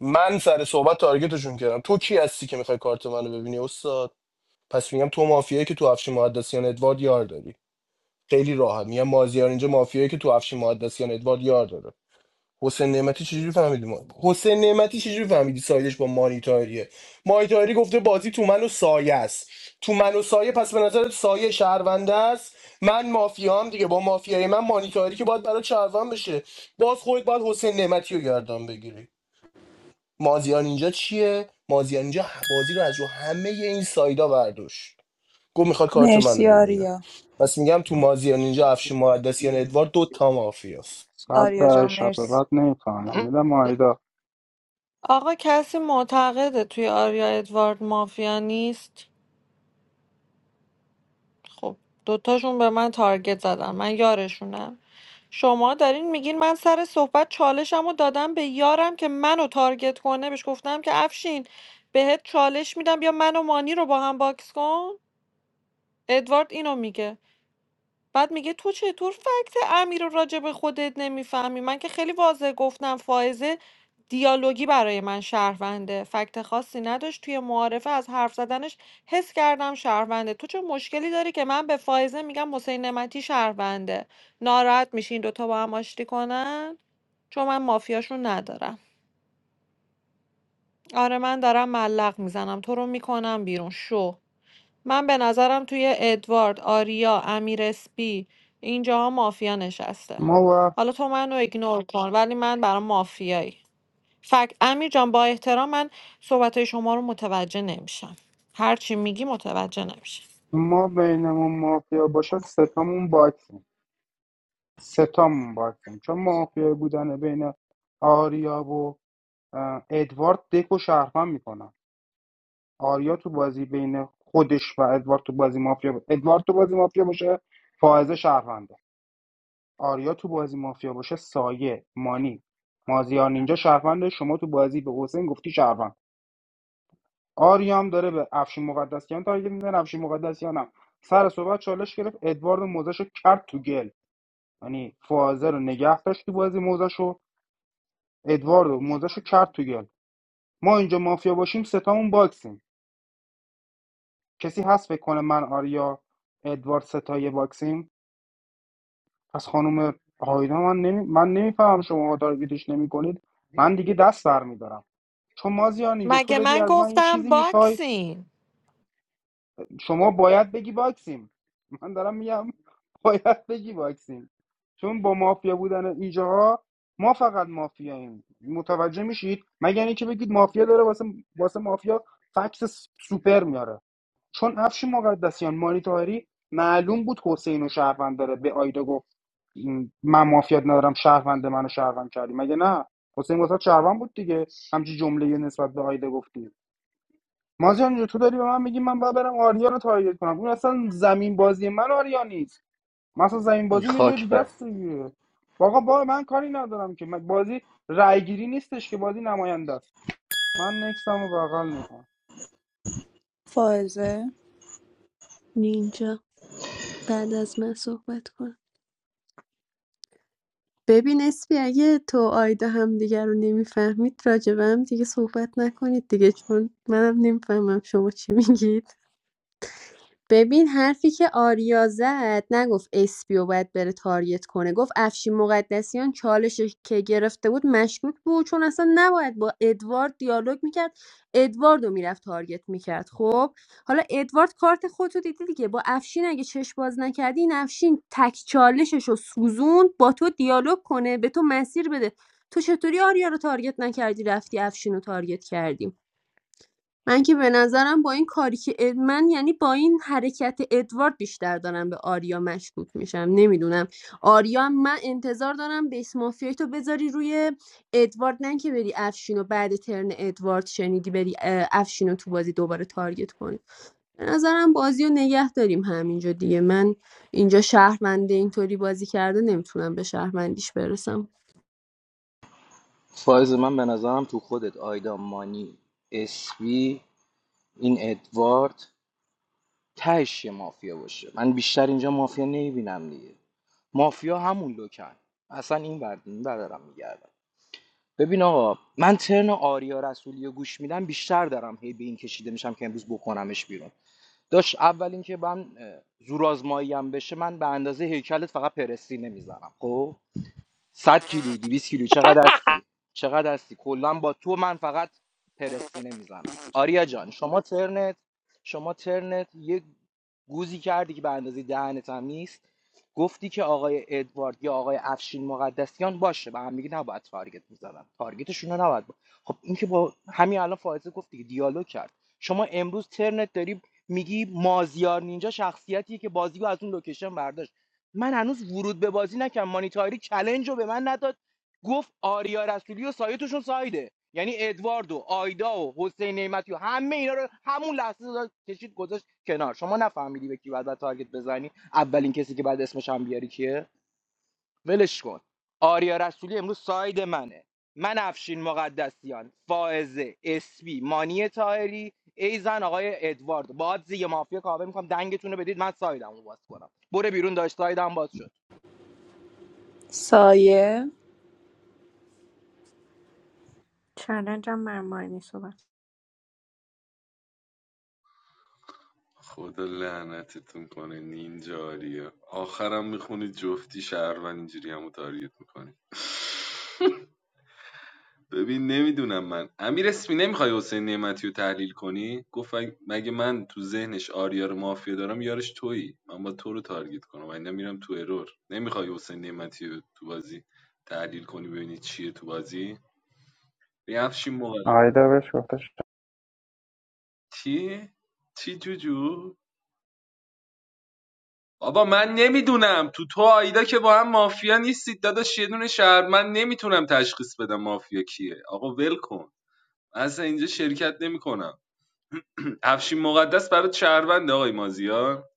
S13: من سر صحبت تارگتشون کردم تو کی هستی که میخوای کارت منو ببینی استاد پس میگم تو مافیایی که تو افشین مقدسیان ادوارد یار داری خیلی راحت میگم مازیار اینجا مافیایی که تو افشین مقدسیان ادوارد یار داره حسین نعمتی چجوری فهمیدی ما حسین نعمتی چجوری فهمیدی سایدش با مانی تاهریه مانی تاهری گفته بازی تو من و سایه است تو من و سایه پس به نظر سایه شهرونده است من مافیام دیگه با مافیای من مانی تاهری که باید برای شهروند بشه باز خودت باید حسین نعمتی رو گردن بگیری مازیار اینجا چیه مازیار اینجا بازی رو از رو همه این سایدا برداشت گفت میخواد کارت منو
S8: مرسی
S13: ببینه
S8: آریا
S13: پس میگم تو مازیار اینجا افشین مقدسیان ادوار دو تا مافیاست
S20: صد
S8: آریا
S20: در
S8: جان
S20: شب
S8: مرسی
S20: بعد نمیفهمم میدم آیدا
S9: آقا کسی معتقده توی آریا ادوارد مافیا نیست خب دوتاشون به من تارگت زدن من یارشونم شما دارین میگین من سر صحبت چالشم رو دادم به یارم که منو تارگت کنه بهش گفتم که افشین بهت چالش میدم یا منو مانی رو با هم باکس کن ادوارد اینو میگه بعد میگه تو چطور فکت امیر رو راجع به خودت نمیفهمی من که خیلی واضح گفتم فائزه دیالوگی برای من شهرونده فکت خاصی نداشت توی معارفه از حرف زدنش حس کردم شهرونده تو چه مشکلی داری که من به فائزه میگم حسین نمتی شهرونده ناراحت میشین دوتا با هم آشتی کنن چون من مافیاشون ندارم آره من دارم ملق میزنم تو رو میکنم بیرون شو من به نظرم توی ادوارد، آریا، امیر اسپی اینجاها مافیا نشسته
S20: ما و
S9: حالا تو منو ایگنور کن ولی من برام مافیایی فکت امیر جان با احترام من صحبت شما رو متوجه نمیشم هر چی میگی متوجه نمیشم
S20: ما بینمون مافیا باشه ستامون باکسیم سه تامون باید کنیم چون مافیای بودن بین آریا و ادوارد دک و شهروند میکنن آریا تو بازی بین خودش و ادوارد تو بازی مافیا ب... ادوارد تو بازی مافیا باشه فائزه شهرونده آریا تو بازی مافیا باشه سایه مانی مازیار نینجا شهرونده شما تو بازی به حسین گفتی شهروند آریا هم داره به افشین مقدسیان تارگت میزنه افشین مقدسیان هم سر صحبت چالش گرفت ادوارد موزش کرد تو گل یعنی فائزه رو نگه داشت تو بازی موزش ادواردو موزش رو کرد تو گل ما اینجا مافیا باشیم ستامون باکسیم کسی هست فکر کنه من آریا ادوارد ستای باکسیم پس خانم آیدا من نمی... من نمیفهمم شما تارگتش نمی کنید من دیگه دست برمیدارم چون مازیان اینجا تو
S9: مگه
S20: داری
S9: من
S20: از من یه
S9: گفتم
S20: چیزی میخوای
S9: باکسین
S20: شما باید بگی باکسیم من دارم میگم باید بگی باکسیم چون با مافیا بودن اینجاها ما فقط مافیاییم متوجه میشید مگر اینکه بگید مافیا داره واسه واسه مافیا فکس سوپر میاره چون افشین مقدسیان مانیتاری معلوم بود حسین و شهروند داره به آیدا گفت این- من مافیات ندارم شهروند منو شهروند کردی مگه نه حسین واسه شهروند بود دیگه همچی جمله نسبت به آیدا گفتی مازیار اینجا تو داری به من میگی من باید برم آریا رو تارگت کنم اون اصلا زمین بازی من آریا نیست من اصلا زمین بازی یه جای
S16: خاک
S20: دیگه
S16: بر
S20: است دیگه آقا با من کاری ندارم که من بازی رایگیری نیستش که بازی نماینده است من نکسم رو بغل میکنم
S8: فائزه
S23: نینجا بعد از من صحبت کن ببین اسپی اگه تو و آیدا هم دیگر رو نمیفهمید راجبه هم دیگه صحبت نکنید دیگه چون منم نمیفهمم شما چی میگید ببین حرفی که آریا زد نگفت اسپیو باید بره تاریت کنه گفت افشین مقدسیان چالش که گرفته بود مشکوک بود چون اصلا نباید با ادوارد دیالوگ میکرد ادوارد رو میرفت تارگت میکرد خب حالا ادوارد کارت خودتو دیدی دیگه با افشین اگه چش باز نکردی این افشین تک چالشش رو سوزون با تو دیالوگ کنه به تو مسیر بده تو چطوری آریا رو تارگت نکردی رفتی افشین رو تارگت کردی من که به نظرم با این کاری که اد- من یعنی با این حرکت ادوارد بیشتر دارم به آریا مشکوک میشم نمیدونم آریا من انتظار دارم بیس مافیای تو بذاری روی ادوارد نه که بری افشین و بعد ترن ادوارد شنیدی بری اه، افشین رو تو بازی دوباره تارگت کنی به نظرم بازی رو نگه داریم همینجا دیگه من اینجا شهرونده اینطوری بازی کرده نمیتونم به شهروندیش برسم
S16: فایز من به نظرم تو خودت آیدا مانی اسبی این ادوارد تهش یه مافیا باشه من بیشتر اینجا مافیا نمیبینم دیگه مافیا همون لوکن اصلا این ورد این ور دارم میگردم ببین آقا من ترن آریا رسولی رو گوش میدم بیشتر دارم هی به این کشیده میشم که امروز بکنمش بیرون داش اول اینکه من اه، زورآزمایی هم بشه من به اندازه هیکلت فقط پرستی نمیزنم خب 100 کیلو 200 کیلو چقدر هستی چقدر هستی کلا با تو من فقط پرستینه میزنم آریا جان شما ترنت شما ترنت یه گوزی کردی که به اندازه دهنت هم نیست گفتی که آقای ادوارد یا آقای افشین مقدسیان باشه به هم میگه نباید تارگت میزدن تارگتشون رو نباید با. خب این که با همین الان فائزه گفت دیگه دیالوگ کرد شما امروز ترنت داری میگی مازیار نینجا شخصیتیه که بازی از اون لوکیشن برداشت من هنوز ورود به بازی نکردم مانیتاری چلنج رو به من نداد گفت آریا رسولی و سایتشون سایده یعنی ادوارد و آیدا و حسین نعمتی و همه اینا رو همون لحظه داد کشید گذاشت کنار شما نفهمیدی به کی بعد باید تارگت بزنی اولین کسی که بعد اسمش هم بیاری کیه ولش کن آریا رسولی امروز ساید منه من افشین مقدسیان فائزه اسبی مانی تاهری ایزن آقای ادوارد باز یه مافیا کاوه میکنم دنگتون رو بدید من سایدم رو باز کنم بره بیرون داشت سایدم باز شد
S8: سایه
S22: چلنجم مرمانی صحبت
S14: خدا لعنتتون کنه نینجاریا آخرم میخونی جفتی شهروند اینجوری همو تارگت می‌کنی. ببین نمیدونم من امیر اسمی نمیخوای حسین نعمتی رو تحلیل کنی گفت مگه من تو ذهنش آریار مافیا دارم یارش تویی من با تو رو تارگت کنم و اینا میرم تو ارور نمیخوای حسین نعمتی رو تو بازی تحلیل کنی ببینی چیه تو بازی ریفشی موقع
S20: آیدا بهش گفتش
S14: چی چی جو؟ جو؟ بابا من نمیدونم تو تو آیدا که با هم مافیا نیستید داداش یه دونه شهر من نمیتونم تشخیص بدم مافیا کیه آقا ول کن من اصلا اینجا شرکت نمیکنم افشین مقدس برات شهروند آقای مازیار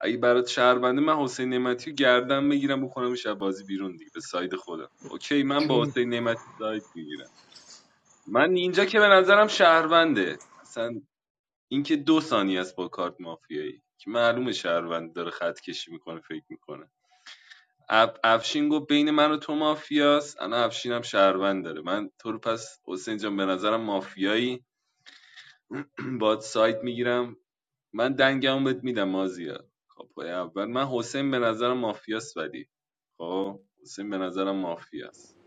S14: اگه برات شهرونده من حسین نعمتی رو گردن بگیرم بکنم شب بازی بیرون دیگه به ساید خودم اوکی من با
S5: جون
S14: حسین نعمتی ساید میگیرم من اینجا که به نظرم شهرونده اصلا اینکه دو ثانیه است با کارت مافیایی که معلومه شهروند داره خط کشی میکنه فکر میکنه افشین گفت بین من و تو مافیاست الان افشینم هم شهروند داره من تو رو پس حسین جان به نظرم مافیایی باد سایت میگیرم من دنگمو بهت میدم مازیار کاپای اول من حسین به نظرم مافیاست ولی خب حسین به نظرم مافیاست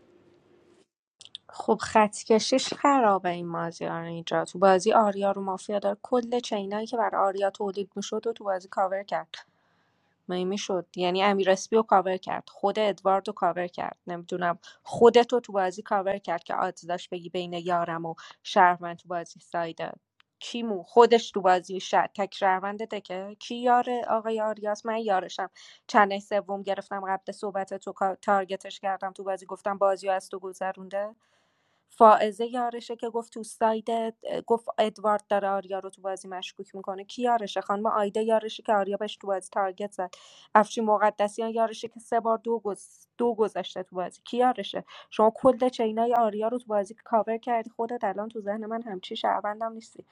S22: خب خط کشیش خرابه این مازیار اینجا تو بازی آریا رو مافیا داره کل چینایی که برای آریا تولید میشد و تو بازی کاور کرد می میشد یعنی امیر اسپی رو کاور کرد خود ادوارد رو کاور کرد نمیدونم خودت رو تو بازی کاور کرد که آدز داشت بگی بین یارم و شهروند تو بازی سایده کیمو خودش تو بازی شد تک شهرونده تکه کی یار آقای آریاس من یارشم چند سوم گرفتم قبل صحبت تو تارگتش کردم تو بازی گفتم بازی از تو گذرونده فائزه یارشه که گفت تو ساید گفت ادوارد داره آریا رو تو بازی مشکوک میکنه کی یارشه خانم آیده یارشه که آریا بهش تو بازی تارگت زده افشین مقدسیان یارشه که سه بار دو, گز... دو گذشته تو بازی کی یارشه شما کل چینای آریا رو تو بازی کاور کردی خودت الان تو ذهن من همچی شهروندم نیستی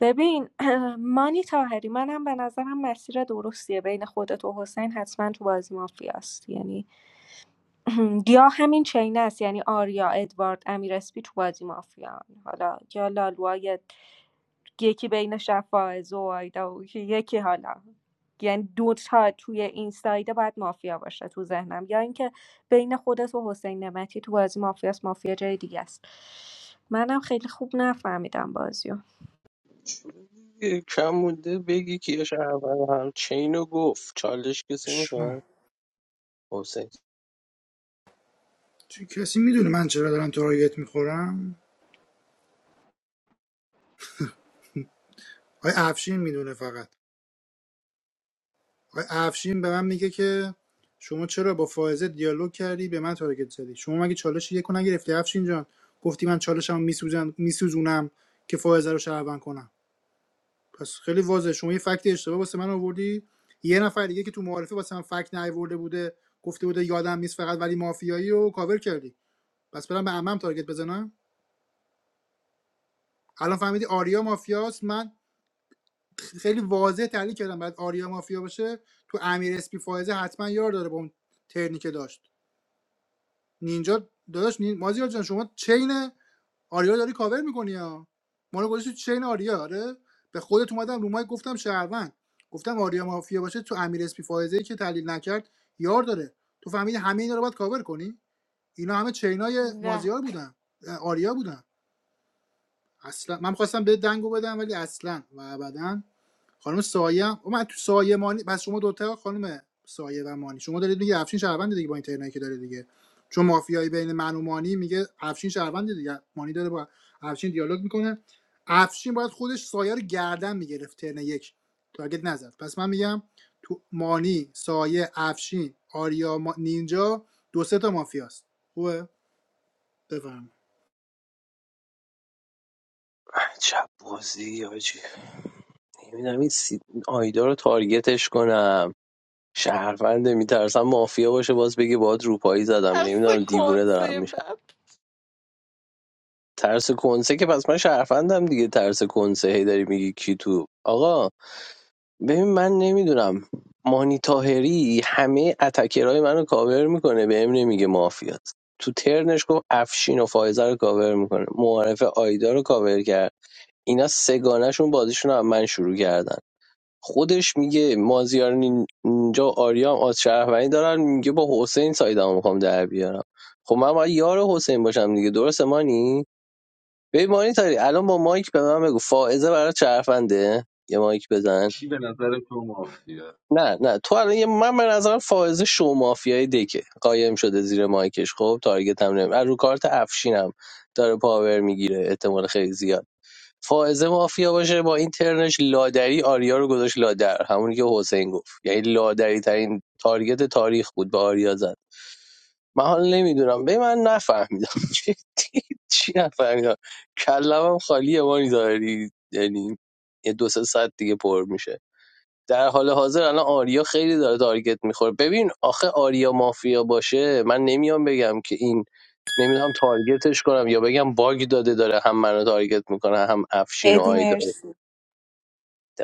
S22: ببین مانی تاهری منم به نظرم مسیر درستیه بین خودت و حسین حتما تو بازی مافیاست یعنی یا همین چین است یعنی آریا ادوارد امیر اسپی تو بازی مافیان حالا یا لالوا یکی بین شفاعز و آیدا یکی یکی حالا یعنی دو تا توی این سایده باید مافیا باشه تو ذهنم یا اینکه بین خودت و حسین نمتی تو بازی مافیاست مافیا جای دیگه است منم خیلی خوب نفهمیدم بازیو
S3: یه کم مونده بگی که اول هم چین رو گفت چالش کسی
S5: شما
S3: میخواد حسین
S5: چه کسی میدونه من چرا دارم تارگت میخورم آقای افشین میدونه فقط آقای افشین به من میگه که شما چرا با فائزه دیالوگ کردی به من تارگت زدی شما مگه چالش یکو نگرفتی افشین جان گفتی من چالشمو میسوزن میسوزونم که فائزه رو شهروند کنم پس خیلی واضحه شما یه فکت اشتباه واسه من آوردی یه نفر دیگه که تو معارفه واسه من فکت نیاورده بوده گفته بوده یادم نیست فقط ولی مافیایی و کاور کردی پس برام به عمم تارگت بزنم الان فهمیدی آریا مافیاست من خیلی واضح تحلیل کردم بعد آریا مافیا باشه تو امیر اسپی فایزه حتما یار داره با اون ترنی که داشت نینجا داداش نین... مازیار جان شما چین آریا رو داری کاور میکنی ها ما رو گذاشتی تو چین آریا آره به خودت اومدم رو مایک گفتم شهروند گفتم آریا مافیا باشه تو امیر اسپی فایزه که تحلیل نکرد یار داره تو فهمیدی همه اینا رو باید کاور کنی اینا همه چینای
S9: نه
S5: مازیار بودن آریا بودن اصلا من خواستم به دنگو بدم ولی اصلا و ابدا خانم سایه هم- من تو سایه مانی پس شما دوتا خانم سایه و مانی شما دارید میگه افشین شهروند دیگه با این ترنایی که داره دیگه چون مافیایی بین من و مانی میگه افشین شهروند دیگه مانی داره با افشین دیالوگ میکنه افشین باید خودش سایه رو گردن میگرفت ترن یک تارگت نزد پس من میگم تو مانی سایه افشین آریا ما... نینجا دو سه تا مافیاست خوبه بفهم
S3: عجب بازی آجی نمیدونم این سی... آیدا رو تارگتش کنم شهرونده میترسم مافیا باشه باز بگه باید روپایی زدم
S9: اصلا
S3: نمیدونم دیوونه دارم
S9: کنسه
S3: میشم
S9: بد
S3: ترس کنسه که پس من شهروندم دیگه ترس کنسه هی داری میگی کی تو آقا ببین من نمیدونم مانی تاهری همه اتکرهای منو کاور میکنه بهم نمیگه مافیات تو ترنش گفت افشین و فایزه رو کاور میکنه معارف آیدا رو کاور کرد اینا سگانشون بازیشون رو از من شروع کردن خودش میگه مازیار نین- نینجا و آریا هم آز شهروندی دارن میگه با حسین سایدمو میخوام در بیارم خب من باید یار حسین باشم دیگه درسته مانی ببین مانی تاری الان با مایک به من بگو فائزه برای شهرونده یه مایک بزن
S14: کی به نظر تو مافیا
S3: نه نه تو الان یه من به نظرم فائزه شو مافیای دکه قایم شده زیر مایکش خب تارگت هم نمیم رو کارت افشینم داره پاور میگیره احتمال خیلی زیاد فائزه مافیا باشه با این ترنش لادری آریا رو گذاشت لادر همونی که حسین گفت یعنی لادری ترین تارگت تاریخ بود به آریا زد من حالا نمیدونم به من نفهمیدم چی چی نفهمیدم کلمم خالیه مانی داری یعنی یه دو سه ساعت دیگه پر میشه در حال حاضر الان آریا خیلی داره تارگت میخوره ببین آخه آریا مافیا باشه من نمیام بگم که این نمیدونم تارگتش کنم یا بگم باگ داده داره هم منو تارگت میکنه هم افشین و
S8: ادی
S3: آیدا
S8: مرسی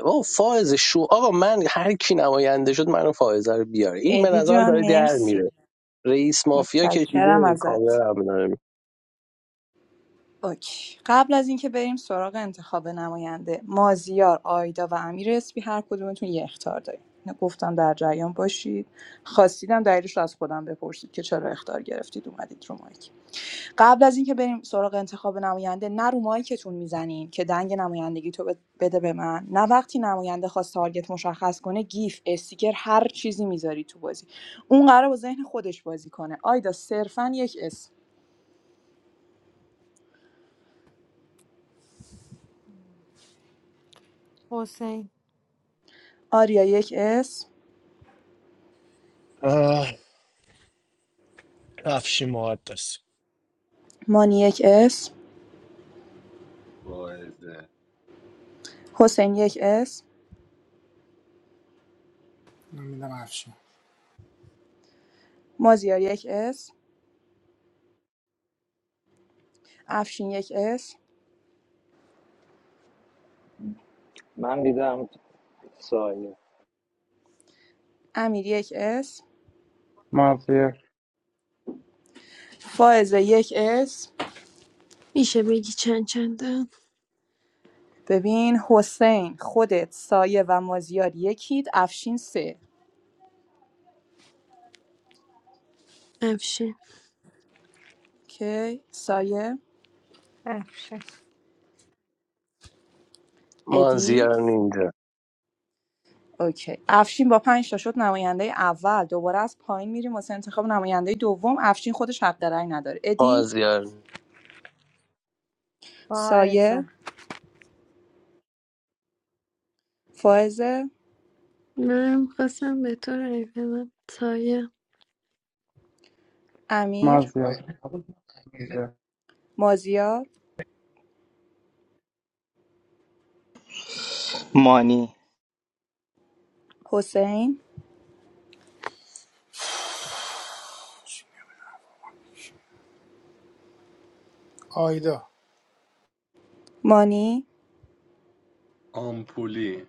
S3: و فائز شو آقا من هر کی نماینده شد منو فائزه رو بیاره این به
S8: ادی
S3: نظرم
S8: جان
S3: داره در میره
S8: مرسی
S3: رئیس مافیا
S8: متشکرم
S3: کشیده
S8: ازت
S3: کامل هم داره
S8: اوکی. قبل از اینکه بریم سراغ انتخاب نماینده مازیار آیدا و امیر اسپی هر کدومتون یه اختار داریم اینو گفتم در جریان باشید خواستیدم دلیلش رو از خودم بپرسید که چرا اختار گرفتید اومدید رو مایک قبل از اینکه بریم سراغ انتخاب نماینده نه رو مایکتون میزنین که دنگ نمایندگی تو بده به من نه وقتی نماینده خواست تارگت مشخص کنه گیف استیکر هر چیزی میذاری تو بازی اون قراره با ذهن خودش بازی کنه آیدا صرفا یک اسم
S9: حسین
S8: آریا یک اسم
S13: آه، افشین مقدس
S8: مانی یک اسم
S14: واعظه
S8: حسین یک اسم
S5: من میدم افشین
S8: مازیار یک اسم افشین یک اسم
S18: من دیدم سایه
S8: امیر یک اسم
S20: مازیار
S8: فائزه یک اسم
S23: میشه بگی چند چندم
S8: ببین حسین خودت سایه و مازیار یکید افشین سه
S23: افشین
S8: اوکی سایه
S22: افشه
S8: ادی
S3: مازیار نینجا
S8: اوکی افشین با پنج تا شد نماینده اول دوباره از پایین میریم واسه انتخاب نماینده دوم افشین خودش حق رأی نداره ادی
S3: مازیار
S22: واعظه
S8: سایه فائزه
S23: من خواستم به تو رای بدم. سایه.
S8: امیر
S20: مازیار مازیار.
S8: مازیار
S16: مانی
S8: حسین
S5: آیدا
S8: مانی
S14: آمپولی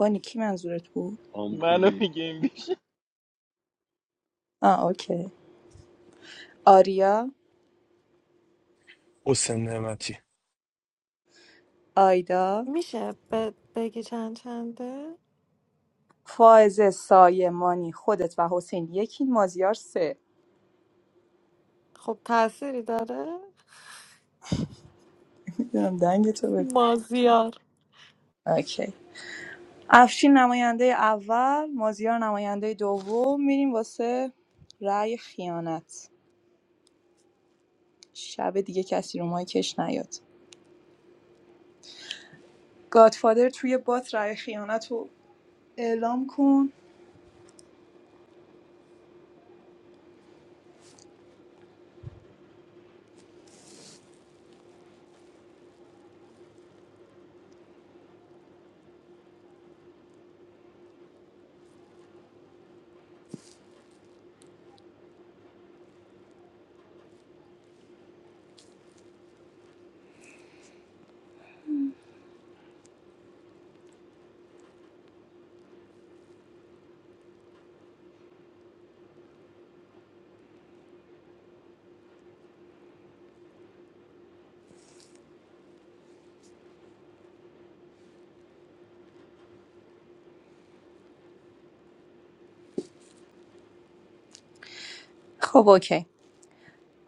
S8: مانی کی منظورت بود
S16: منو
S14: آمپولی
S16: میگه این بیش
S8: آه اوکی آریا
S13: حسین نعمتی
S8: آیدا
S9: میشه ب- بگی چند چنده
S8: فائزه سایه مانی خودت و حسین یکی مازیار سه
S9: خب تأثیری داره
S8: میدونم دنگ تو بگو
S9: مازیار
S8: اوکی افشین نماینده اول مازیار نماینده دوم میریم واسه رأی خیانت شب دیگه کسی رو مای کش نیاد گادفادر توی بات رأی خیانت رو اعلام کن خب اوکی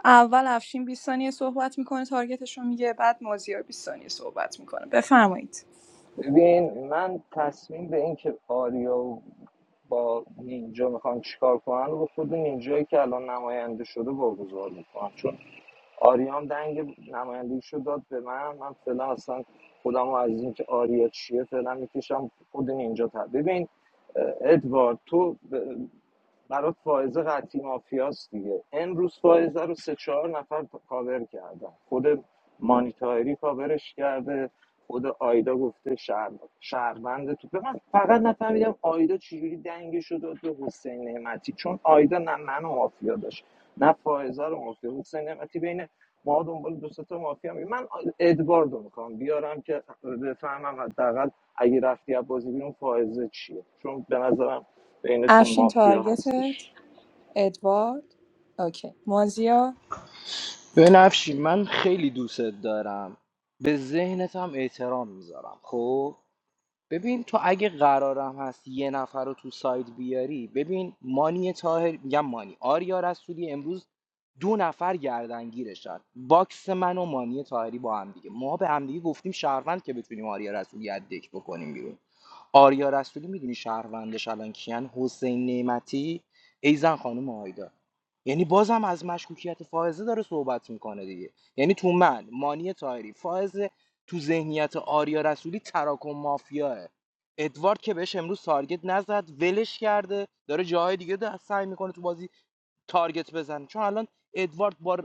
S8: اول افشین 20 ثانیه صحبت میکنه تارگتش رو میگه بعد مازیار 20 ثانیه صحبت میکنه بفرمایید
S18: ببین من تصمیم به این که آریا و با نینجا میخوان چیکار کنن رو خود نینجایی که الان نماینده شده واگذار میکنم چون آریام دنگ نمایندگیش رو داد به من من فعلا اصلا خودم رو از اینکه آریا چیه فعلا میکشم خود نینجا تا ببین اه، ادوارد تو ب- برات فائزه قطعی مافیاست دیگه امروز فائزه رو سه چهار نفر کاور کردن خود مانیتاری کاورش کرده خود آیدا گفته شهر شهروند تو به من فقط نفهمیدم آیدا چجوری دنگش رو داد به حسین نعمتی چون آیدا نه منو مافیا داشت نه فائزه رو مافیا حسین نعمتی بین ما دنبال دو سه تا مافیا می من ادوارد رو میخوام بیارم که بفهمم حداقل اگه رفتی از بازی بیرون فائزه چیه چون به نظرم بینتون
S8: افشین
S18: مافیا
S8: تارگتت
S18: هستش
S8: ادوارد اوکی مازیار
S16: بنفشی من خیلی دوستت دارم به ذهنت هم احترام میذارم خب ببین تو اگه قرارم هست یه نفر رو تو ساید بیاری ببین مانی تاهر میگم مانی آریا رسولی امروز دو نفر گردنگیرشن باکس من و مانی تاهری با هم دیگه ما به هم دیگه گفتیم شهروند که بتونیم آریا رسولی از دک بکنیم بیرون آریا رسولی میدونی شهروندش الان کیان حسین نعمتی ایزن خانم آیدا یعنی بازم از مشکوکیت فائزه داره صحبت میکنه دیگه یعنی تو من مانی تاهری فائزه تو ذهنیت آریا رسولی تراکم مافیاه ادوارد که بهش امروز تارگت نزد ولش کرده داره جاهای دیگه ده سعی میکنه تو بازی تارگت بزنه چون الان ادوارد با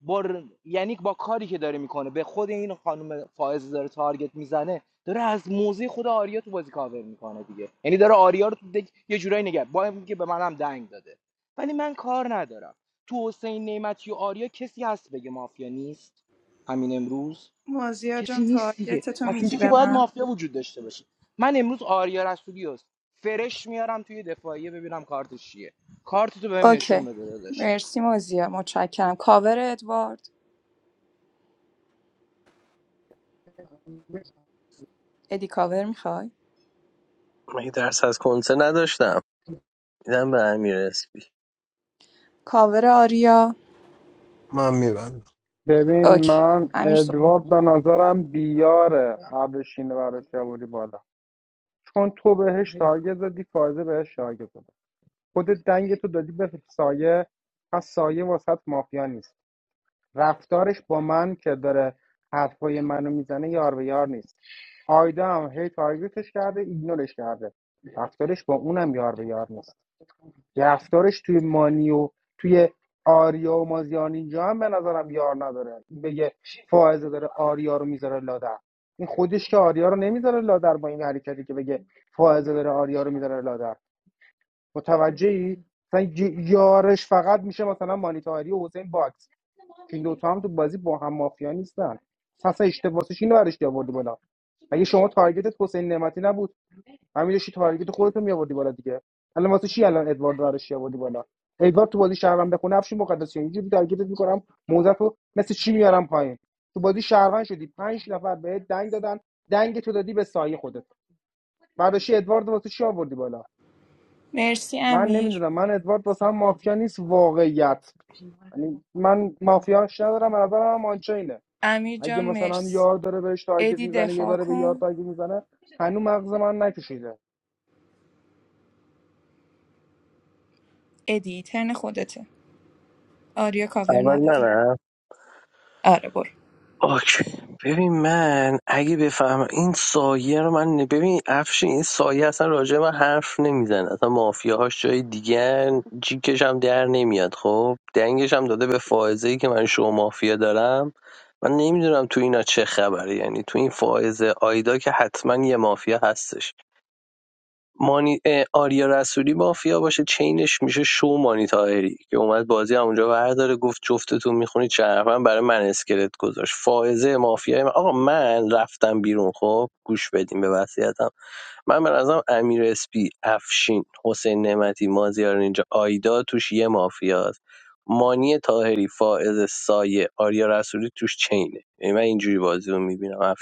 S16: با یعنی با کاری که داره میکنه به خود این خانم فائزه داره تارگت میزنه داره از موزه خود آریا تو بازی کاور میکنه دیگه یعنی داره آریا رو تو دک یه جورایی نگه با اینکه به منم دنگ داده ولی من کار ندارم تو حسین نعمتی و آریا کسی هست بگه مافیا نیست همین امروز
S8: مازیار
S16: کسی
S8: جان
S16: نیست دیگه
S8: تارگتتو
S16: پس
S8: میگی
S16: اینجا که
S8: به
S16: باید
S8: من
S16: مافیا وجود داشته باشه من امروز آریا رسولی هست فرش میارم توی دفاعیه ببینم کارتش چیه کارتتو بهم نشون
S8: اوکی
S16: بده داداش
S8: مرسی مازیا متشکرم کاور ادوارد ادی کاور میخوای
S3: مگه درس از کنسه نداشتم میدم به امیر اسپی
S8: کاور آریا
S13: من میبندم
S20: ببین
S8: اوکی
S20: من
S8: امیر سو
S20: ادوارد به نظرم بیاره قبل شینه برای سیاوری بالا چون تو بهش تارگت زدی فایزه بهش تارگت زد خودت دنگتو دادی به سایه پس سایه واسط مافیا نیست رفتارش با من که داره حرفای منو میزنه یار به یار نیست آیدا هم هی تارگتش کرده ایگنورش کرده رفتارش با اونم یار به یار نیست رفتارش توی مانیو، توی آریا و مازیان اینجا هم به نظرم یار نداره بگه فائزه داره آریا رو میذاره لادر این خودش که آریا رو نمیذاره لادر با این حرکتی که بگه فائزه داره آریا رو میذاره لادر متوجهی مثلا ی- یارش فقط میشه مثلا مانیتاری و حسین باکس که این دوتا هم تو بازی با هم مافیا نیستن پس اشتباهش اینو برش آوردی بالا مگه شما تارگتت حسین نعمتی نبود همین داشتی تارگت خودت رو میآوردی بالا دیگه الان واسه چی الان ادوارد دارش آوردی بالا ادوارد تو بازی شهروند بخونه افشی مقدسیان اینجوری تارگتت میکنم موزه رو مثل چی میارم پایین تو بازی شهروند شدی پنج نفر بهت دنگ دادن دنگ تو دادی به سایه خودت برداشتی ادوارد واسه چی آوردی بالا
S8: مرسی
S20: من
S8: امیر
S20: نمیدونم من ادوارد واسه هم مافیا نیست واقعیت یعنی من مافیاش ندارم به نظرم هم آنچینه
S8: امیر
S20: اگه
S8: جان
S20: مثلا
S8: مرسی
S20: یار داره بهش تارگت
S8: ادی
S20: میزنه یا
S8: دفاع
S20: داره به یار
S8: کن
S20: تارگت میزنه هنوز مغز من نکشیده
S8: ادی ترن خودته آریا کاور
S3: اول
S8: نداره
S3: منم
S8: آره برو
S3: اوکی ببین من اگه بفهمم این سایه رو من ببین افشین این سایه اصلا راجع به من حرف نمیزنه اصلا مافیاهاش جای دیگه جیکش هم در نمیاد خب دنگش هم داده به فائزه ای که من شو مافیا دارم من نمیدونم تو اینا چه خبره یعنی تو این فائزه آیدا که حتما یه مافیا هستش مانی... اه، آریا رسولی مافیا باشه چینش میشه شو مانی تاهری که اومد بازی همونجا ورداره گفت جفتتون میخونی چرفن برای من اسکلت گذاشت فائزه مافیا من... آقا من رفتم بیرون خب گوش بدیم به وصیتم من به نظرم امیر اسپی افشین حسین نعمتی مازیار اینجا آیدا توش یه مافیاست مانی تاهری فائز سایه آریا رسولی توش چینه یعنی من اینجوری بازی رو میبینم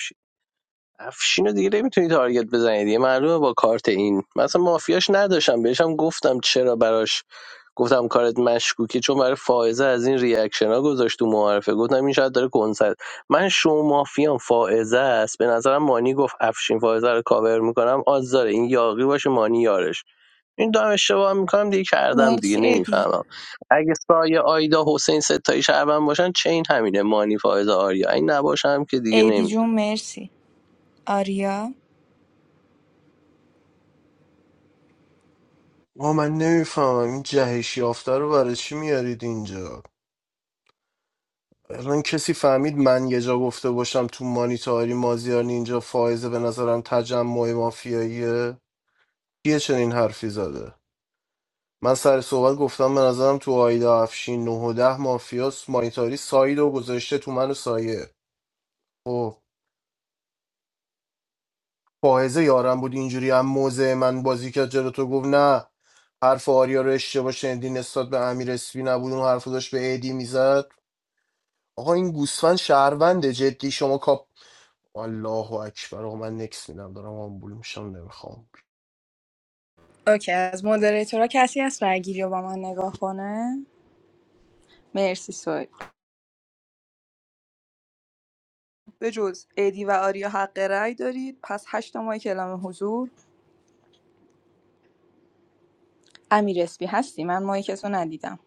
S3: افشینو دیگه نمیتونی تارگت بزنی دیگه معلومه با کارت این مثلا مافیاش نداشتم بهشم گفتم چرا براش گفتم کارت مشکوکی چون برای فائزه از این ریاکشن ها گذاشت تو معارفه گفتم این شاید داره کنسرت من شو مافیام فائزه است به نظرم مانی گفت افشین فائزه رو کاور میکنم آز داره این یاقی باشه مانی یارش این دارم اشتباه میکنم دیگه کردم دیگه
S8: مرسی ادی
S3: نمیفهمم اگه سایه آیدا حسین ستایی شهروند باشن چین همینه مانی فائزه آریا این نباشم که دیگه
S8: ادی
S3: نمی‌دونم.
S8: جون مرسی آریا
S13: ما من نمیفهمم این جهش یافته رو برای چی میارید اینجا الان کسی فهمید من یه جا گفته باشم تو مانیتاری مازیار اینجا فائزه به نظرم تجمع مافیاییه یه چنین حرفی زده من سر صحبت گفتم به نظرم تو آیدا افشین 9 و 10 مافیاس مانیتاری ساید و گذاشته تو منو و سایه خب فائزه یارم بود اینجوری هم موزه من بازی کرد جلو تو گفت نه حرف آریا رو اشتباه شنیدی نسبت به امیر اسفی نبود اون حرف رو داشت به ایدی میزد آقا این گوسفند شهرونده جدی شما کاپ الله اکبر آقا من نکس میدم دارم آمبول میشم نمیخوام
S8: اوکی از مودریتورا کسی هست رگیری رو با من نگاه کنه مرسی سوید به جز ادی و آریا حق رأی دارید پس هشت ماه کلام حضور امیر اسپی هستی من مایکتو ندیدم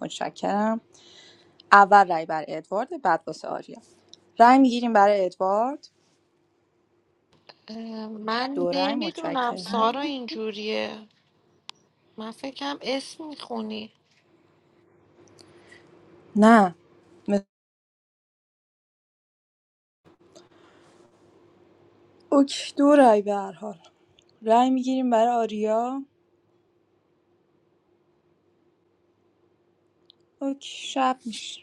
S8: متشکرم اول رای بر ادوارد بعد واسه آریا رای میگیریم برای ادوارد
S9: اه، من
S8: دو رای
S9: نمیدونم
S8: متشکرم
S9: سارا اینجوریه من فکرم اسم میخونی
S8: نه م- اوکی دو رای به هر حال رای میگیریم برای آریا اوکی شب میشه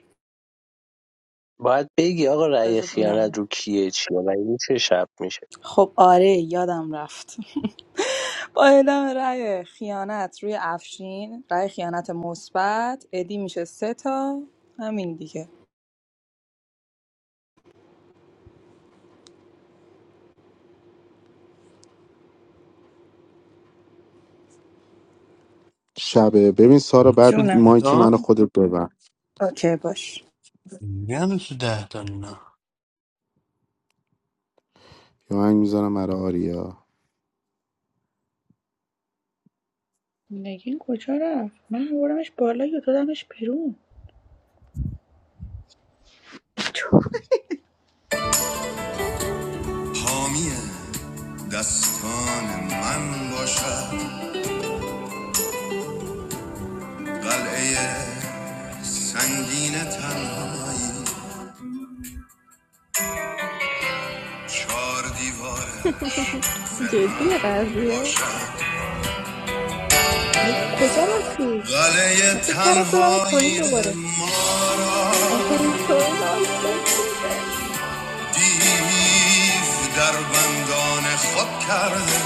S3: باید بگی آقا رأی
S8: بذار ببینم.
S3: خیانت رو کیه چیه و این چه شب میشه
S8: خب آره یادم رفت با اعلام رای خیانت روی افشین رای خیانت مثبت ادی میشه سه تا همین دیگه
S4: شبه ببین سارا
S7: هنوز
S4: بعد
S7: تو
S8: جونم
S4: مایک منو
S7: دهتان
S4: خودت ببر
S8: اوکی باش
S7: میگن هنوز تو دهتان
S4: یه آهنگ میذارم برای آریا
S24: نگین کجا رفت من آوردمش بالا یا دادمش بیرون
S4: حامی دستان من باشد قلعه سنگین تنهایی چار دیوارش زهن
S25: جدی قضیه
S4: باشد
S24: نگین کجا رفتی من
S4: قلعه
S24: فکر کردم دادمت
S4: تنهایی
S24: پایین دوباره
S4: ما را
S25: آقا این سویل عاشق
S4: دیو در بندان خود کرده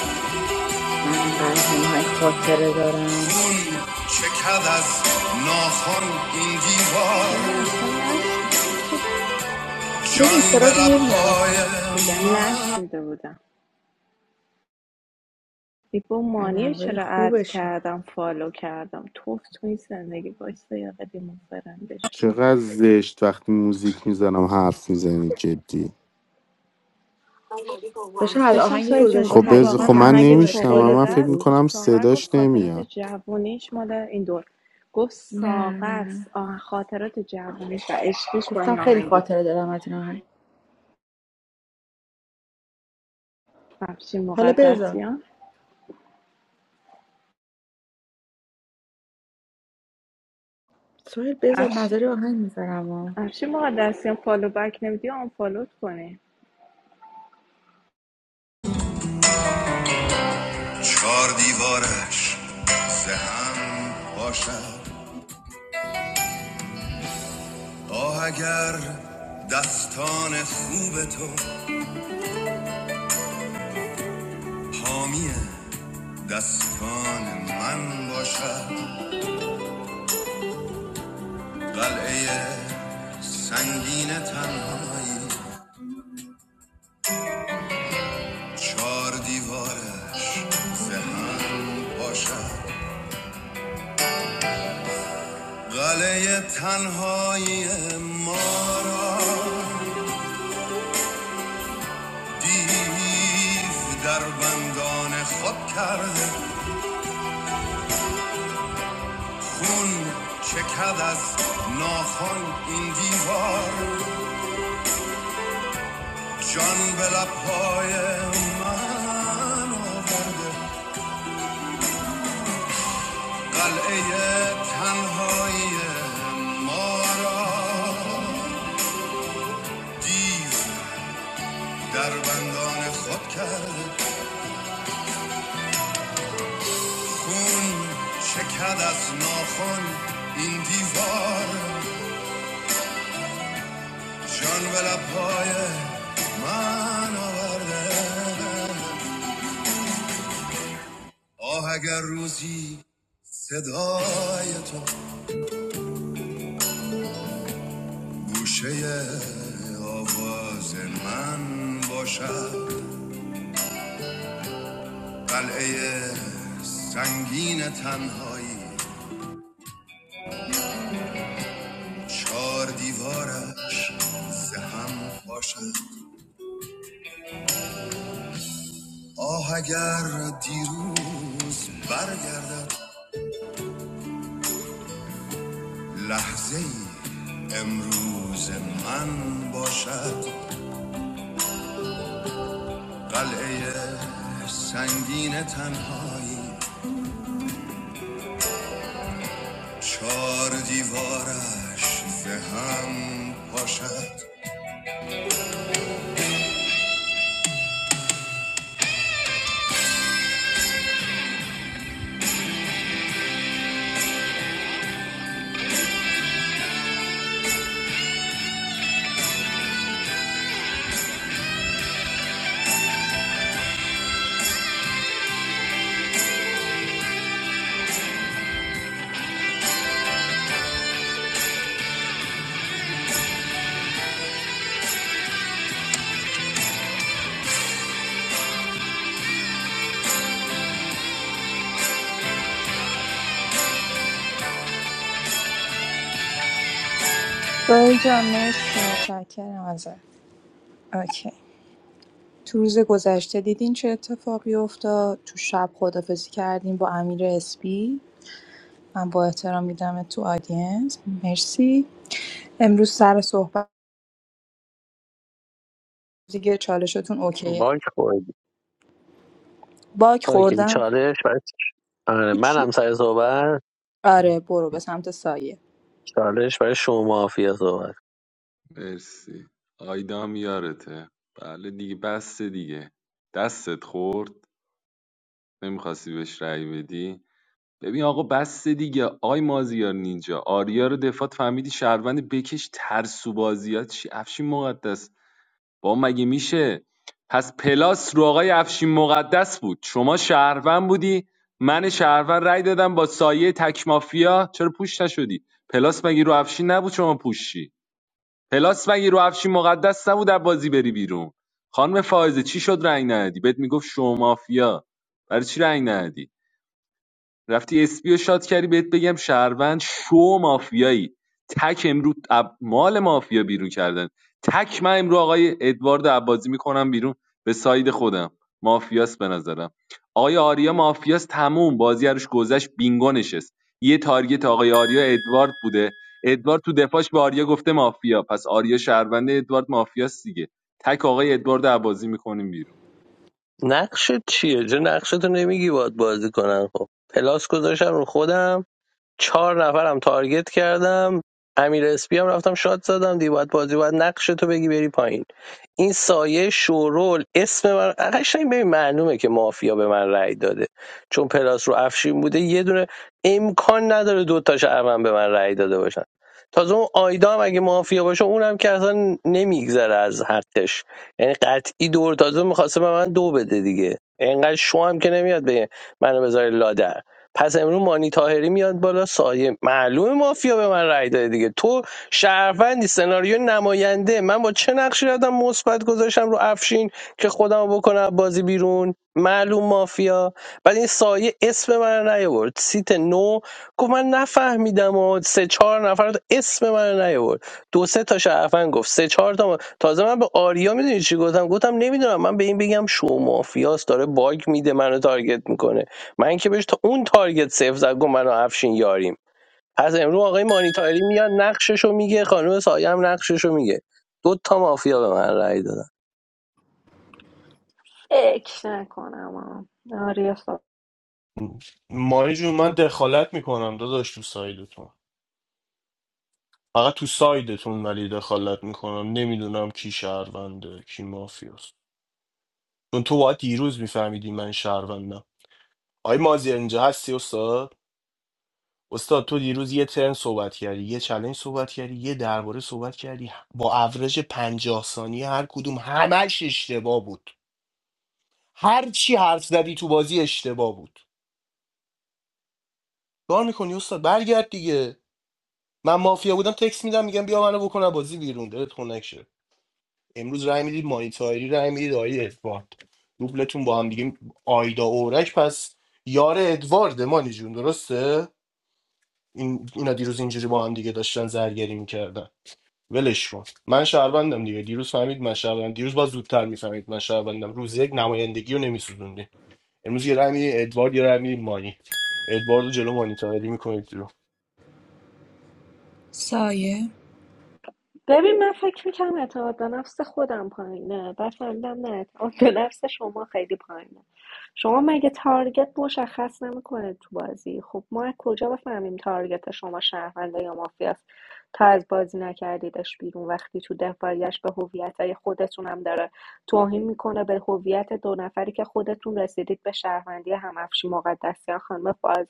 S24: من اینقدر از این قضیه های خاطره دارم
S4: خون چکد از ناخون این
S25: چرا من
S4: دیوار
S25: اصلا نشنیده بودم
S24: نگین
S4: جان به
S24: صدات نمیاد
S4: لبهای
S24: اصلا
S25: میگم
S4: من
S25: نشنیده بودم دیپو
S24: از
S25: مانی
S24: آهنگای
S25: چرا اد
S24: خوبشه
S25: کردم فالو کردم توف تو این زندگی باشته یا قدیم فرندش کنم
S4: چقدر زشت وقتی موزیک میزنم حرف میزنی جدی
S24: داشتم از
S25: داشتم
S24: آهنگ
S25: سویل جون
S24: گذاشتی
S4: خب
S25: گفتم
S4: بز
S24: تعریف
S4: خب
S25: واقعا
S24: میکردم
S4: من
S25: آهنگت
S24: سوهل
S4: نمیشنم
S24: خیلی
S4: من
S25: فوقالعاده
S24: خوب
S4: فکر
S25: است
S24: بود
S4: میکنم
S25: ساغر گفت
S4: صداش
S25: خاطرات
S4: نمیاد
S25: جوانیش مال این دور گفت
S24: نه
S25: ساغر
S24: نه
S25: آه، خاطرات جوانیش و عشقیش با
S24: گفتم
S25: این
S24: خیلی
S25: آهنگ بوده
S24: خاطره دارم از این آهنگ
S25: افشین
S24: حالا بذار
S25: مقدسیان
S24: سوهل بذار
S25: افشین
S24: نظری آهنگ میذارم
S25: افشین مقدسیان فالو بک نمیدی آن فالوت کنی
S4: چهار دیوارش زهم باشد آه اگر دستان خوب تو حامی دستان من باشد قلعه سنگین تنهایی چار دیوارش به هم باشد قلعه تنهایی ما را دیو در بندان خود کرده خون چکد از ناخن این دیوار جان به لبهای من آورده قلعه تنهایی ما را دیو در بندان خود کرد خون شکد از ناخون این دیوار جان به لبهای من آورده آه اگر روزی صدای تو گوشه آواز من باشد قلعه سنگین تنهایی چار دیوارش زهم باشد آه اگر دیروز برگردد لحظه امروز من باشد قلعه سنگین تنهایی چار دیوارش زهم باشد
S8: سوهل جان مرسی متشکرم ازت اوکی تو روز گذشته دیدین چه اتفاقی افتاد تو شب خدافزی کردیم با امیر اسپی من با احترام میدم تو آدینس مرسی امروز سر صحبت دیگه چالشتون اوکیه
S3: باک خوردی
S8: باک
S3: اوکی
S8: خوردم
S3: چالش برای آره من هم
S8: هیچی.
S3: سر صحبت
S8: آره برو به سمت سایه
S3: چالش برای شما مافیا صحبت
S14: مرسی آیدام یارته بله دیگه بس دیگه دستت خورد نمیخواستی بهش رأی بدی ببین آقا بس دیگه آی مازیار نینجا آریا رو دفات فهمیدی شهروند بکش ترسو بازیات چی افشین مقدس با مگه میشه پس پلاس رو آقای افشین مقدس بود شما شهروند بودی من شهروند رای دادم با سایه تک مافیا چرا پوش نشدی پلاس مگه رو افشین نبود شما پوشی پلاس مگه رو افشین مقدس نبود از بازی بری بیرون خانم فائزه چی شد رنگ ندادی بهت میگفت شما مافیا برای چی رنگ ندادی رفتی اسپی رو شاد کردی بهت بگم شهروند شو مافیایی تک امرو اب- مال مافیا بیرون کردن تک من امرو آقای ادوارد عبازی میکنم بیرون به ساید خودم مافیاس به نظرم آقای آریا مافیاس تموم بازی روش گذشت بینگو نشست یه تارگت آقای آریا ادوارد بوده ادوارد تو دفاعش به آریا گفته مافیا پس آریا شهرونده ادوارد مافیاس دیگه تک آقای ادوارد عبازی میکنیم بیرون
S3: نقشت چیه چه نقشتو نمیگی باید بازی کنن خب پلاس گذاشتم رو خودم چهار نفرم تارگت کردم امیر اسپی هم رفتم شات زدم دی باید بازی باید نقش تو بگی بری پایین این سایه شورول اسم من قشنگ ببین معلومه که مافیا به من رأی داده چون پلاس رو افشین بوده یه دونه امکان نداره دو تاش اون به من رأی داده باشن تازه اون آیدا هم اگه مافیا باشه اونم که اصلا نمیگذره از حقش یعنی قطعی دور تازه میخواسته به من دو بده دیگه انقدر شو هم که نمیاد به منو بذاره لادر پس امروز مانی تاهری میاد بالا سایه معلومه مافیا به من رای داده دیگه تو شهروندی سناریو نماینده من با چه نقشی رفتم مثبت گذاشتم رو افشین که خودم بکنم بازی بیرون معلوم مافیا بعد این سایه اسم من رو نیاورد سیت 9 و گفت من نفهمیدم و سه چهار نفر رو- اسم من رو نیورد دو سه تا شهروند گفت سه چهار تا ما- تازه من به آریا میدونی چی گفتم گفتم نمیدونم من به این بگم شو مافیاس داره باگ میده منو تارگت میکنه من که بهش تا اون تارگت صفر زد گفت منو افشین یاریم از امروز آقای مانیتاری میاد نقششو میگه خانم سایه هم نقششو میگه دو تا مافیا به من رأی دادن
S22: اک نکنم آم. آریا
S13: مانی جون من دخالت میکنم داداش تو سایدتون فقط تو سایدتون ولی دخالت میکنم نمیدونم کی شهرونده کی مافیاست چون تو باید دیروز میفهمیدی من شهروندم آی مازی اینجا هستی استاد استاد تو دیروز یه ترن صحبت کردی یه چلنج صحبت کردی یه درباره صحبت کردی با اورج پنجاه ثانیه هر کدوم همش اشتباه بود هر چی حرف زدی تو بازی اشتباه بود کار میکنی استاد برگرد دیگه من مافیا بودم تکس میدم میگم بیا منو بکنه بازی بیرون دلت خنک شه امروز رای میدید مانیتاری رای میدید آقای ادوارد دوبلتون با هم دیگه آیدا اورک پس یار ادوارد مانی جون درسته این اینا دیروز اینجوری با هم دیگه داشتن زرگری میکردن ولش کن من شهروندم دیگه دیروز فهمید من شهروندم دیروز با زودتر میفهمید من شهروندم روز یک نمایندگی رو نمیسوزوندین امروز یه رای می‌دی ادوارد یه رای می‌دی مانی ادوارد رو جلو مانی تاهری میکنید رو
S8: سایه
S22: ببین من فکر میکنم اعتماد به نفس خودم پایینه بعد فهمیدم نه اعتماد به نفس شما خیلی پایینه شما مگه تارگت مشخص نمیکنه تو بازی خب ما از کجا بفهمیم تارگت شما شهرونده یا مافیاست تا از بازی نکردیدش بیرون وقتی تو دفاعیش به هویت خودتون هم داره توهین میکنه به هویت دو نفری که خودتون رسیدید به شهروندی همافشی مقدسیان خانم فائزه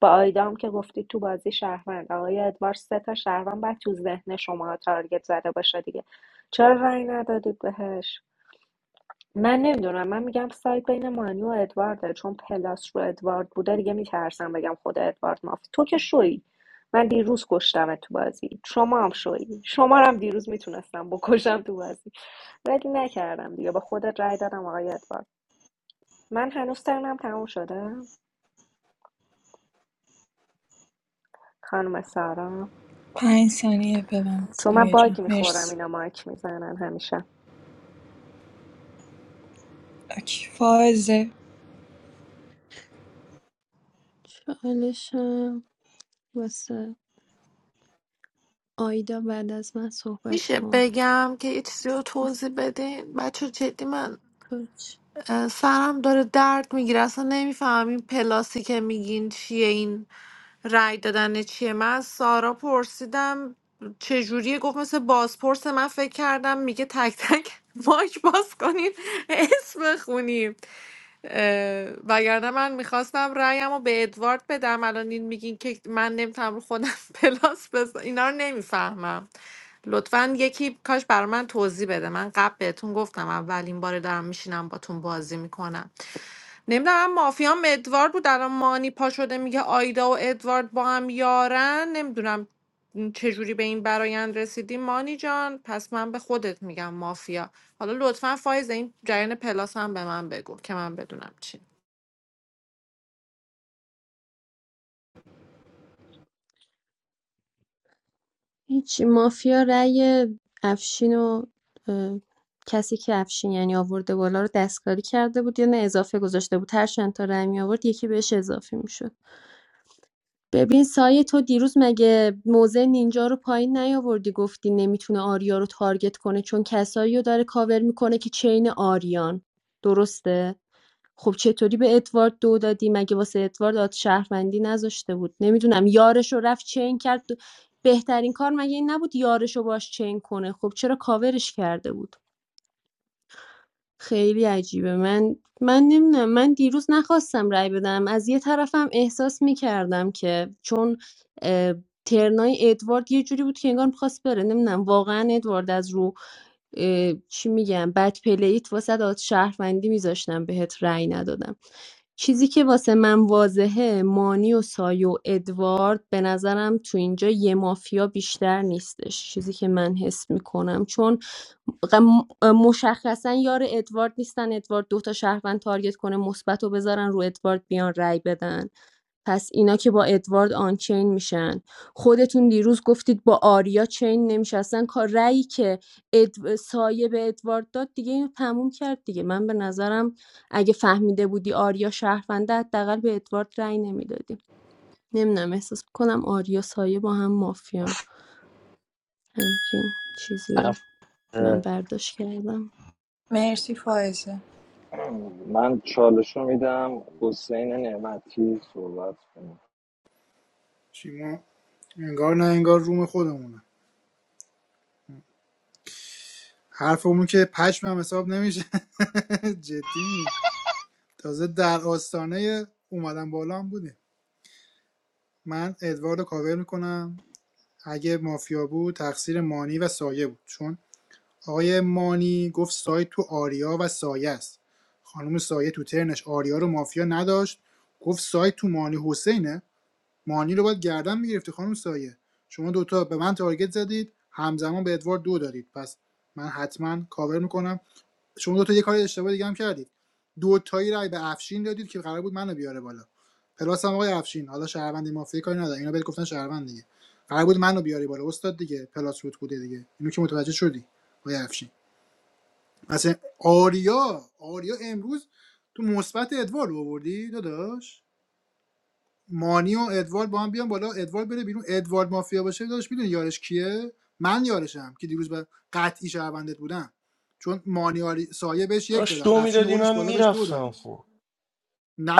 S22: با آیدام که گفتید تو بازی شهروند آقای ادوارد سه تا شهروند بعد تو ذهن شما تارگت زده باشه دیگه چرا رأی ندادید بهش من نمیدونم من میگم سایت بین مانی و ادوارده چون پلاس رو ادوارد بوده دیگه میترسم بگم خود ادوارد مافت تو که شوی من دیروز کشتم تو بازی شما هم شوی شما رو هم دیروز میتونستم بکشم تو بازی ولی نکردم دیگه به خودت رأی دادم آقای ادوارد من هنوز ترنم تموم شده خانم سارا
S8: پنج ثانیه ببند
S22: چون من
S8: سایه جان
S22: باگ میخورم
S8: مرسی
S22: اینا مایک میزنن همیشه
S8: اوکی فائزه
S23: چالشم واسه آیدا بعد از من صحبت
S9: میشه
S23: کن
S9: بگم که یه چیزی رو توضیح بدین بچه جدی من
S23: باش.
S9: اه، سرم داره درد میگیره اصلا نمیفهمم این پلاسی که میگین چیه این رای دادن چیه من از سارا پرسیدم چجوریه گفت مثل بازپرس من فکر کردم میگه تک تک ماک باز کنین اسم خونیم اه، وگرنه من میخواستم رأیمو به ادوارد بدم الان این میگین که من نمیتونم رو خودم پلاس بس اینا رو نمیفهمم لطفا یکی کاش بر من توضیح بده من قبل بهتون گفتم اولین باره دارم میشینم باتون بازی میکنم نمیدونم مافیام ادوارد بود الان مانی پا شده میگه آیدا و ادوارد با هم یارن نمیدونم چجوری به این برایند رسیدی مانی جان پس من به خودت میگم مافیا حالا لطفا فایز این جریان پلاس هم به من بگو که من بدونم چی
S23: هیچی مافیا رأی افشین و اه، کسی که افشین یعنی آورده بالا رو دستکاری کرده بود یا نه اضافه گذاشته بود هر چند تا رأی می آورد یکی بهش اضافه میشد ببین سایه تو دیروز مگه موزه نینجا رو پایین نیاوردی گفتی نمیتونه آریا رو تارگت کنه چون کسایی رو داره کاور میکنه که چین آریان درسته خب چطوری به ادوارد دو دادی مگه واسه ادوارد داد شهروندی نذاشته بود نمیدونم یارش رو رفت چین کرد بهترین کار مگه این نبود یارش رو باش چین کنه خب چرا کاورش کرده بود خیلی عجیبه من من نمیدونم من دیروز نخواستم رأی بدم از یه طرفم احساس میکردم که چون اه، ترنای ادوارد یه جوری بود که انگار میخواست بره نمیدونم واقعا ادوارد از رو اه، چی میگم بد پلیت واسه داد شهروندی میذاشتم بهت رأی ندادم چیزی که واسه من واضحه مانی و سایه و ادوارد به نظرم تو اینجا یه مافیا بیشتر نیستش چیزی که من حس میکنم چون غ- م- مشخصا یار ادوارد نیستن ادوارد دوتا شهروند تارگت کنه مثبت رو بذارن رو ادوارد بیان رای بدن پس اینا که با ادوارد آنچین میشن خودتون دیروز گفتید با آریا چین نمیشستن کار رایی که اد... سایه به ادوارد داد دیگه اینو تموم کرد دیگه من به نظرم اگه فهمیده بودی آریا شهرونده حداقل به ادوارد رای نمیدادی نمیدونم احساس کنم آریا سایه با هم مافیان
S3: آف-
S23: همچین چیزی رو
S3: آف.
S23: من برداشت کردم
S8: مرسی فائزه
S18: من چالش رو میدم حسین نعمتی صحبت کنه
S5: شما انگار نه انگار روم خودمونه حرفمون که پشمم حساب نمیشه جدی میگه تازه در آستانه اومدن بالا هم بودیم من ادوارد کاور میکنم اگه مافیا بود تقصیر مانی و سایه بود چون آقای مانی گفت سایه تو آریا و سایه است خانم سایه تو ترنش آریا رو مافیا نداشت گفت سایه تو مانی حسینه مانی رو باید گردن میگرفتی خانم سایه شما دوتا به من تارگت زدید همزمان به ادوارد دو دادید پس من حتما کاور میکنم شما دو تا یه کار اشتباه دیگه هم کردید دو تایی رای به افشین دادید که قرار بود منو بیاره بالا پلاس هم آقای افشین حالا شهروند مافیا کاری نداره اینا بهت گفتن شهروند دیگه قرار بود منو بیاری بالا استاد دیگه پلاس رود بوده دیگه اینو که متوجه شدی آقای افشین مثلا آریا آریا امروز تو مثبت ادوار رو آوردی داداش مانی و ادوارد با هم بیان بالا ادوارد بره بیرون ادوارد مافیا باشه داشت میدونی یارش کیه من یارشم که دیروز به قطعی شهروندت بودم چون مانی سایه بهش یک
S13: داشت
S5: دادم
S13: دو
S5: افشین
S13: میدادی
S5: اولش
S13: من
S5: بالا بهش دو داد
S13: میرفتم خب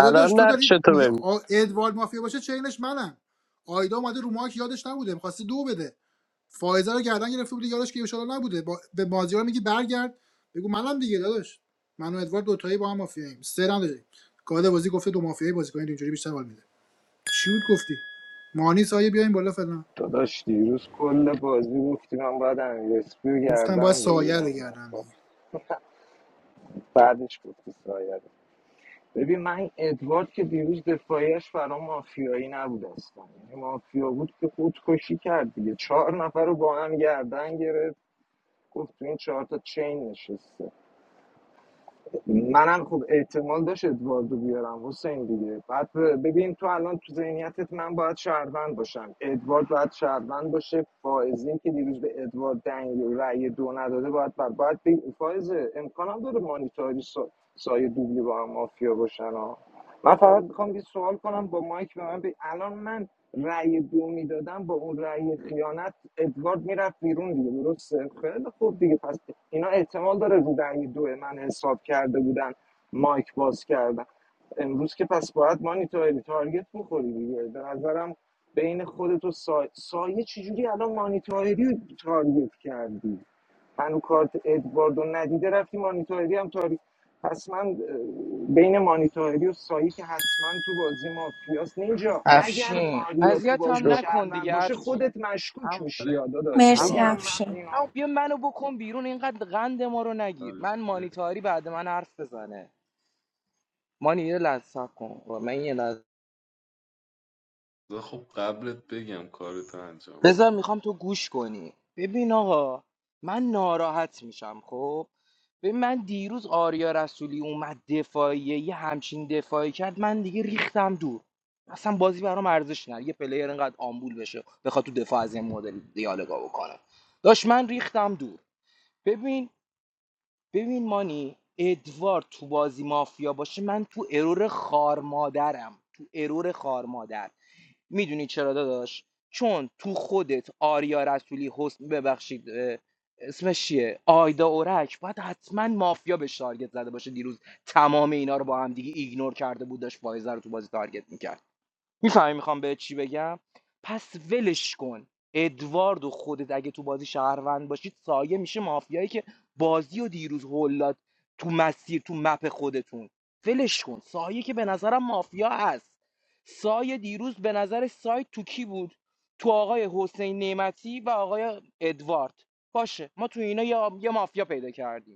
S3: الان
S5: تو
S3: نقش
S5: داری
S3: تو
S5: میگه
S3: ببین
S5: آ- ادوارد مافیا باشه چینش منم آیدا اومده رو ماک یادش نبوده میخواسته دو بده فایزه رو گردن گرفته بوده یارش که ایشالا نبوده با... به مازیار میگی برگرد بگو منم دیگه داداش من و ادوارد دوتایی با هم مافیاییم سرم داریم گاده بازی گفته دو مافیایی بازی کنید اینجوری بیشتر حال میده چی بود گفتی مانی سایه بیاین بالا فلان
S18: داداش دیروز کل بازی گفتی من باید امیر اسپی رو
S5: گفتم باید
S18: گردم
S5: سایه رو
S18: بگیرم
S5: گردم
S18: مافیا.
S5: دیگه
S18: بعدش گفتی سایه رو. ببین من این ادوارد که دیروز دفاعیش برای مافیایی نبود اصلا یعنی مافیا بود که خودکشی کرد دیگه چهار نفر رو با هم گردن گرفت گفت تو این چهار تا چین نشسته منم خوب احتمال داشت ادواردو بیارم حسین دیگه بعد ببین تو الان تو ذهنیتت من باید شهروند باشم ادوارد باید شهروند باشه فائزین که دیروز به ادوارد دنگ و رأی دو نداده باید باید, باید بگی- فائز امکانم داره مانیتاری سا... سایه دوبلی با هم مافیا باشن ها من فقط میخوام یه سوال کنم با مایک به من بگی. الان من رأی دو میدادن با اون رأی خیانت ادوارد میرفت بیرون دیگه درسته خیلی خوب دیگه پس اینا احتمال داره رو رأی دو من حساب کرده بودن مایک باز کردن امروز که پس باید مانیتوری تارگت بخوری دیگه به نظرم بین خودت و سایه سایه چجوری الان مانیتوری رو تارگت کردی هنو کارت ادواردو ندیده رفتی مانیتاری هم تاری پس من اه، بین مانیتاری و سایی که حتما تو بازی مافیاست نینجا اگر
S16: افشین
S18: آریا تو
S16: اذیت
S18: بازی
S16: هم
S3: شو
S16: نکن
S18: شهروند
S16: دیگه
S18: باشه
S16: افشین
S18: خودت مشکوک
S16: ام...
S18: میشی یا داداش
S8: مرسی
S16: امو
S18: بگم من
S8: افشه
S16: امو
S18: اینو
S16: بیا منو بکن بیرون اینقدر قند ما رو نگیر من مانیتاری بعد من حرف بزنه مانی یه لحظه صبر کن من یه لحظه
S14: خدا خب قبلت بگم کارتو انجام بده
S16: بذار میخوام تو گوش کنی ببین آقا من ناراحت میشم خب ببین من دیروز آریا رسولی اومد دفاعیه یه همچین دفاعی کرد من دیگه ریختم دور اصلا بازی برام ارزش نداره یه پلیر اینقدر آمبول بشه بخواد تو دفاع از این مدل دیالوگا بکنه داشت من ریختم دور ببین ببین مانی ادوار تو بازی مافیا باشه من تو ارور خار مادرم تو ارور خار مادر میدونی چرا داداش چون تو خودت آریا رسولی حسن ببخشید اه، اسمش چیه آیدا اورک باید حتما مافیا به تارگت زده باشه دیروز تمام اینا رو با هم دیگه ایگنور کرده بود داشت فایزه رو تو بازی تارگت میکرد میفهمی میخوام به چی بگم پس ولش کن ادوارد و خودت اگه تو بازی شهروند باشید سایه میشه مافیایی که بازی و دیروز هولاد تو مسیر تو مپ خودتون ولش کن سایه که به نظرم مافیا هست سایه دیروز به نظر سایه تو کی بود تو آقای حسین نعمتی و آقای ادوارد باشه ما تو اینا یه یه مافیا پیدا کردیم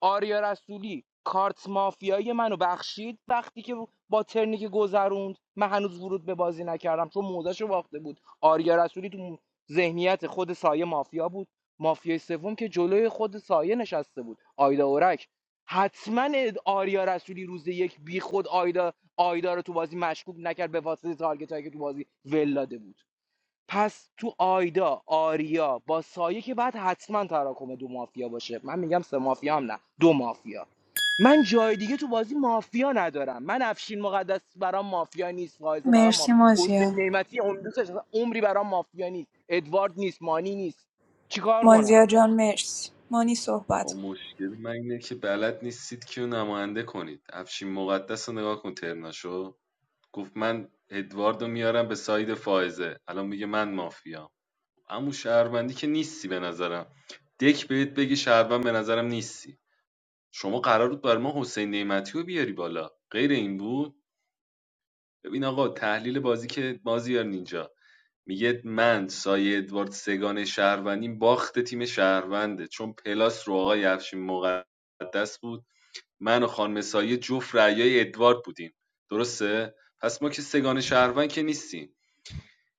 S16: آریا رسولی کارت مافیایی منو بخشید وقتی که با ترنی که گذروند من هنوز ورود به بازی نکردم چون موزش باخته بود آریا رسولی تو ذهنیت خود سایه مافیا بود مافیای سوم که جلوی خود سایه نشسته بود آیدا اورک حتما آریا رسولی روز یک بی خود آیدا آیدا رو تو بازی مشکوک نکرد به واسطه تارگت که تو بازی ول داده بود پس تو آیدا آریا با سایه که بعد حتما تراکم دو مافیا باشه من میگم سه مافیا هم نه دو مافیا من جای دیگه تو بازی مافیا ندارم من افشین مقدس برام مافیا نیست فائزه برام
S8: مرسی
S16: مافیا حسین
S8: مازیا
S16: نعمتی عمری دوستش ندارم. عمری برام مافیا نیست ادوارد نیست مانی نیست چیکار کنم
S8: مازیار جان مرسی مانی
S14: با
S8: صحبت کن
S14: مشکلی من اینه که بلد نیستید کیو نماینده کنید افشین مقدس رو نگاه کن ترناشو گفت من ادواردو میارم به ساید فائزه الان میگه من مافیام اما شهروندی که نیستی به نظرم دک بهت بگی شهروند به نظرم نیستی شما قرار بود بر ما حسین نعمتی رو بیاری بالا غیر این بود ببین آقا تحلیل بازی که بازی یار نینجا میگه من سایه ادوارد سگان شهروندیم باخت تیم شهرونده چون پلاس رو آقای افشین مقدس بود من و خانم سایه جفت رعیای ادوارد بودیم درسته پس ما که سگان شهروند که نیستیم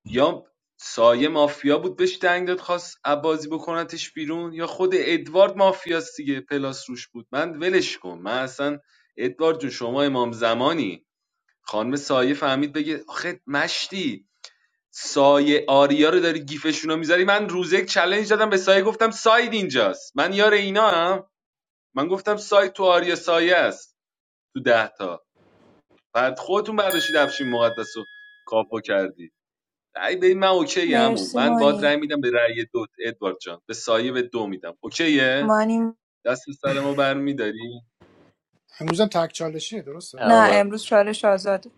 S14: یا سایه مافیا بود بهش دنگ داد خواست عبازی بکنتش بیرون یا خود ادوارد مافیاست دیگه پلاس روش بود من ولش کن من اصلا ادوارد جون شما امام زمانی خانم سایه فهمید بگه آخه مشتی سایه آریا رو داری گیفشون رو میذاری من روز یک چلنج دادم به سایه گفتم ساید اینجاست من یار اینا هم من گفتم ساید تو آریا سایه است تو ده تا بعد خودتون برداشتید افشین مقدس رو کاپو کردی ای به من اوکی همون
S8: مرسی
S14: من باد
S8: مانی
S14: رای میدم به رأی دو ادوارد جان به سایه به دو میدم اوکیه
S8: مانی
S14: دست سر ما برمیداری
S5: امروزم تک چالشیه
S8: نه
S5: درسته
S3: آقا.
S8: امروز چالش آزاده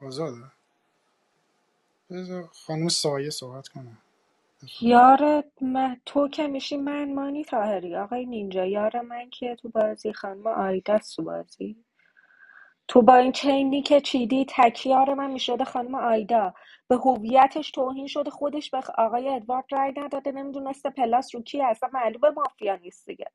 S5: آزاده بذار خانم سایه صحبت کنه
S22: یار من تو که میشی من مانی تاهری آقای نینجا یار من که تو بازی خانم آیدا تو بازی تو با این چینی که چیدی تکیار من میشده خانم آیدا به هویتش توهین شده خودش به آقای ادوارد رای نداده نمیدونسته پلاس رو کی اصلا معلومه مافیا نیست دیگه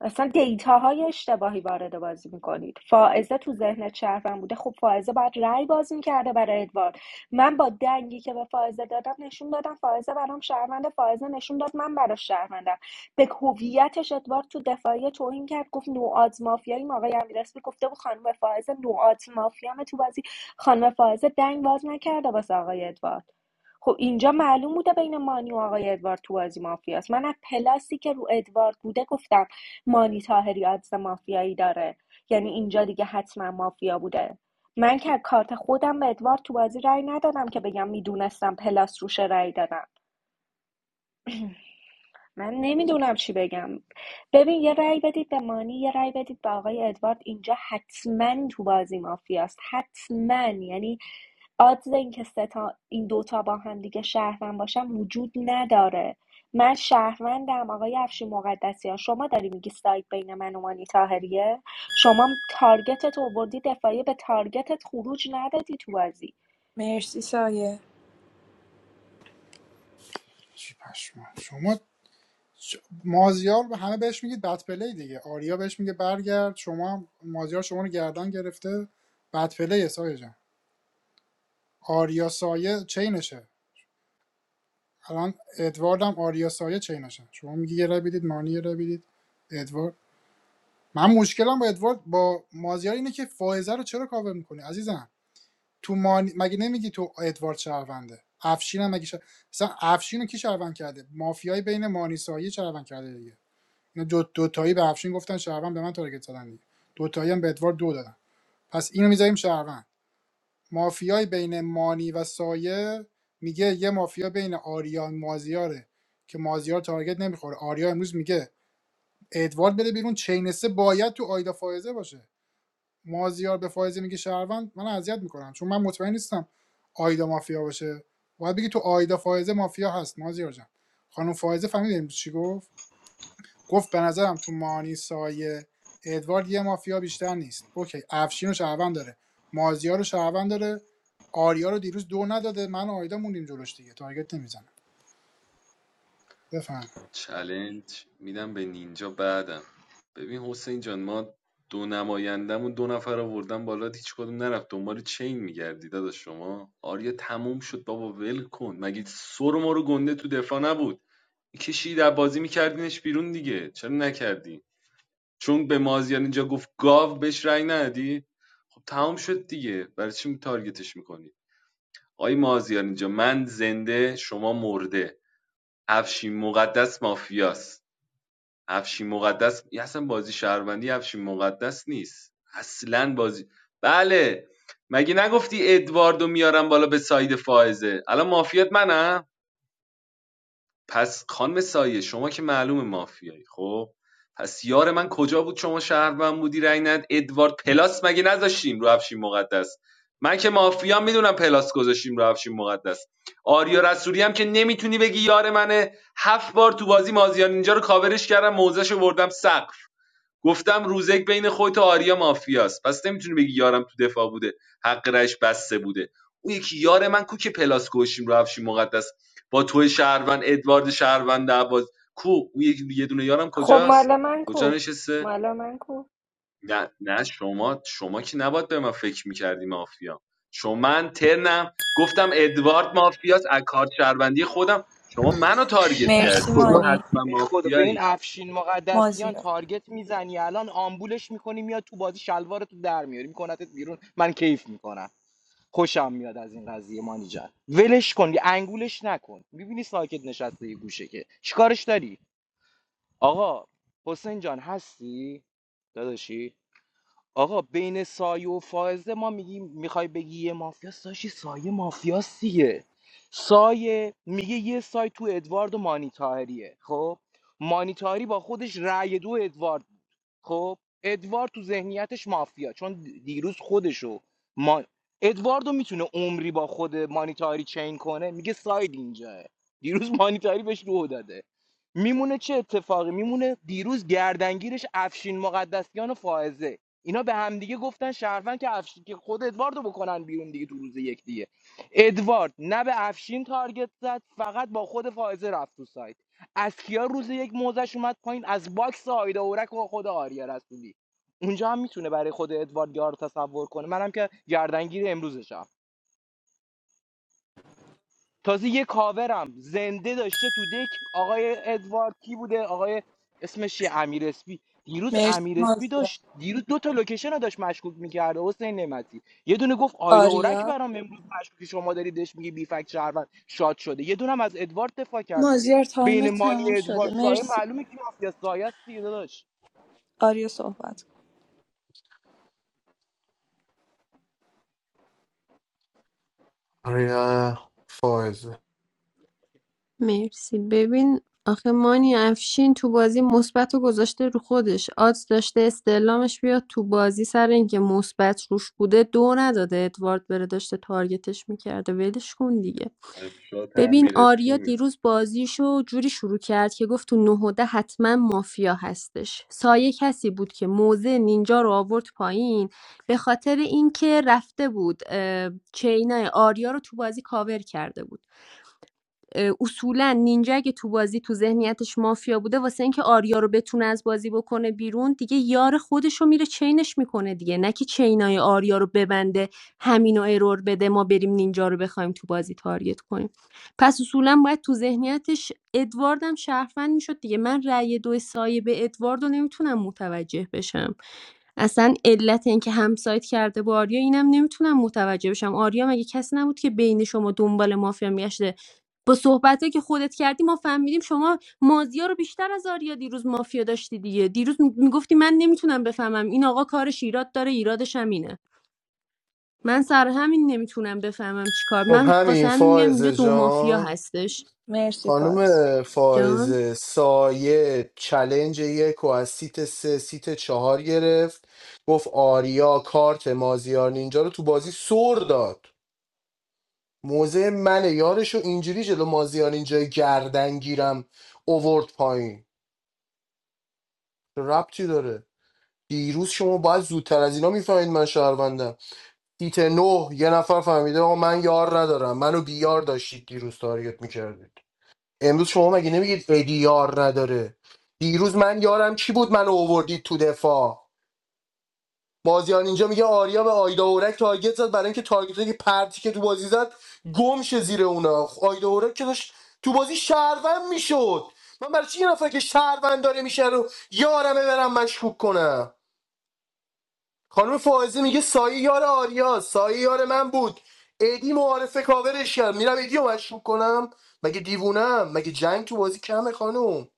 S22: اصلا دیتا های اشتباهی وارد بازی میکنید فائزه تو ذهن شهروند بوده خب فائزه باید رأی باز میکرده برای ادوارد من با دنگی که به فائزه دادم نشون دادم فائزه برام شهروند فائزه نشون داد من براش شهروندم به هویتش ادوارد تو دفاعی توهین کرد گفت نوآز مافیایی ما آقای امیرسپی گفته بود خانم فائزه نوآز مافیام تو بازی خانم فائزه دنگ باز نکرده واسه آقای ادوارد خب اینجا معلوم بوده بین مانی و آقای ادوارد تو بازی مافیاست من از پلاسی که رو ادوارد بوده گفتم مانی طاهری آدز مافیایی داره یعنی اینجا دیگه حتما مافیا بوده من که کارت خودم به ادوارد تو بازی رأی ندادم که بگم میدونستم پلاس روشه رأی دادم من نمیدونم چی بگم ببین یه رأی بدید به مانی یه رأی بدید به آقای ادوارد اینجا حتما تو بازی مافیاست حتما یعنی آدز اینکه سه تا این دوتا با هم دیگه شهروند باشن وجود نداره من شهروندم آقای افشین مقدسیان شما داری میگی سایت بین من و مانی تاهریه شما تارگتت آوردی دفاعی به تارگتت خروج ندادی تو بازی
S8: مرسی سایه
S5: چی پشما شما چ- مازیار به همه بهش میگید بد پلی دیگه آریا بهش میگه برگرد شما هم- مازیار شما رو گردن گرفته بد پلی سایه جان آریا سایه چینشه الان ادوارد هم آریا سایه چینشه شما میگی یه رای بدید مانی یه رای بدید ادوارد من مشکلم با ادوارد با مازیار اینه که فائزه رو چرا کاور میکنی عزیزم تو مان... مگه نمیگی تو ادوارد شهرونده افشین هم مگه شه... مثلا افشین رو کی شهروند کرده مافیای بین مانیسایی شهروند کرده دیگه اینا دو دوتایی به افشین گفتن شهروند به من تارگت زدن دیگه دوتایی هم به ادوارد دو دادن پس اینو میذاریم شهروند مافیای بین مانی و سایه میگه یه مافیا بین آریا و مازیاره که مازیار تارگت نمیخوره آریا امروز میگه ادوارد بده بیرون چینسه باید تو آیدا فائزه باشه مازیار به فائزه میگه شهروند من اذیت میکنم چون من مطمئن نیستم آیدا مافیا باشه باید بگی تو آیدا فائزه مافیا هست مازیار جان خانم فائزه فهمید امروز چی گفت گفت به نظرم تو مانی سایه ادوارد یه مافیا بیشتر نیست اوکی افشین رو شهروند داره مازیار رو شهروند داره آریا رو دیروز دو نداده من و آیدا موندیم جلوش دیگه تارگت نمیزنه بفهم
S14: چلنج میدم به نینجا بعدم ببین حسین جان ما دو نمایندمون دو نفر آوردن بالا هیچ کدوم نرفت دنبال چین میگردی داداش شما آریا تموم شد بابا ول کن مگه سر ما رو گنده تو دفاع نبود کشی در بازی میکردینش بیرون دیگه چرا نکردی چون به مازیار اینجا گفت گاو بهش رأی ندی خب تمام شد دیگه برای چی تارگتش میکنی آی مازیار اینجا من زنده شما مرده افشین مقدس مافیاست افشین مقدس یه اصلا بازی شهروندی افشین مقدس نیست اصلا بازی بله مگه نگفتی ادواردو میارم بالا به ساید فائزه الان مافیات منم پس خانم سایه شما که معلوم مافیایی خب پس یار من کجا بود شما شهروند بودی رای ند ادوارد پلاس مگه نذاشتیم رو افشین مقدس من که مافیا میدونم پلاس گذاشتیم رو افشین مقدس آریا رسولی هم که نمیتونی بگی یار منه هفت بار تو بازی مازیار اینجا رو کاورش کردم موزش وردم سقف گفتم روزک بین خودت و آریا مافیاست پس نمیتونی بگی یارم تو دفاع بوده حق رش بسته بوده اون یکی یار من کو که پلاس کشیم رو افشین مقدس با تو شهروند ادوارد شهروند عباس کو اون یکی یه دونه یارم
S22: خب
S14: کجاست
S22: مال من
S14: کجا
S22: کو
S14: نشسته
S22: مال من کو
S14: نه نه شما شما که نباید به من فکر میکردی مافیا شما من ترنم گفتم ادوارد مافیاست از کارت شهروندی خودم شما منو تارگت کردی
S8: مرسی
S14: شما
S16: خدا
S8: مانی
S14: حتما
S16: ای خدا به این
S14: مافیایی
S16: افشین مقدسیان
S8: مازیار
S16: تارگت میزنی الان آمبولش میکنی میاد تو بازی شلوارتو در میاری میکنتت بیرون من کیف میکنم خوشم میاد از این قضیه مانی جان ولش کن انگولش نکن میبینی ساکت نشسته یه گوشه که چیکارش داری آقا حسین جان هستی داداشی آقا بین سایه و فائزه ما میگیم میخوای بگی یه مافیاست داشتی سایه مافیاست دیگه سایه میگه یه سایه تو ادوارد و مانی طاهریه خب مانی طاهری با خودش رأی دو ادوارد بود خب ادوارد تو ذهنیتش مافیا چون دیروز خودشو ما... ادواردو میتونه عمری با خود مانی طاهری چین کنه میگه ساید اینجاه دیروز مانی طاهری بهش رو داده میمونه چه اتفاقی میمونه دیروز گردنگیرش افشین مقدسیان و فائزه اینا به همدیگه گفتن شهروند که افشین که خود ادواردو بکنن بیرون دیگه تو روز یک دیگه ادوارد نه به افشین تارگت زد فقط با خود فائزه رفت تو سایت از کیا روز یک موزش اومد پایین از باکس آیدا اورک و خود آریا رسولی اونجا هم میتونه برای خود ادوارد یار تصور کنه منم که گردنگیر امروزشم تازه یه کاورم زنده داشته تو دک آقای ادوارد کی بوده آقای اسمش چیه امیر اسپی دیروز
S8: مرسی
S16: امیر اسپی
S8: مازیار
S16: داشت دیروز دو تا لوکیشن رو داشت مشکوک میکرد حسین نعمتی یه دونه گفت آیدا اورک
S8: آریا
S16: برام امروز مشکوک شما داری دش میگی بی فکت شهروند شاد شده یه دونه هم از ادوارد دفاع کرد دیگه
S8: مازیار تایم
S16: بین مانی
S8: تموم
S16: ادوارد
S8: شده
S16: سایه
S8: مرسی
S16: معلومه کی مافیا سایه است دیگه داداش
S8: آریا صحبت کن
S13: آره فائزه
S23: مرسی ببین آخه مانی افشین تو بازی مثبت رو گذاشته رو خودش آدز داشته استعلامش بیاد تو بازی سر اینکه مثبت روش بوده دو نداده ادوارد بره داشته تارگتش میکرده ولش کن دیگه
S14: از شاتم
S23: ببین
S14: میرسی
S23: آریا
S14: میگم
S23: دیروز بازیشو جوری شروع کرد که گفت تو نه و ده حتما مافیا هستش سایه کسی بود که موزه نینجا رو آورد پایین به خاطر اینکه رفته بود اه، چینای آریا رو تو بازی کاور کرده بود اه، اصولا نینجا اگه تو بازی تو ذهنیتش مافیا بوده واسه اینکه آریا رو بتونه از بازی بکنه بیرون دیگه یار خودش رو میره چینش میکنه دیگه نه که چینای آریا رو ببنده همینو ارور بده ما بریم نینجا رو بخوایم تو بازی تارگت کنیم پس اصولا باید تو ذهنیتش ادوارد هم شهروند میشد دیگه من رأی دو سایه به ادوارد رو نمیتونم متوجه بشم اصلا علت اینکه همسایت کرده با آریا اینم نمیتونم متوجه بشم آریا مگه کسی نبود که بین شما دنبال مافیا میگشته با صحبته که خودت کردی ما فهمیدیم شما مازیا رو بیشتر از آریا دیروز مافیا داشتی دیگه دیروز میگفتی من نمیتونم بفهمم این آقا کارش ایراد داره ایرادش همینه من سر همین نمیتونم بفهمم چیکار
S13: خب
S23: من واسه
S13: همین
S23: همین میگم اینجا
S13: فائزه
S23: دو مافیا
S13: جان
S23: هستش
S8: مرسی
S13: خانم
S8: فایز
S23: جان
S13: فائزه سایه چلنج یک و از سیت سه سیت چهار گرفت گفت آریا کارت مازیار نینجا رو تو بازی سر داد موزه من یارشو اینجوری جلو مازیار اینجا گردن گیرم اوورد پایین ربطی داره دیروز شما باید زودتر از اینا میفهمید من شهروندم دیت نه یه نفر فهمیده آقا من یار ندارم منو بیار داشتید دیروز تارگت میکردید امروز شما مگه نمیگید ادی یار نداره دیروز من یارم کی بود منو اووردید تو دفاع بازیان اینجا میگه آریا به آیدا اورک تارگت زد برای اینکه تارگت که پرتی که تو بازی زد گم شه زیر اونا خب آیدا اورک که داشت تو بازی شهروند میشد من برای چی یه نفر که شهروند داره میشه رو یارمه برم مشکوک کنم خانم فائزه میگه سایه یار آریا سایه یار من بود ادی معارفه کاورش کرد میرم ادی مشکوک کنم مگه دیوونم مگه جنگ تو بازی کمه خانم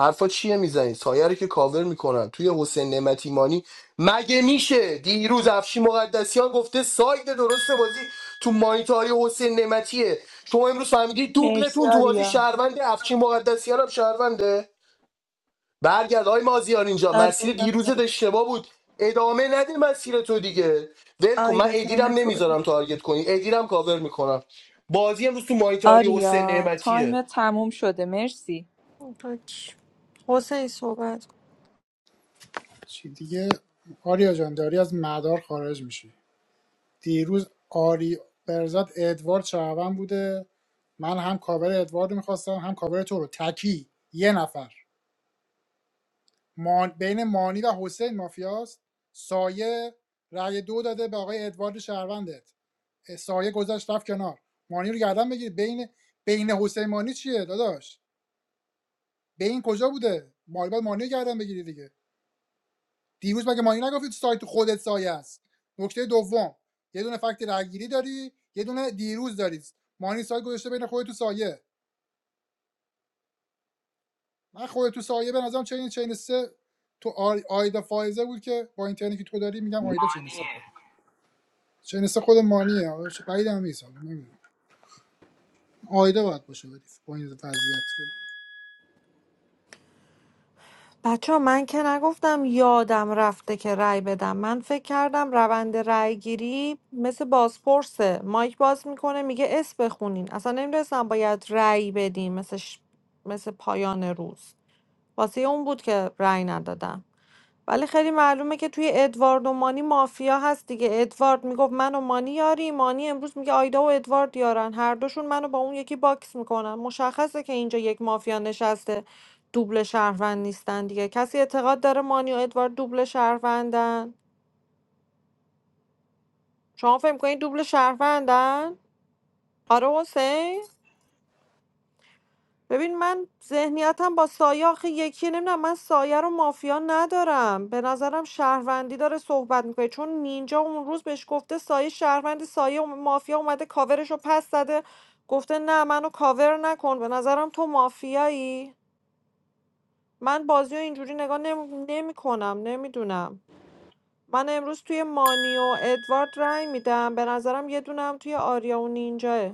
S13: حرفا چیه میزنی سایه رو که کاور میکنن توی حسین نعمتی مانی مگه میشه دیروز افشی مقدسیان گفته ساید درست بازی تو مانیتاری حسین نعمتیه شما امروز فهمیدی
S8: مرسی
S13: دوبلتون تو بازی
S8: آریا
S13: شهروند افشین مقدسیان هم شهرونده برگرد های مازیار اینجا
S8: آریا
S13: مسیر
S8: جان
S13: دیروزت
S8: مرسی
S13: اشتباه بود ادامه نده مسیر تو دیگه ول کن من
S8: آیدا
S13: ادیرم
S8: ترن تو
S13: نمیذارم تارگت کنی ادیرم کاور میکنم بازی امروز تو مانیتاری حسین
S8: آریا
S13: نعمتیه
S8: تایم تموم شده مرسی
S9: اوکی. حسین صحبت کن
S5: چی دیگه آریا جان داری از مدار خارج میشی دیروز آری برزاد ادوارد شهروند بوده من هم کاور ادوارد رو میخواستم هم کاور تو رو تکی یه نفر مان... بین مانی و حسین مافیاست سایه رأی دو داده به آقای ادوارد شهروندت سایه گذشت رفت کنار مانی رو گردن بگیرید بین بین حسین مانی چیه داداش بین کجا بوده مالی باید مانی رو گردن بگیری دیگه دیروز مگه مانی نگفتی تو سایت خودت سایه است نکته دوم یه دونه فکت رگیری داری یه دونه دیروز داری مانی سایت گذاشته بین خودت تو سایه من خودت تو سایه به نظرم چین چین سه تو آیدا فایزه بود که با اینترنتی که تو داری میگم آیدا چین سه
S18: مانیه
S5: بود. چین سه خود مانیه بعید هم نیست حالا آیدا باید باشه بدی با این وضعیت فعلا.
S9: بچه من که نگفتم یادم رفته که رأی بدم من فکر کردم روند رأی گیری مثل بازپرسه مایک باز میکنه میگه اس بخونین اصلا نمیدونستم باید رأی بدیم مثل, ش... مثل پایان روز واسه اون بود که رأی ندادم ولی خیلی معلومه که توی ادوارد و مانی مافیا هست دیگه ادوارد میگفت من و مانی یاری مانی امروز میگه آیدا و ادوارد یارن هر دوشون منو با اون یکی باکس میکنن مشخصه که اینجا یک مافیا نشسته دوبل شهروند نیستن دیگه کسی اعتقاد داره مانی و ادوارد دوبل شهروندن شما فکر میکنین دوبل شهروندن آره حسین ببین من ذهنیتم با سایه آخه یکی نمیدونم من سایه رو مافیا ندارم به نظرم شهروندی داره صحبت میکنه چون نینجا اون روز بهش گفته سایه شهروند سایه اوم- مافیا اومده کاورش رو پس زده گفته نه منو کاور نکن به نظرم تو مافیایی من بازی رو اینجوری نگاه نمی کنم نمیدونم من امروز توی مانی و ادوارد رای میدم به نظرم یه دونم توی آریا و نینجاه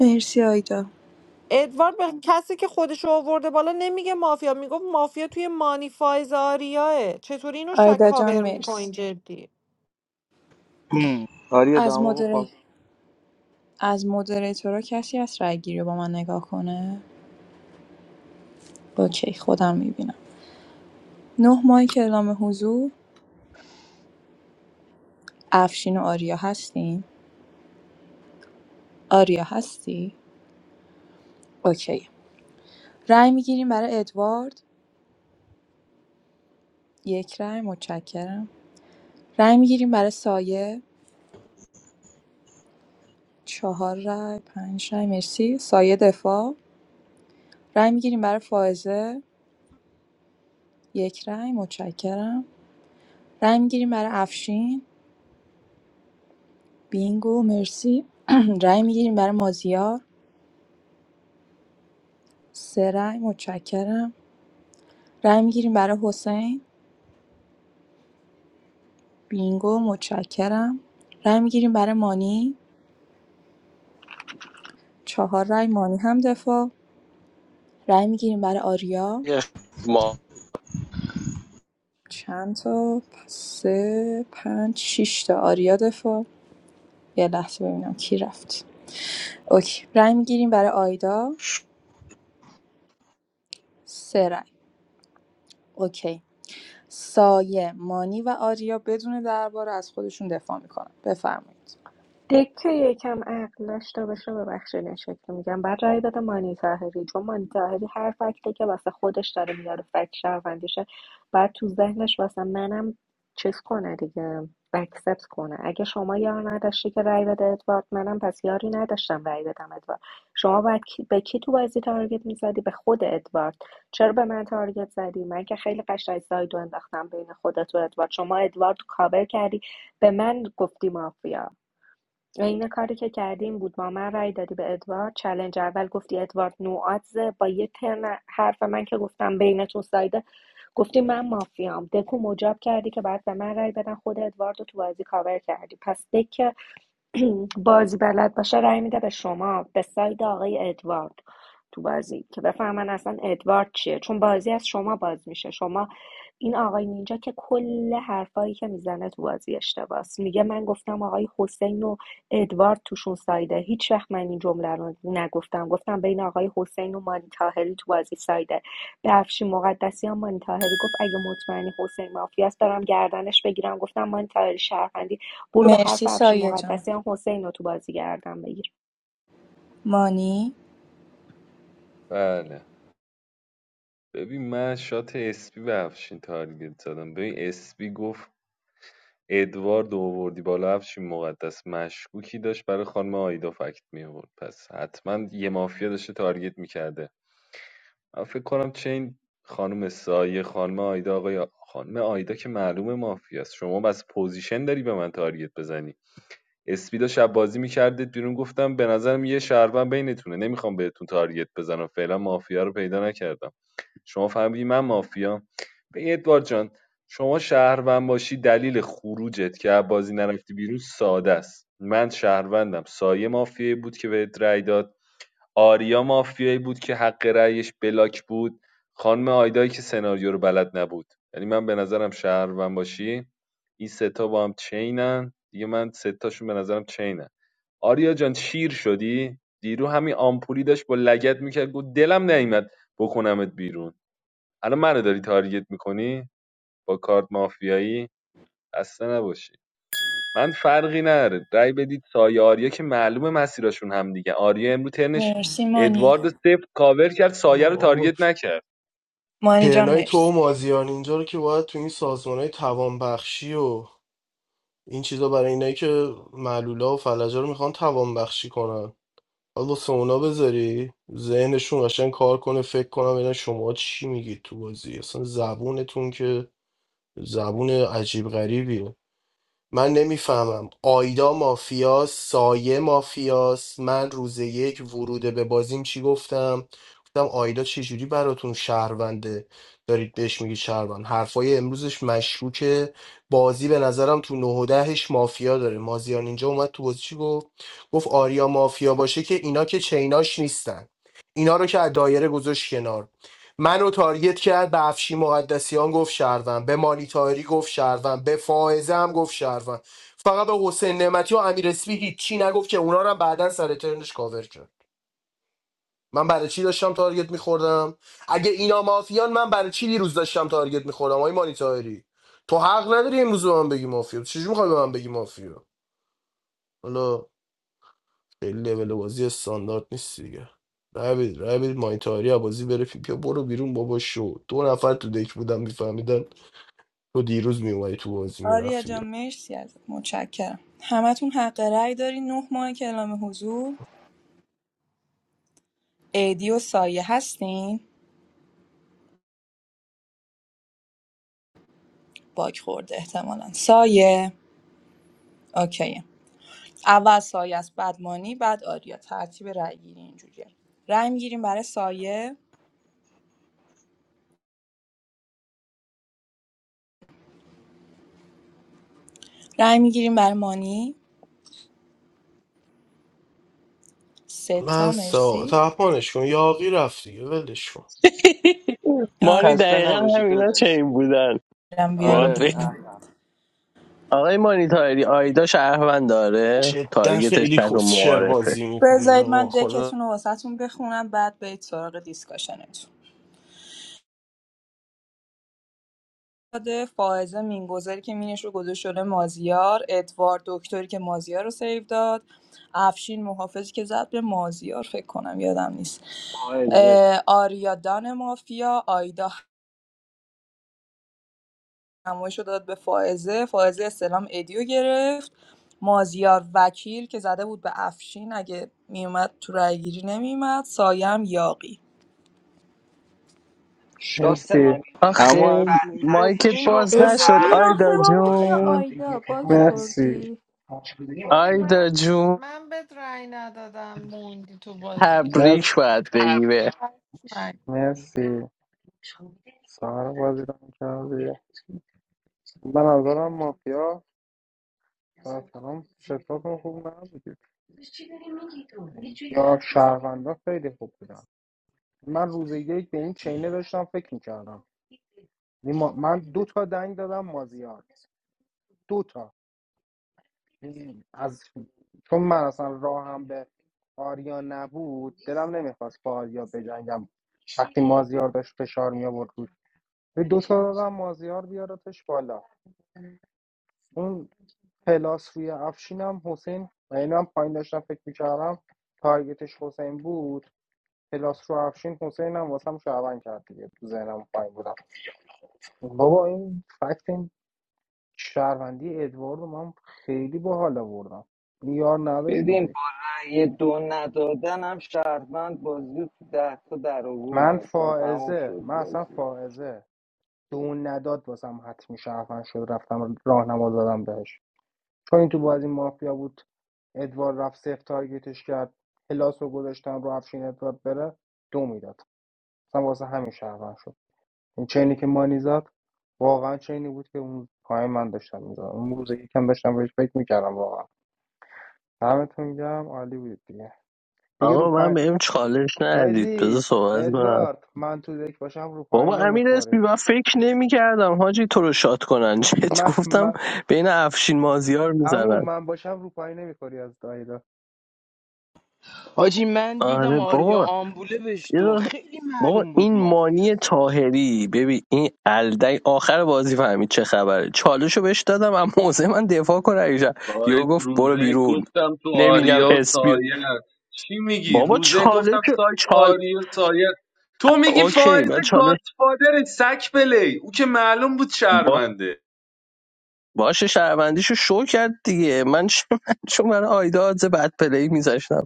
S8: مرسی آیدا
S9: ادوارد به کسی که خودشو آورده بالا نمیگه مافیا میگفت مافیا توی مانیفایز آریاه چطوری اینو شک
S8: آیدا جان
S9: کاور میکنین
S8: مرسی
S9: جدی
S16: هم. آره
S8: از
S16: دماغو
S8: مدر
S16: پاک
S8: از مدریتورا کسی هست رأی‌گیری رو با من نگاه کنه؟ اوکی خودم میبینم. نه ماهی اعلام حضور افشین و آریا هستین؟ آریا هستی؟ اوکی. رای میگیریم برای ادوارد یک رای متشکرم. رای میگیریم برای سایه چهار رای، پنج رای مرسی. سایه دفاع. رای میگیریم برای فائزه یک رای متشکرم. رای میگیریم برای افشین بینگو مرسی. رای میگیریم برای مازیار سه رأی متشکرم. رای می‌گیریم برای حسین بینگو متشکرم رای می‌گیریم برای مانی چهار رای مانی هم دفاع رای می‌گیریم برای آریا
S3: یه ما
S8: چند تا سه پنج شش تا آریا دفاع یه لحظه ببینم کی رفت اوکی رای می‌گیریم برای آیدا سه رای اوکی سایه مانی و آریا بدون درباره از خودشون دفاع میکنن بفرمایید
S22: دکه یکم عقل داشته باشه ببخشید این شکل میگم بعد رای داده مانی طاهری چون مانی طاهری هر فکته که واسه خودش داره میاره فکت شهروندیشه بعد تو ذهنش واسه منم چیز کنه دیگه اکسپت کنه اگه شما یار نداشتی که رای بده ادوارد منم پس یاری نداشتم رای بدم ادوارد شما باید کی- به کی تو بازی تارگت میزدی به خود ادوارد چرا به من تارگت زدی من که خیلی قشنگ سایدو انداختم بین خودت و ادوارد شما ادوارد رو کاور کردی به من گفتی مافیا عین کاری که کردیم بود با من رأی دادی به ادوارد چلنج اول گفتی ادوارد نوآتزه با یه ترن حرف من که گفتم بینتون سایده گفتی من مافیام دکو مجاب کردی که بعد به من رأی بدن خود ادوارد رو تو بازی کاور کردی پس دک بازی بلد باشه رای میده به شما به ساید آقای ادوارد تو بازی که بفهمن اصلا ادوارد چیه چون بازی از شما باز میشه شما این آقای نینجا که کل حرفایی که میزنه تو بازی اشتباس میگه من گفتم آقای حسین و ادوارد توشون سایده هیچ وقت من این جمله رو نگفتم گفتم بین آقای حسین و مانی تاهری تو بازی سایده به افشین مقدسیان مانی تاهری گفت اگه مطمئنی حسین مافیاست برم گردنش بگیرم گفتم مانی طاهری شهروندی برو به حرف
S8: مرسی
S22: افشین
S8: سایه جان
S22: مقدسیان حسین رو تو بازی گردن بگیر
S8: مانی
S14: بله ببین من شات اسپی به افشین تارگت زدم ببین اسپی گفت ادوارد آوردی بالا افشین مقدس مشکوکی داشت برای خانم آیدا فکت می آورد پس حتما یه مافیا داشته تارگت میکرده من فکر کنم چین خانم سایه خانم آیدا آقای خانم آیدا که معلوم مافیاست شما بس پوزیشن داری به من تارگت بزنی اسپی داشت شب بازی میکردید بیرون گفتم به نظرم یه شهروند بینتونه نمیخوام بهتون تارگت بزنم فعلا مافیا رو پیدا نکردم شما فهمیدی من مافیا به ادوارد جان شما شهروند باشی دلیل خروجت که بازی نرفتی بیرون ساده است من شهروندم سایه مافیایی بود که بهت رأی داد آریا مافیایی بود که حق رأیش بلاک بود خانم آیدایی که سناریو رو بلد نبود یعنی من به نظرم شهروند باشی این ستا با هم چینن دیگه من سه تاشون به نظرم چینن آریا جان شیر شدی دیرو همین آمپولی داشت با لگت میکرد گفت دلم نیومد بکنمت بیرون الان منو داری تارگت میکنی با کارت مافیایی اصلا نباشی من فرقی نداره رای بدید سایه آریا که معلومه مسیرشون هم دیگه آریا امرو ترنش
S8: مرسی مانی
S14: ادوارد سفت کاور کرد سایه رو تارگت نکرد
S8: مانی جان
S13: ترنای تو
S8: مرسی
S13: و مازیار اینجا رو که باید تو این سازمان های توانبخشی و این چیزا برای اینایی که معلولا و فلجا رو میخوان توانبخشی کنن حالا واسه اونا بذاری ذهنشون قشنگ کار کنه فکر کنم ببینن شما چی میگید تو بازی اصلا زبونتون که زبون عجیب غریبیه من نمیفهمم آیدا مافیاس سایه مافیاس من روز یک ورود به بازیم چی گفتم گفتم آیدا چجوری براتون شهرونده دارید بهش میگی شهروند حرفای امروزش مشکوکه بازی به نظرم تو نه و دهش مافیا داره مازیار اینجا اومد تو بازی چی گفت گفت آریا مافیا باشه که اینا که چیناش نیستن اینا رو که از دایره گذاشت کنار منو تارگت کرد به افشی مقدسیان گفت شهروند به مالی تاهری گفت شهروند به فائزه هم گفت شهروند فقط به حسین نعمتی و امیر اسپی هیچی نگفت که اونا رو هم بعدا سر ترنش کاور کرد من برای چی داشتم تارگت میخوردم اگه اینا مافیان من برای چی دیروز داشتم تارگت میخوردم آقای مالی تاهری تو حق نداری امروز به من بگی مافیا چجوری میخوای به من بگی مافیا حالا خیلی لول بازی استاندارد نیست دیگه رابید رابید مایتاری بازی بره پی پیا برو بیرون بابا شو دو نفر تو دک بودم میفهمیدن تو دیروز میومدی تو بازی
S8: آریا
S13: میرفتی
S8: جان
S13: بیرون
S8: مرسی از متشکرم همتون حق رأی دارین نه ماه که اعلام حضور ایدی و سایه هستین باک خورده احتمالا سایه اوکی اول سایه است بعد مانی بعد آریا ترتیب رأی گیری اینجوریه رأی میگیریم برای سایه رأی میگیریم برای مانی سه تا
S13: من سا
S8: مرسی
S13: تپانش کن یاقی رفت دیگه ولش کن
S3: ماری
S16: خسته
S3: دقیقا
S16: نباشید
S3: همینا
S16: داداش
S3: چنین بودن
S8: آرام
S3: باهات
S16: آره
S3: بگم.
S8: بیاریم
S16: احمد
S3: آقای مانی تایری آیدا شهروند داره
S13: جدا
S3: تارگتش
S13: خیلی
S3: تگ و
S13: کسشر
S3: معارفه
S13: بازی میکنید
S8: بزنید
S13: آقا
S8: من
S13: خدا
S8: دکتون رو واسهتون بخونم بعد برید سراغ دیسکاشنتون داده فائزه مینگذاری که مینش رو گذاشت شده مازیار ادوارد دکتری که مازیار رو سیو داد افشین محافظی که زد به مازیار فکر کنم یادم نیست
S18: فائزه
S8: اه، آریا دان مافیا آیدا همویش رو داد به فائزه فائزه استلام ادیو گرفت مازیار وکیل که زده بود به افشین اگه میومد تو رای گیری نمیومد سایم یاقی
S18: شات
S20: مرسی
S18: امیر اسپی
S3: آخه
S16: اما افشین واسه
S18: بدترین
S3: مایکت
S16: این
S18: شات
S3: باز
S16: گفتم که
S3: نشد
S18: قرن
S16: برات
S3: آیدا
S18: بود
S3: جون
S18: آریا
S20: مرسی
S9: بابا
S3: آیدا
S9: من
S3: جون
S9: من بهت رأی ندادم موندی تو بازی
S3: تبریک
S20: مرسی
S3: باید بگی به
S9: من
S20: مرسی سهر بازی رو کردی به نظرم مافیا مثلا شتاتون خوب نبودید یا شهروندا خیلی خوب بودن من روز یک به این چینه داشتم فکر میکردم من دو تا دنگ دادم مازیار دو تا یعنی از چون من اصلا راهم به آریا نبود دلم نمیخواست با آریا بجنگم وقتی مازیار داشت فشار می آورد بود به دو تا دادم مازیار بیارتش بالا اون پلاس روی افشینم حسین و اینو هم پایین داشتم فکر میکردم تارگتش حسین بود پلاس رو افشین حسین هم واسم شعبن کرد دیگه تو ذهنم پایین بودم بابا این فکت شهروندی ادوارد رو من خیلی باحال آوردم یار نداشت تو
S18: ببین
S20: دک
S18: با رأی دو ندادن هم شهروند بازی رو تو ده تا در آورد
S20: من
S18: اصلا تمام
S20: فائزه
S18: شد
S20: من اصلا
S18: بازی
S20: فائزه دو نداد واسم حتمی شهروند شد رفتم راهنما دادم بهش چون این تو بازی مافیا بود ادوارد رفت سفت تارگتش کرد پلاس رو گذاشتم رو افشین ادوارد بره دو میداد اصلا واسه همین شهروند شد این چینی که مانی زد واقعا چینی بود که اون پای من داشتم میزدم اون روز یکم داشتم بهش فکر میکردم واقعا دمتون گرم عالی بود دیگه دیگه
S3: آقا
S20: رو
S3: من بهم چالش ندید بذار
S20: ادی
S3: صحبت کنم
S20: ادوارد من تو دک باشم رو پایی
S3: بابا امیر اسپی
S20: نمیخوری
S3: من فکر نمی کردم حاجی تو رو شاد کنن چت
S20: من
S3: گفتم
S20: من
S3: بین افشین مازیار
S20: عمو
S3: میزنن
S20: من باشم رو پایی نمیخوری از دایدا
S16: حاجی من دیدم
S3: آره
S16: آریا
S3: بابا
S16: آمبوله بهش دو خیلی
S3: بابا
S16: معلوم بود
S3: این مانی
S16: مافیاست
S3: تاهری ببین این الدی آخر بازی فهمید چه خبره چالشو بهش دادم اما موزه من دفاع کنه ایشا یو
S14: سایت
S3: گفت برو
S14: روزه
S3: بیرون
S14: گفتم تو
S3: نمیگم
S14: آریا و
S3: اسپی
S14: سایه است. چی میگی
S3: بابا
S14: روزه
S3: چالش
S14: گفتم سایت تو
S3: چال
S14: آریا و سایه است. تو میگی
S3: اوکی
S14: فائز
S3: من چالش
S14: گادفادر سک پلی او که معلوم بود
S3: با
S14: شهرونده
S3: باشه شهروندیشو شو کرد دیگه من چ- من چون برای آیدا آدز بد پلی میذاشتم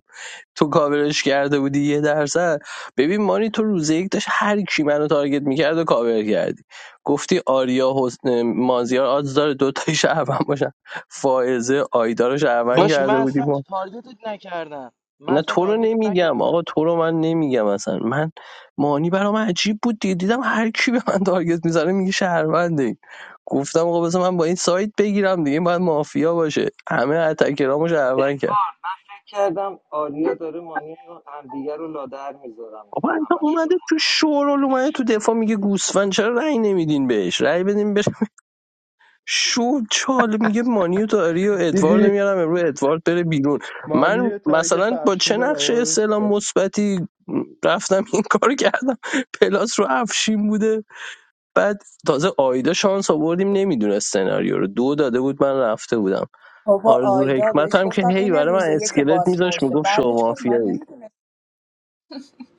S3: تو کاورش کرده بودی یه درصد ببین مانی تو روز یک داشت هر کی منو تارگت میکرد و کاور کردی گفتی آریا حسن مازیار آدز داره دوتای شهروند باشن فائزه آیدا رو شهروند
S16: باش من
S3: کرده بودی
S16: اصلا
S3: ما
S16: تارگتت نکردم من
S3: نه
S16: اصلا
S3: تو رو
S16: تارگتت
S3: نمیگم
S16: نکردم
S3: آقا تو رو من نمیگم اصلا من مانی برام عجیب بود دیگه دیدم هر کی به من تارگت میزنه میگه شهرونده گفتم آقا بذار من با این سایت بگیرم دیگه این باید مافیا باشه همه اتکرامو شهروند کردن.
S18: من فکر کردم آریا داره مانی و همدیگه رو لادر میذارم
S3: بابا انت
S18: همش به
S3: اومده
S18: خدا.
S3: تو شورال اومده تو دفاع میگه گوسفند چرا رأی نمیدین بهش رأی بدین بهش شو چال میگه مانیو داری و ادوارد
S20: دیدی
S3: میارم امروز ادوارد بره بیرون
S20: مانی
S3: من
S20: یه تارگت
S3: مثلا
S20: به
S3: با
S20: افشین
S3: چه
S20: زد
S3: نقش
S20: اما بهش
S3: استعلام مثبتی رفتم این کار کردم پلاس رو افشین بوده بعد تازه آیدا شانس آوردیم نمیدونست سناریو رو دو داده بود من رفته بودم
S8: بابا
S3: آرزو
S8: آیدا
S3: حکمت
S8: بهش
S3: هم که
S8: گفتم
S3: هی
S8: این
S3: برای
S8: روز
S3: من
S8: یک
S3: اسکلت میذاش
S8: بازپرسه
S3: میگفت شما
S8: بعدش گفت من
S3: مافیایی
S8: نمیدونم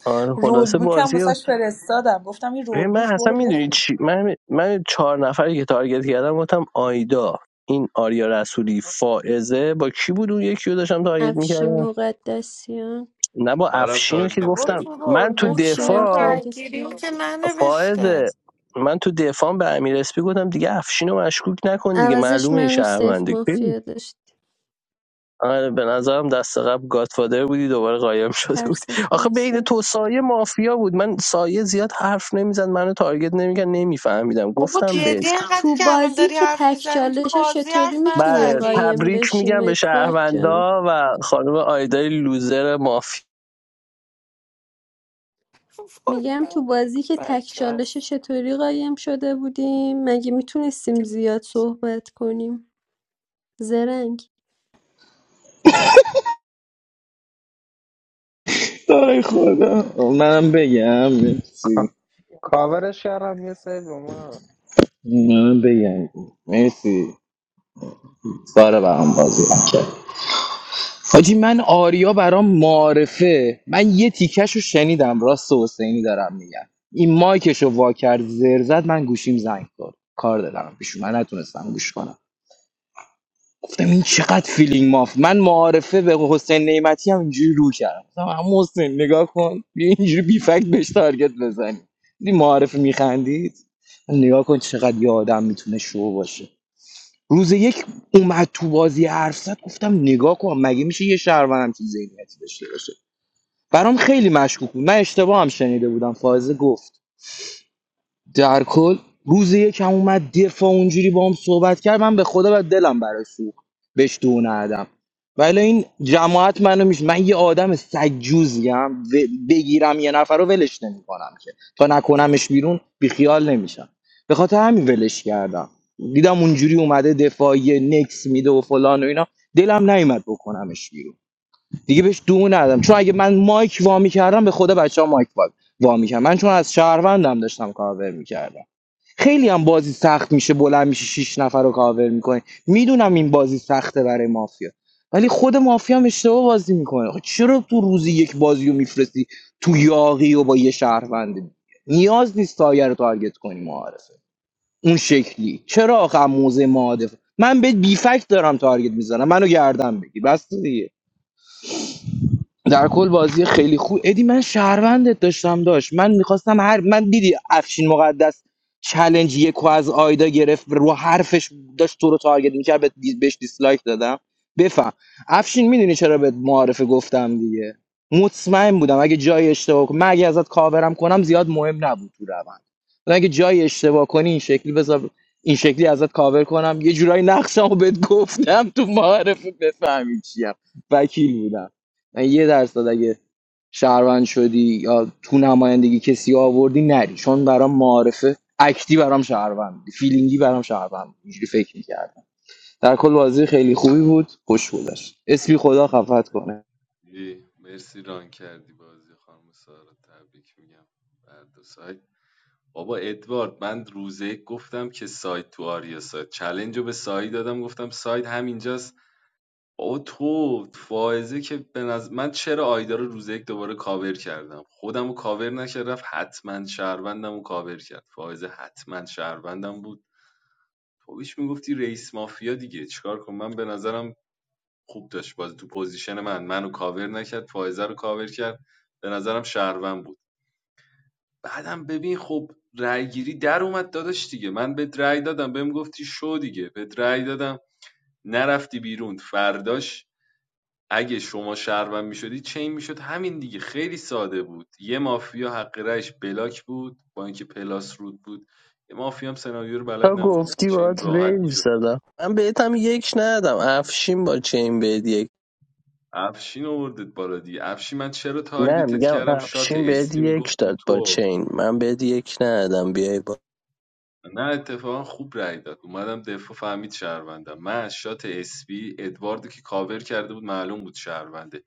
S3: آره
S8: رول
S3: خلاصه
S8: بوک هم
S3: بازی
S8: واسش فرستادم گفتم این
S3: ببین
S8: رول
S3: من
S8: بوک
S3: اصلا
S8: برو
S3: میدونی
S8: بخون
S3: چی من من چهار نفری که تارگت کردم گفتم آیدا این آریا رسولی فائزه با کی بود اون یکی رو داشتم تارگت
S23: افشین
S3: میکردم
S23: مقدسیان
S3: نه با
S14: برام
S3: افشینو که
S14: تارگت
S9: بابا
S3: گفتم
S9: تو
S14: کردی
S3: من
S9: رول
S3: تو
S9: بوکس ها
S23: افشینم
S9: رو
S3: دفاع
S23: تارگت
S9: رنگیریم که
S23: کرد
S9: ننوشته
S3: فائزه من تو دفاع به امیر اسپی گفتم دیگه افشینو مشکوک نکن دیگه
S23: عوضش
S3: معلومه این
S23: منو سیف
S3: شهرونده ببین،
S23: مافیا داشت
S3: آره به نظرم دست قبل گادفادر بودی دوباره قایم شده
S23: هر
S3: بود آخه بین
S23: سکانسه
S3: تو سایه مافیا بود من سایه زیاد حرف نمیزد منو تارگت نمیکرد نمیفهمیدم
S9: بابا
S3: گفتم به
S9: جدی اینقدر
S23: تو
S9: که الان
S23: بازی
S9: داری
S23: که
S9: حرف
S23: تک
S9: میزنی تو
S23: چالشه
S9: بازی
S23: چطوری
S9: حرف
S23: میتونیم
S3: بله
S9: نزدی
S23: قایم
S3: تبریک
S23: بشیم
S3: میگم به
S23: ادوارد جان
S3: شهروندا و خانم آیدای لوزر مافیا
S9: وای
S23: میگم تو
S9: من
S23: بازی که تک
S9: بچه
S23: چالش
S9: است
S23: چطوری قایم شده بودیم مگه میتونستیم زیاد صحبت کنیم زرنگ
S16: داره خدا منم بگم مرسی
S20: کا- کاورش کردم یه سری به من
S16: منم بگم مرسی سارا برام بازی کرد حاجی من آریا برام معارفه من یه تیکش رو شنیدم راست حسینی دارم میگم این مایکش رو وا کرد زر زد من گوشیم زنگ کرد کار دارم پیش من نتونستم گوش کنم گفتم این چقدر فیلینگ ماف من معارفه به حسین نعمتی هم اینجوری رو کردم گفتم عمو حسین نگاه کن بیا اینجوری بی فکت بهش تارگت بزنی دیدی معارفه میخندید نگاه کن چقدر یه آدم میتونه شو باشه روز یک اومد تو بازی حرف زد گفتم نگاه کن مگه میشه یه شهروند همچین ذهنیتی داشته باشه برام خیلی مشکوک بود من اشتباه هم شنیده بودم فائزه گفت در کل روز یکم اومد دفاع اونجوری با هم صحبت کرد من به خدا و دلم برای سوخت بهش دو ندم ولی این جماعت منو میش من یه آدم سجوزیم بگیرم یه نفر رو ولش نمیکنم که تا نکنمش بیرون بیخیال نمیشم به خاطر همین ولش کردم دیدم اونجوری اومده دفاعی نکس میده و فلان و اینا دلم نیومد بکنمش بیرون دیگه بهش دو ندم چون اگه من مایک وامی کردم به خدا بچه ها مایک وامی کردم من چون از شهروندم داشتم کاور میکردم خیلی هم بازی سخت میشه بلند میشه شیش نفر رو کاور میکنه میدونم این بازی سخته برای مافیا ولی خود مافیا هم اشتباه بازی میکنه آخه چرا تو روزی یک بازی رو میفرستی تو یاقی و با یه شهروند دیگه؟ نیاز نیست سایه رو تارگت کنی معارفه اون شکلی چرا آخه موزه معادف من به بیفکت دارم تارگت میزنم منو گردن بگی بس دیگه در کل بازی خیلی خوب ادی من شهروندت داشتم داشت من میخواستم هر من دیدی افشین مقدس چلنج یکو از آیدا گرفت رو حرفش داشت تو رو تارگت میکرد بهت دی- بهش دیسلایک دادم بفهم افشین میدونی چرا بهت معارفه گفتم دیگه مطمئن بودم اگه جای اشتباه کنم من اگه ازت کاورم کنم زیاد مهم نبود تو روند ولی اگه جای اشتباه کنی این شکلی بذار این شکلی ازت کاور کنم یه جورایی نقشمو بهت گفتم تو معارفه بفهمی چیم وکیل بودم من یه درصد اگه شهروند شدی یا تو نمایندگی کسی آوردی نری چون برام معارفه اکتی برام شهروند بودی. فیلینگی برام شهروند بودی. اینجوری فکر میکردم در کل بازی خیلی خوبی بود خوش بودش اسمی خدا خفت کنه
S14: ای مرسی ران کردی بازی خانم سارا تبریک میگم بر دو سایت بابا ادوارد من روزه گفتم که سایت تو آریا سایت چلنج رو به سایی دادم گفتم سایت همینجاست بابا تو فائزه که به نظر من چرا آیدا رو روزه یک دوباره کاور کردم خودم رو کاور نکرد رفت حتما شهروندم رو کاور کرد فائزه حتما شهروندم بود تو بیش میگفتی رئیس مافیا دیگه چیکار کنم من به نظرم خوب داشت بازی تو پوزیشن من منو کاور نکرد فائزه رو کاور کرد به نظرم شهروند بود بعدم ببین خب رای گیری در اومد داداش دیگه من به رای دادم بهم گفتی شو دیگه به رای دادم نرفتی بیرون فرداش اگه شما شهروند میشدی چین میشد همین دیگه خیلی ساده بود یه مافیا حق رایش بلاک بود با اینکه پلاس رود بود یه مافیا هم سناریو رو
S3: تا
S14: بلد نبود دیگه
S3: گفتی
S14: چین
S3: باید
S14: راحت
S3: ویو
S14: میشد
S3: زدم من بهت هم یک ندادم افشین با چین بهت یک
S14: افشین آوردت بالا دیگه افشین من چرا
S3: نه
S14: تارگتت
S3: میگم
S14: کردم شات
S3: افشین بهت
S14: اسپی
S3: یک
S14: میگفت تو
S3: داد با
S14: تو
S3: چین من بهت یک ندادم بیای با
S14: نه اتفاقا خوب رای داد اومدم دفاع فهمید شهروندم من از شات اسپی ادواردو که کاور کرده بود معلوم بود شهرونده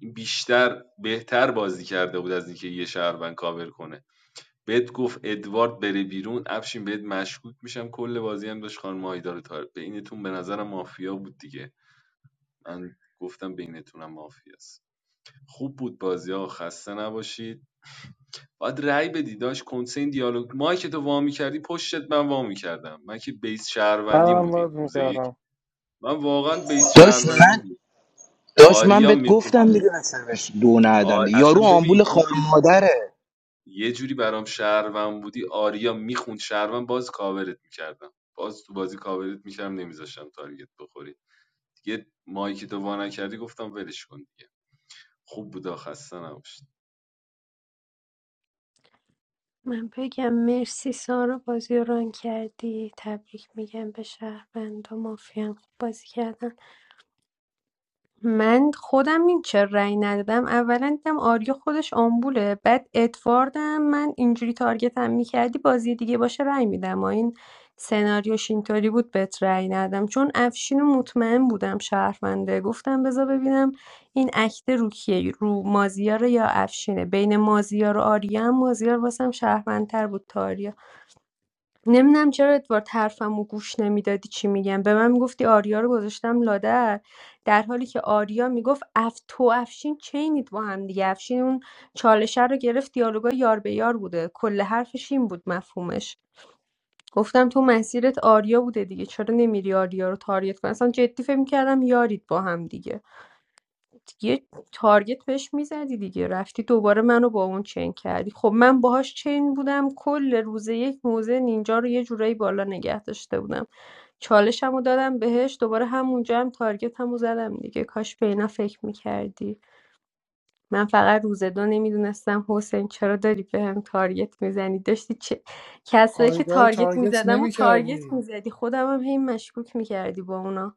S14: این بیشتر بهتر بازی کرده بود از اینکه یه شهروند کاور کنه بهت گفت ادوارد بره بیرون افشین بهت مشکوک میشم کل بازی هم داشت خانم آیدا رو تار- بینتون به نظرم مافیا بود دیگه من گفتم بینتونم مافیاست خوب بود بازی ها خسته نباشید باید رأی بدی داش کنسه این دیالوگ مایی که تو وا می‌کردی پشتت من وا می‌کردم من که بیس
S20: من
S14: شهروندیم
S20: هم
S14: بودی
S20: باز
S14: روز یک
S20: میکردم
S14: من واقعا بیس
S16: داشت من
S14: شهروندیم بود
S16: داشت من
S14: آریا
S16: بهت
S14: میخون
S16: گفتم دیگه مثلا بهش دو ندم
S14: آر...
S16: دیگه. یارو
S14: اصلا
S16: آمبول
S14: ببین تو
S16: خار
S14: یه...
S16: مادره
S14: یه جوری برام شهروند بودی آریا میخوند شهروند باز کاورت می‌کردم باز تو بازی کاورت میکردم نمیذاشتم تارگت بخوری دیگه مایی که تو وا نکردی گفتم ولش کن دیگه خوب بود خسته نباشید
S23: من بگم مرسی سارا بازی رو ران کردی تبریک میگم به شهروند و مافیان خوب بازی کردن من خودم این چرا رأی ندادم اولا دیدم آریا خودش آمبوله بعد ادواردم من اینجوری تارگتم میکردی بازی دیگه باشه رأی میدم و این سناریوش اینطوری بود بهت رأی ندادم چون افشین و مطمئن بودم شهرونده گفتم بذار ببینم این اکت رو کیه رو مازیار یا افشینه بین مازیار و آریا هم مازیار واسم شهروندتر بود تا آریا نمی‌دونم چرا ادوارد حرفمو گوش نمیدادی چی میگم به من میگفتی آریا رو گذاشتم لادر در حالی که آریا میگفت اف تو افشین چینید با هم دیگه افشین اون چالشه رو گرفت دیالوگا یار به یار بوده کل حرفش این بود مفهومش گفتم تو مسیرت آریا بوده دیگه چرا نمیری آریا رو تاریت کنی اصلا جدی فکر می‌کردم یارید با هم دیگه یه تارگت بهش میزدی دیگه رفتی دوباره منو با اون چین کردی خب من باهاش چین بودم کل روز یک موزه نینجا رو یه جورایی بالا نگه داشته بودم چالشم رو دادم بهش دوباره همونجا هم تارگت همو زدم دیگه کاش به اینا فکر میکردی من فقط روز دو نمیدونستم حسین چرا داری به هم تارگت میزنی داشتی چه کسایی که
S5: آیدا رو
S23: تارگت
S5: تارگت
S23: میزدم و
S5: نمی‌کردی
S23: تارگت میزدی خودم هم هی مشکوک میکردی با اونا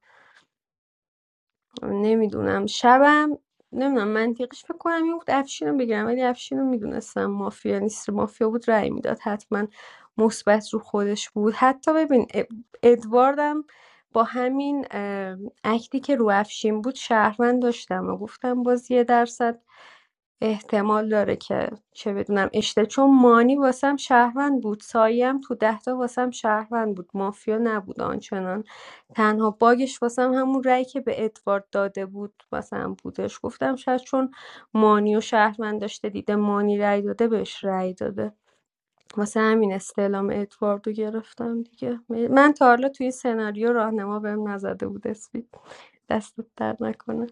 S23: نمیدونم شبم نمیدونم منطقش فکر کنم این بود افشین رو بگیرم ولی افشین رو میدونستم مافیا نیست مافیا بود رأی میداد حتما مثبت رو خودش بود حتی ببین اد- ادواردم با همین اه، اکتی که رو افشین بود شهروند داشتم و گفتم باز یه درصد احتمال داره که چه بدونم اشته چون مانی واسم شهروند بود سایم تو دهتا واسم شهروند بود مافیا نبود آنچنان تنها باگش واسم همون رأی که به ادوارد داده بود واسم بودش گفتم شاید چون مانی و شهروند داشته دیده مانی رأی داده بهش رأی داده واسه همین استعلام ادواردو گرفتم دیگه من تا حالا توی سناریو راهنما بهم نزده بود اسمی دستت در نکنه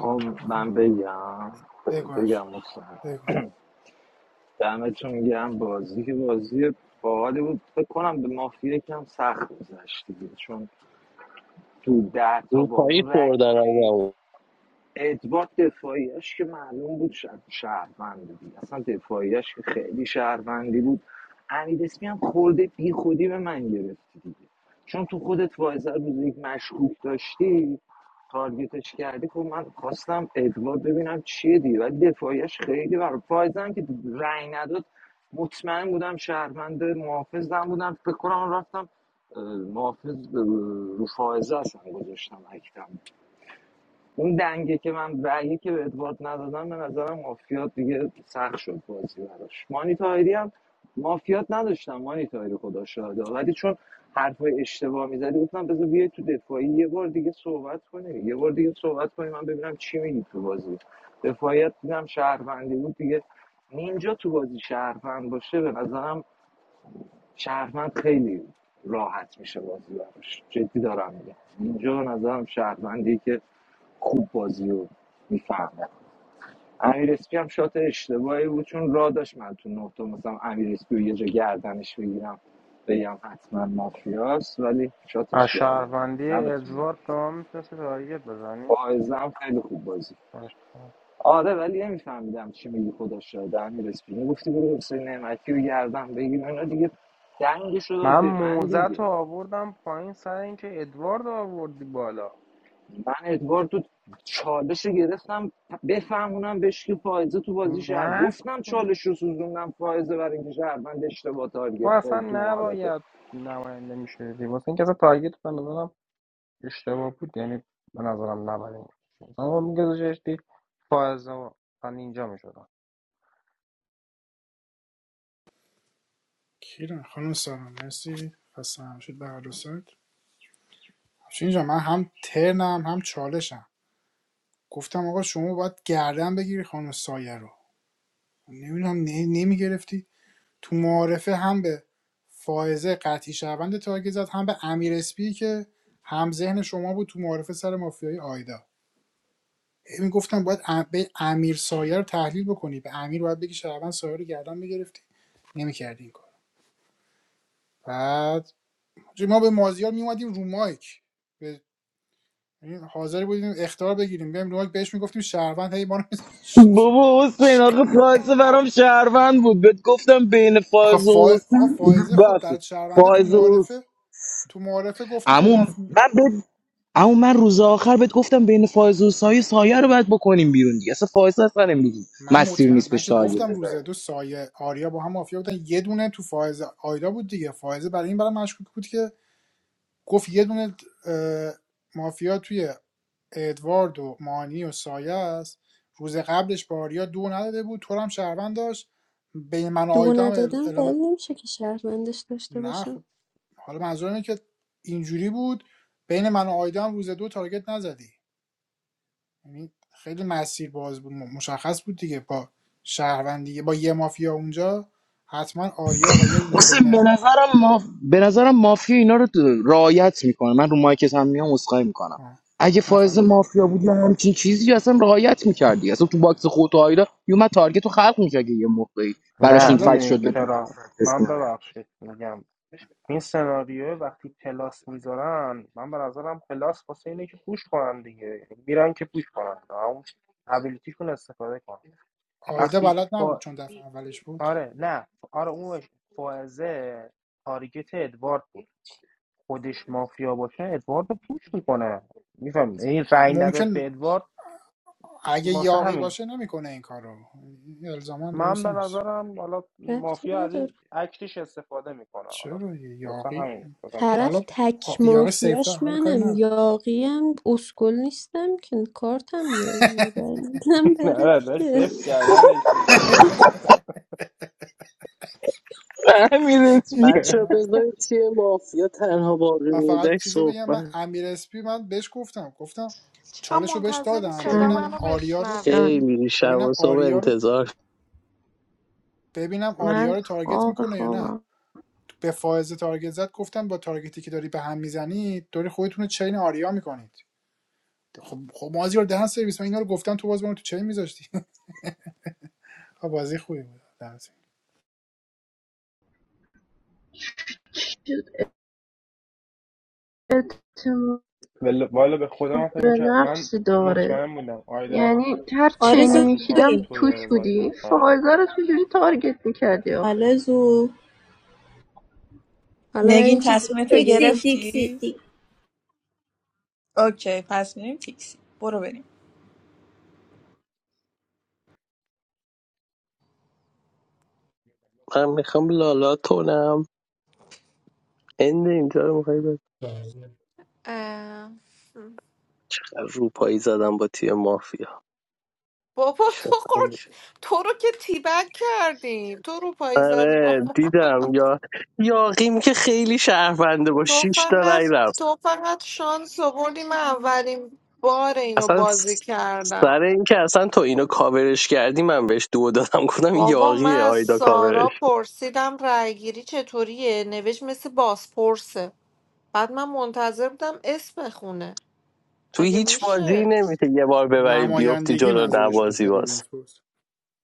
S18: آقا من
S5: آها
S18: بگم
S5: بگو
S18: ب- بگم مستم
S5: بگو
S18: دمتون گرم بازی که بازی باحالی بود فکر کنم به مافیا یکم سخت گذشت دیگه چون تو ده تا با
S3: روپایی
S18: اون
S3: خوردن
S18: رای
S3: آدم
S18: ادوارد دفاعیش که معلوم بود شد شهروند بود اصلا دفاعیش که خیلی شهروندی بود امید اسمی هم خورده بی خودی به من گرفتی دیگه چون تو خودت وایزر روز مشکوک داشتی تارگیتش کردی خب من خواستم ادوارد ببینم چیه دیگه ولی دفاعیش خیلی برای فایزم که رأی نداد مطمئن بودم شهروند محافظم بودم فکر کنم رفتم اه، محافظ اه، رو فائزه اصلا گذاشتم اکتم اون دنگه که من رأیی که به ادوارد ندادم به نظرم مافیات دیگه سخت شد بازی براش مانی تاهری هم مافیات نداشتم مانی تاهری خدا شاهده ولی چون حرفای اشتباه میزدی گفتم بذار بیای تو دفاعی یه بار دیگه صحبت کنی یه بار دیگه صحبت کنی من ببینم چی میگی تو بازی دفاعیت دیدم شهروندی بود دیگه نینجا تو بازی شهروند باشه به نظرم شهروند خیلی راحت میشه بازی براش جدی دارم میگم اینجا به نظرم شهروندی که خوب بازی رو میفهمه امیر اسپی هم شات اشتباهی بود چون را داشت من تو نقطه مثلا امیر اسپی رو یه جا گردنش بگیرم بگم حتما مافیاست ولی
S20: از
S18: شاتش کردم
S20: شهروندی
S18: دمتون گرم.
S20: ادوارد به من میتونستی تارگت بزنی
S18: فائزه هم خیلی خوب بازی آره ولی نمیفهمیدم چی میگی خدا شاهده امیر اسپی میگفتی برو حسین نعمتی رو گردن بگیر اینا دیگه دنگش رو داد
S20: من
S18: به من
S20: موزت رو
S18: دیگه
S20: آوردم پایین سر اینکه ادوارد رو آوردی بالا
S18: من ادوارد تو چالش رو گرفتم بفهمونم بهش که فائزه تو بازی شهر
S20: نه
S18: گفتم چالش رو سوزوندم فائزه برای اینکه شهروند اشتباه
S20: تو
S18: تارگت
S20: اصلا
S18: زدی تو معارفه
S20: نباید نماینده میشدی واسه اینکه اصلا تارگت به نظرم اشتباه بود یعنی به نظرم نباید این کار می‌شد. اما میگذاشتی فائزه و من اینجا میشدم
S5: کیران خانم سارا مرسی خسته نباشید به هر دو سایت افشین جان من هم ترنم هم چالشم گفتم آقا شما باید گردن بگیری خانم سایه رو نمیدونم نمیگرفتی تو معارفه هم به فائزه قطعی شهروند تارگت زد هم به امیر اسپی که هم ذهن شما بود تو معارفه سر مافیای آیدا می گفتم باید ام- به امیر سایه رو تحلیل بکنی به امیر باید بگی شهروند سایه رو گردن میگرفتی نمیکردی این کار بعد حاجی، ما به مازیار میومدیم رو مایک یعنی حاضر بودیم اختار بگیریم بیایم رو مایک بهش میگفتیم شهروند هی ما رو
S16: بابا حسین آخه فایزه برام شهروند بود بهت گفتم بین
S5: آخه
S16: فایز و
S5: فا... آقا
S16: حسین
S5: فائزه خب در
S16: ببخشید
S5: شهرونده تو
S16: فایز
S5: معارفه تو معارفه گفته تو
S16: عمو من
S5: ماف...
S16: بد اما من روز آخر بهت گفتم بین فائز و سایه سایه رو باید بکنیم بیرون دیگه اصلا فائز اصلا امروز
S5: من
S16: مسیر
S5: مطمئن
S16: نیست
S5: من
S16: بهش
S5: که
S16: تارگت
S5: گفتم
S16: بزنی
S5: روز دو سایه آریا با هم مافیا بودن یه دونه تو فائزه آیدا بود دیگه فائزه برای این برای مشکوک بود که گفت یه دونه اه، مافیا توی ادوارد و مانی و سایه است روز قبلش با آریا دو نداده بود تو رو هم شهروند داشت بین من و
S23: دو
S5: آیدا هم ال-
S23: ندادم دلیل
S5: الان-
S23: نمیشه که شهروندش داشته
S5: نه خب
S23: باشم
S5: حالا منظور اینه که اینجوری بود بین من و آیدا هم روز دو تارگت نزدی یعنی خیلی مسیر باز بود مشخص بود دیگه با شهروندی با یه مافیا اونجا حتما آریا و یه دونه
S16: حسین به
S5: بین
S16: نظرم ماف... به نظرم مافیا اینا رو رعایت میکنه من رو مایکت هم میام اسخای میکنم
S5: آه.
S16: اگه فائز
S5: نخواهش
S16: مافیا بود یا همچین چیزی اصلا رعایت میکردی اصلا تو باکس خودت و آیدا یومد تارگت رو خلق میکرد یه موقعی براش
S5: آره
S20: نه
S16: این
S5: حالا
S16: فکت شد
S20: میدونی
S16: بتونه
S20: چرا
S16: anti-فکتش
S20: من
S16: کنه
S20: ببخشید میگم این سناریو وقتی پلاس میذارن من به نظرم پلاس واسه اینه که پوش کنن دیگه یعنی میرن که پوش کنن اون ابیلیتیشون استفاده کن
S5: آیدا
S20: وقتی
S5: بلد نبود
S20: فا...
S5: چون دفعه اولش بود
S20: آره نه آره اون فائزه تارگت ادوارد خودش مافیا باشه ادوارد رو پوش میکنه میفهم این رأی نداد
S5: ممکن
S20: به ادوارد
S5: اگه
S20: واسه
S5: یاقی
S20: همین
S5: باشه نمیکنه این کارو رو این الزاما
S20: من
S5: درست
S20: به
S5: نیست
S20: نظرم حالا
S23: ربطی
S20: مافیا از
S23: نداره
S20: این اکتش استفاده میکنه حالا
S5: چرا یه
S20: واسه
S5: یاقی
S20: همین بازم
S23: طرف
S20: شبم
S5: حالا
S23: تک
S5: آ- یاقی
S23: مافیاش
S5: سیفتر حالا کاری
S23: منم
S5: نداره
S23: یاقیم اسکل نیستم که کارتم یاقیه رای داره بره
S20: نه داشت
S23: دیگه
S20: صفر کردنش میگه
S3: بچه بذارید تیه مافیا تنها باقی
S5: و فقط
S3: مونده
S5: چیز رو بگم من
S3: صحبت
S5: امیر اسپی من بهش گفتم گفتم
S9: چقدر
S5: چالش رو بهش
S9: منتظری
S5: دادم
S9: صدا
S5: ببینم
S9: منو
S5: آریا رو
S9: بشنوی
S3: خیلی شب و
S5: ببینم
S3: صبح
S5: آریا رو
S3: انتظار
S5: ببینم آریا رو تارگت میکنه یا نه به فائزه تارگت زد گفتم با تارگتی که داری به هم میزنی داری خودتون رو چین آریا میکنید خب خب مازیار دهن سرویس من اینا رو گفتم تو باز منو تو چین میذاشتی خب بازی خوبی بود در ضمن.
S17: شد اعتماد
S20: ولی- والا به خودم من فکر
S17: به
S20: میکرد من
S17: نفسی داره
S20: مطمئن بودم آیدا
S17: یعنی هر
S25: آرزو
S17: چینی
S20: از رو کارت
S17: میشیدم
S25: بریم
S20: تو
S17: توش
S20: داره بازی
S17: بودی
S20: میکنه
S17: فائزه رو چجوری تارگت میکردی
S25: آرزو
S23: حالا من
S8: نگین
S23: این چیز
S8: تصمیم
S23: بهت
S8: تو
S25: تیکسی
S23: بگم
S25: تیکسی
S8: گرفتی
S25: تیک
S8: اوکی پس میریم تیکسی برو بریم
S3: من میخوام لالا تونم هند اینجا رو میخوایی
S9: اه.
S3: روپایی زدم با تیه مافیا
S9: بابا
S3: چه
S9: تو خود تو رو که تیبک کردیم تو رو پایی زدی بابا
S3: آره دیدم یا یاقیم که خیلی شهرونده با
S9: تو
S3: شیش تا
S9: فقط
S3: رای رفت
S9: تو فقط شانس آوردی من اولین بار اینو
S3: اصلا
S9: بازی
S3: س-
S9: کردم
S3: سر اینکه اصلا تو اینو کاورش کردی من بهش دو دادم گفتم این
S9: بابا من
S3: یاقیه
S9: از
S3: آیدا کاورش
S9: سارا پرسیدم رأیگیری چطوریه نوشت مثل بازپرسه بعد من منتظر بودم اسم بخونه
S3: توی
S9: اگه
S3: هیچ بازی
S9: میشه
S3: نمیشه یه بار ببری بیفتی
S5: نمایندگی
S3: جلو
S5: منظورش بود
S3: نبازی
S5: شبیه
S3: باز
S5: باز بود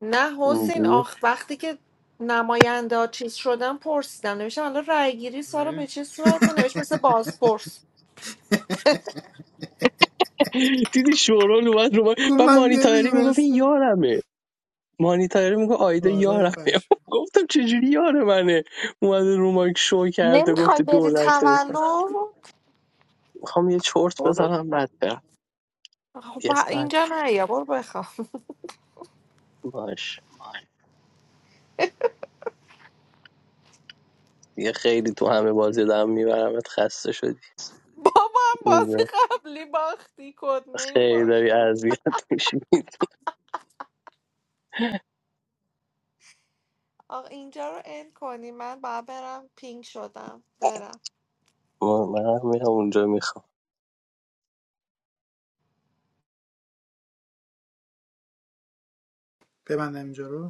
S9: نه حسین
S3: اینجوری.
S9: آخ وقتی که نماینده ها چیز شدن پرسیدم نوشتم حالا رأیگیری سارا به
S5: آره.
S9: چه صورته نوشت مثل بازپرس
S3: دیدی شورول اومد رو من
S5: گفت
S3: من
S5: من
S3: مانیتاری میگفت این
S5: نمیدونستم
S3: یارمه مانیتاری میگفت آیدا
S5: آره
S3: یارمه
S5: پش
S3: گفتم چجوری یار منه اومده رو مایک شو کرده
S9: نمیخوای
S3: گفته
S9: بری
S3: دولت
S9: تولد
S3: میخوام یه چرت
S9: برو
S3: بزنم بعد برم
S9: خب
S3: یه ساعت
S9: اینجا نه یا برو بخواب
S3: باش دیگه خیلی تو همه بازی دارم میبرمت خسته شدی
S9: بابا هم بازی
S3: اینجا
S9: قبلی باختی کد نیم
S3: خیلی
S9: باخت
S3: داری اذیت میشی
S9: آقا اینجا رو end کنی من باید برم پینگ شدم برم
S3: من میرم اونجا میخوام
S5: ببندم اینجا رو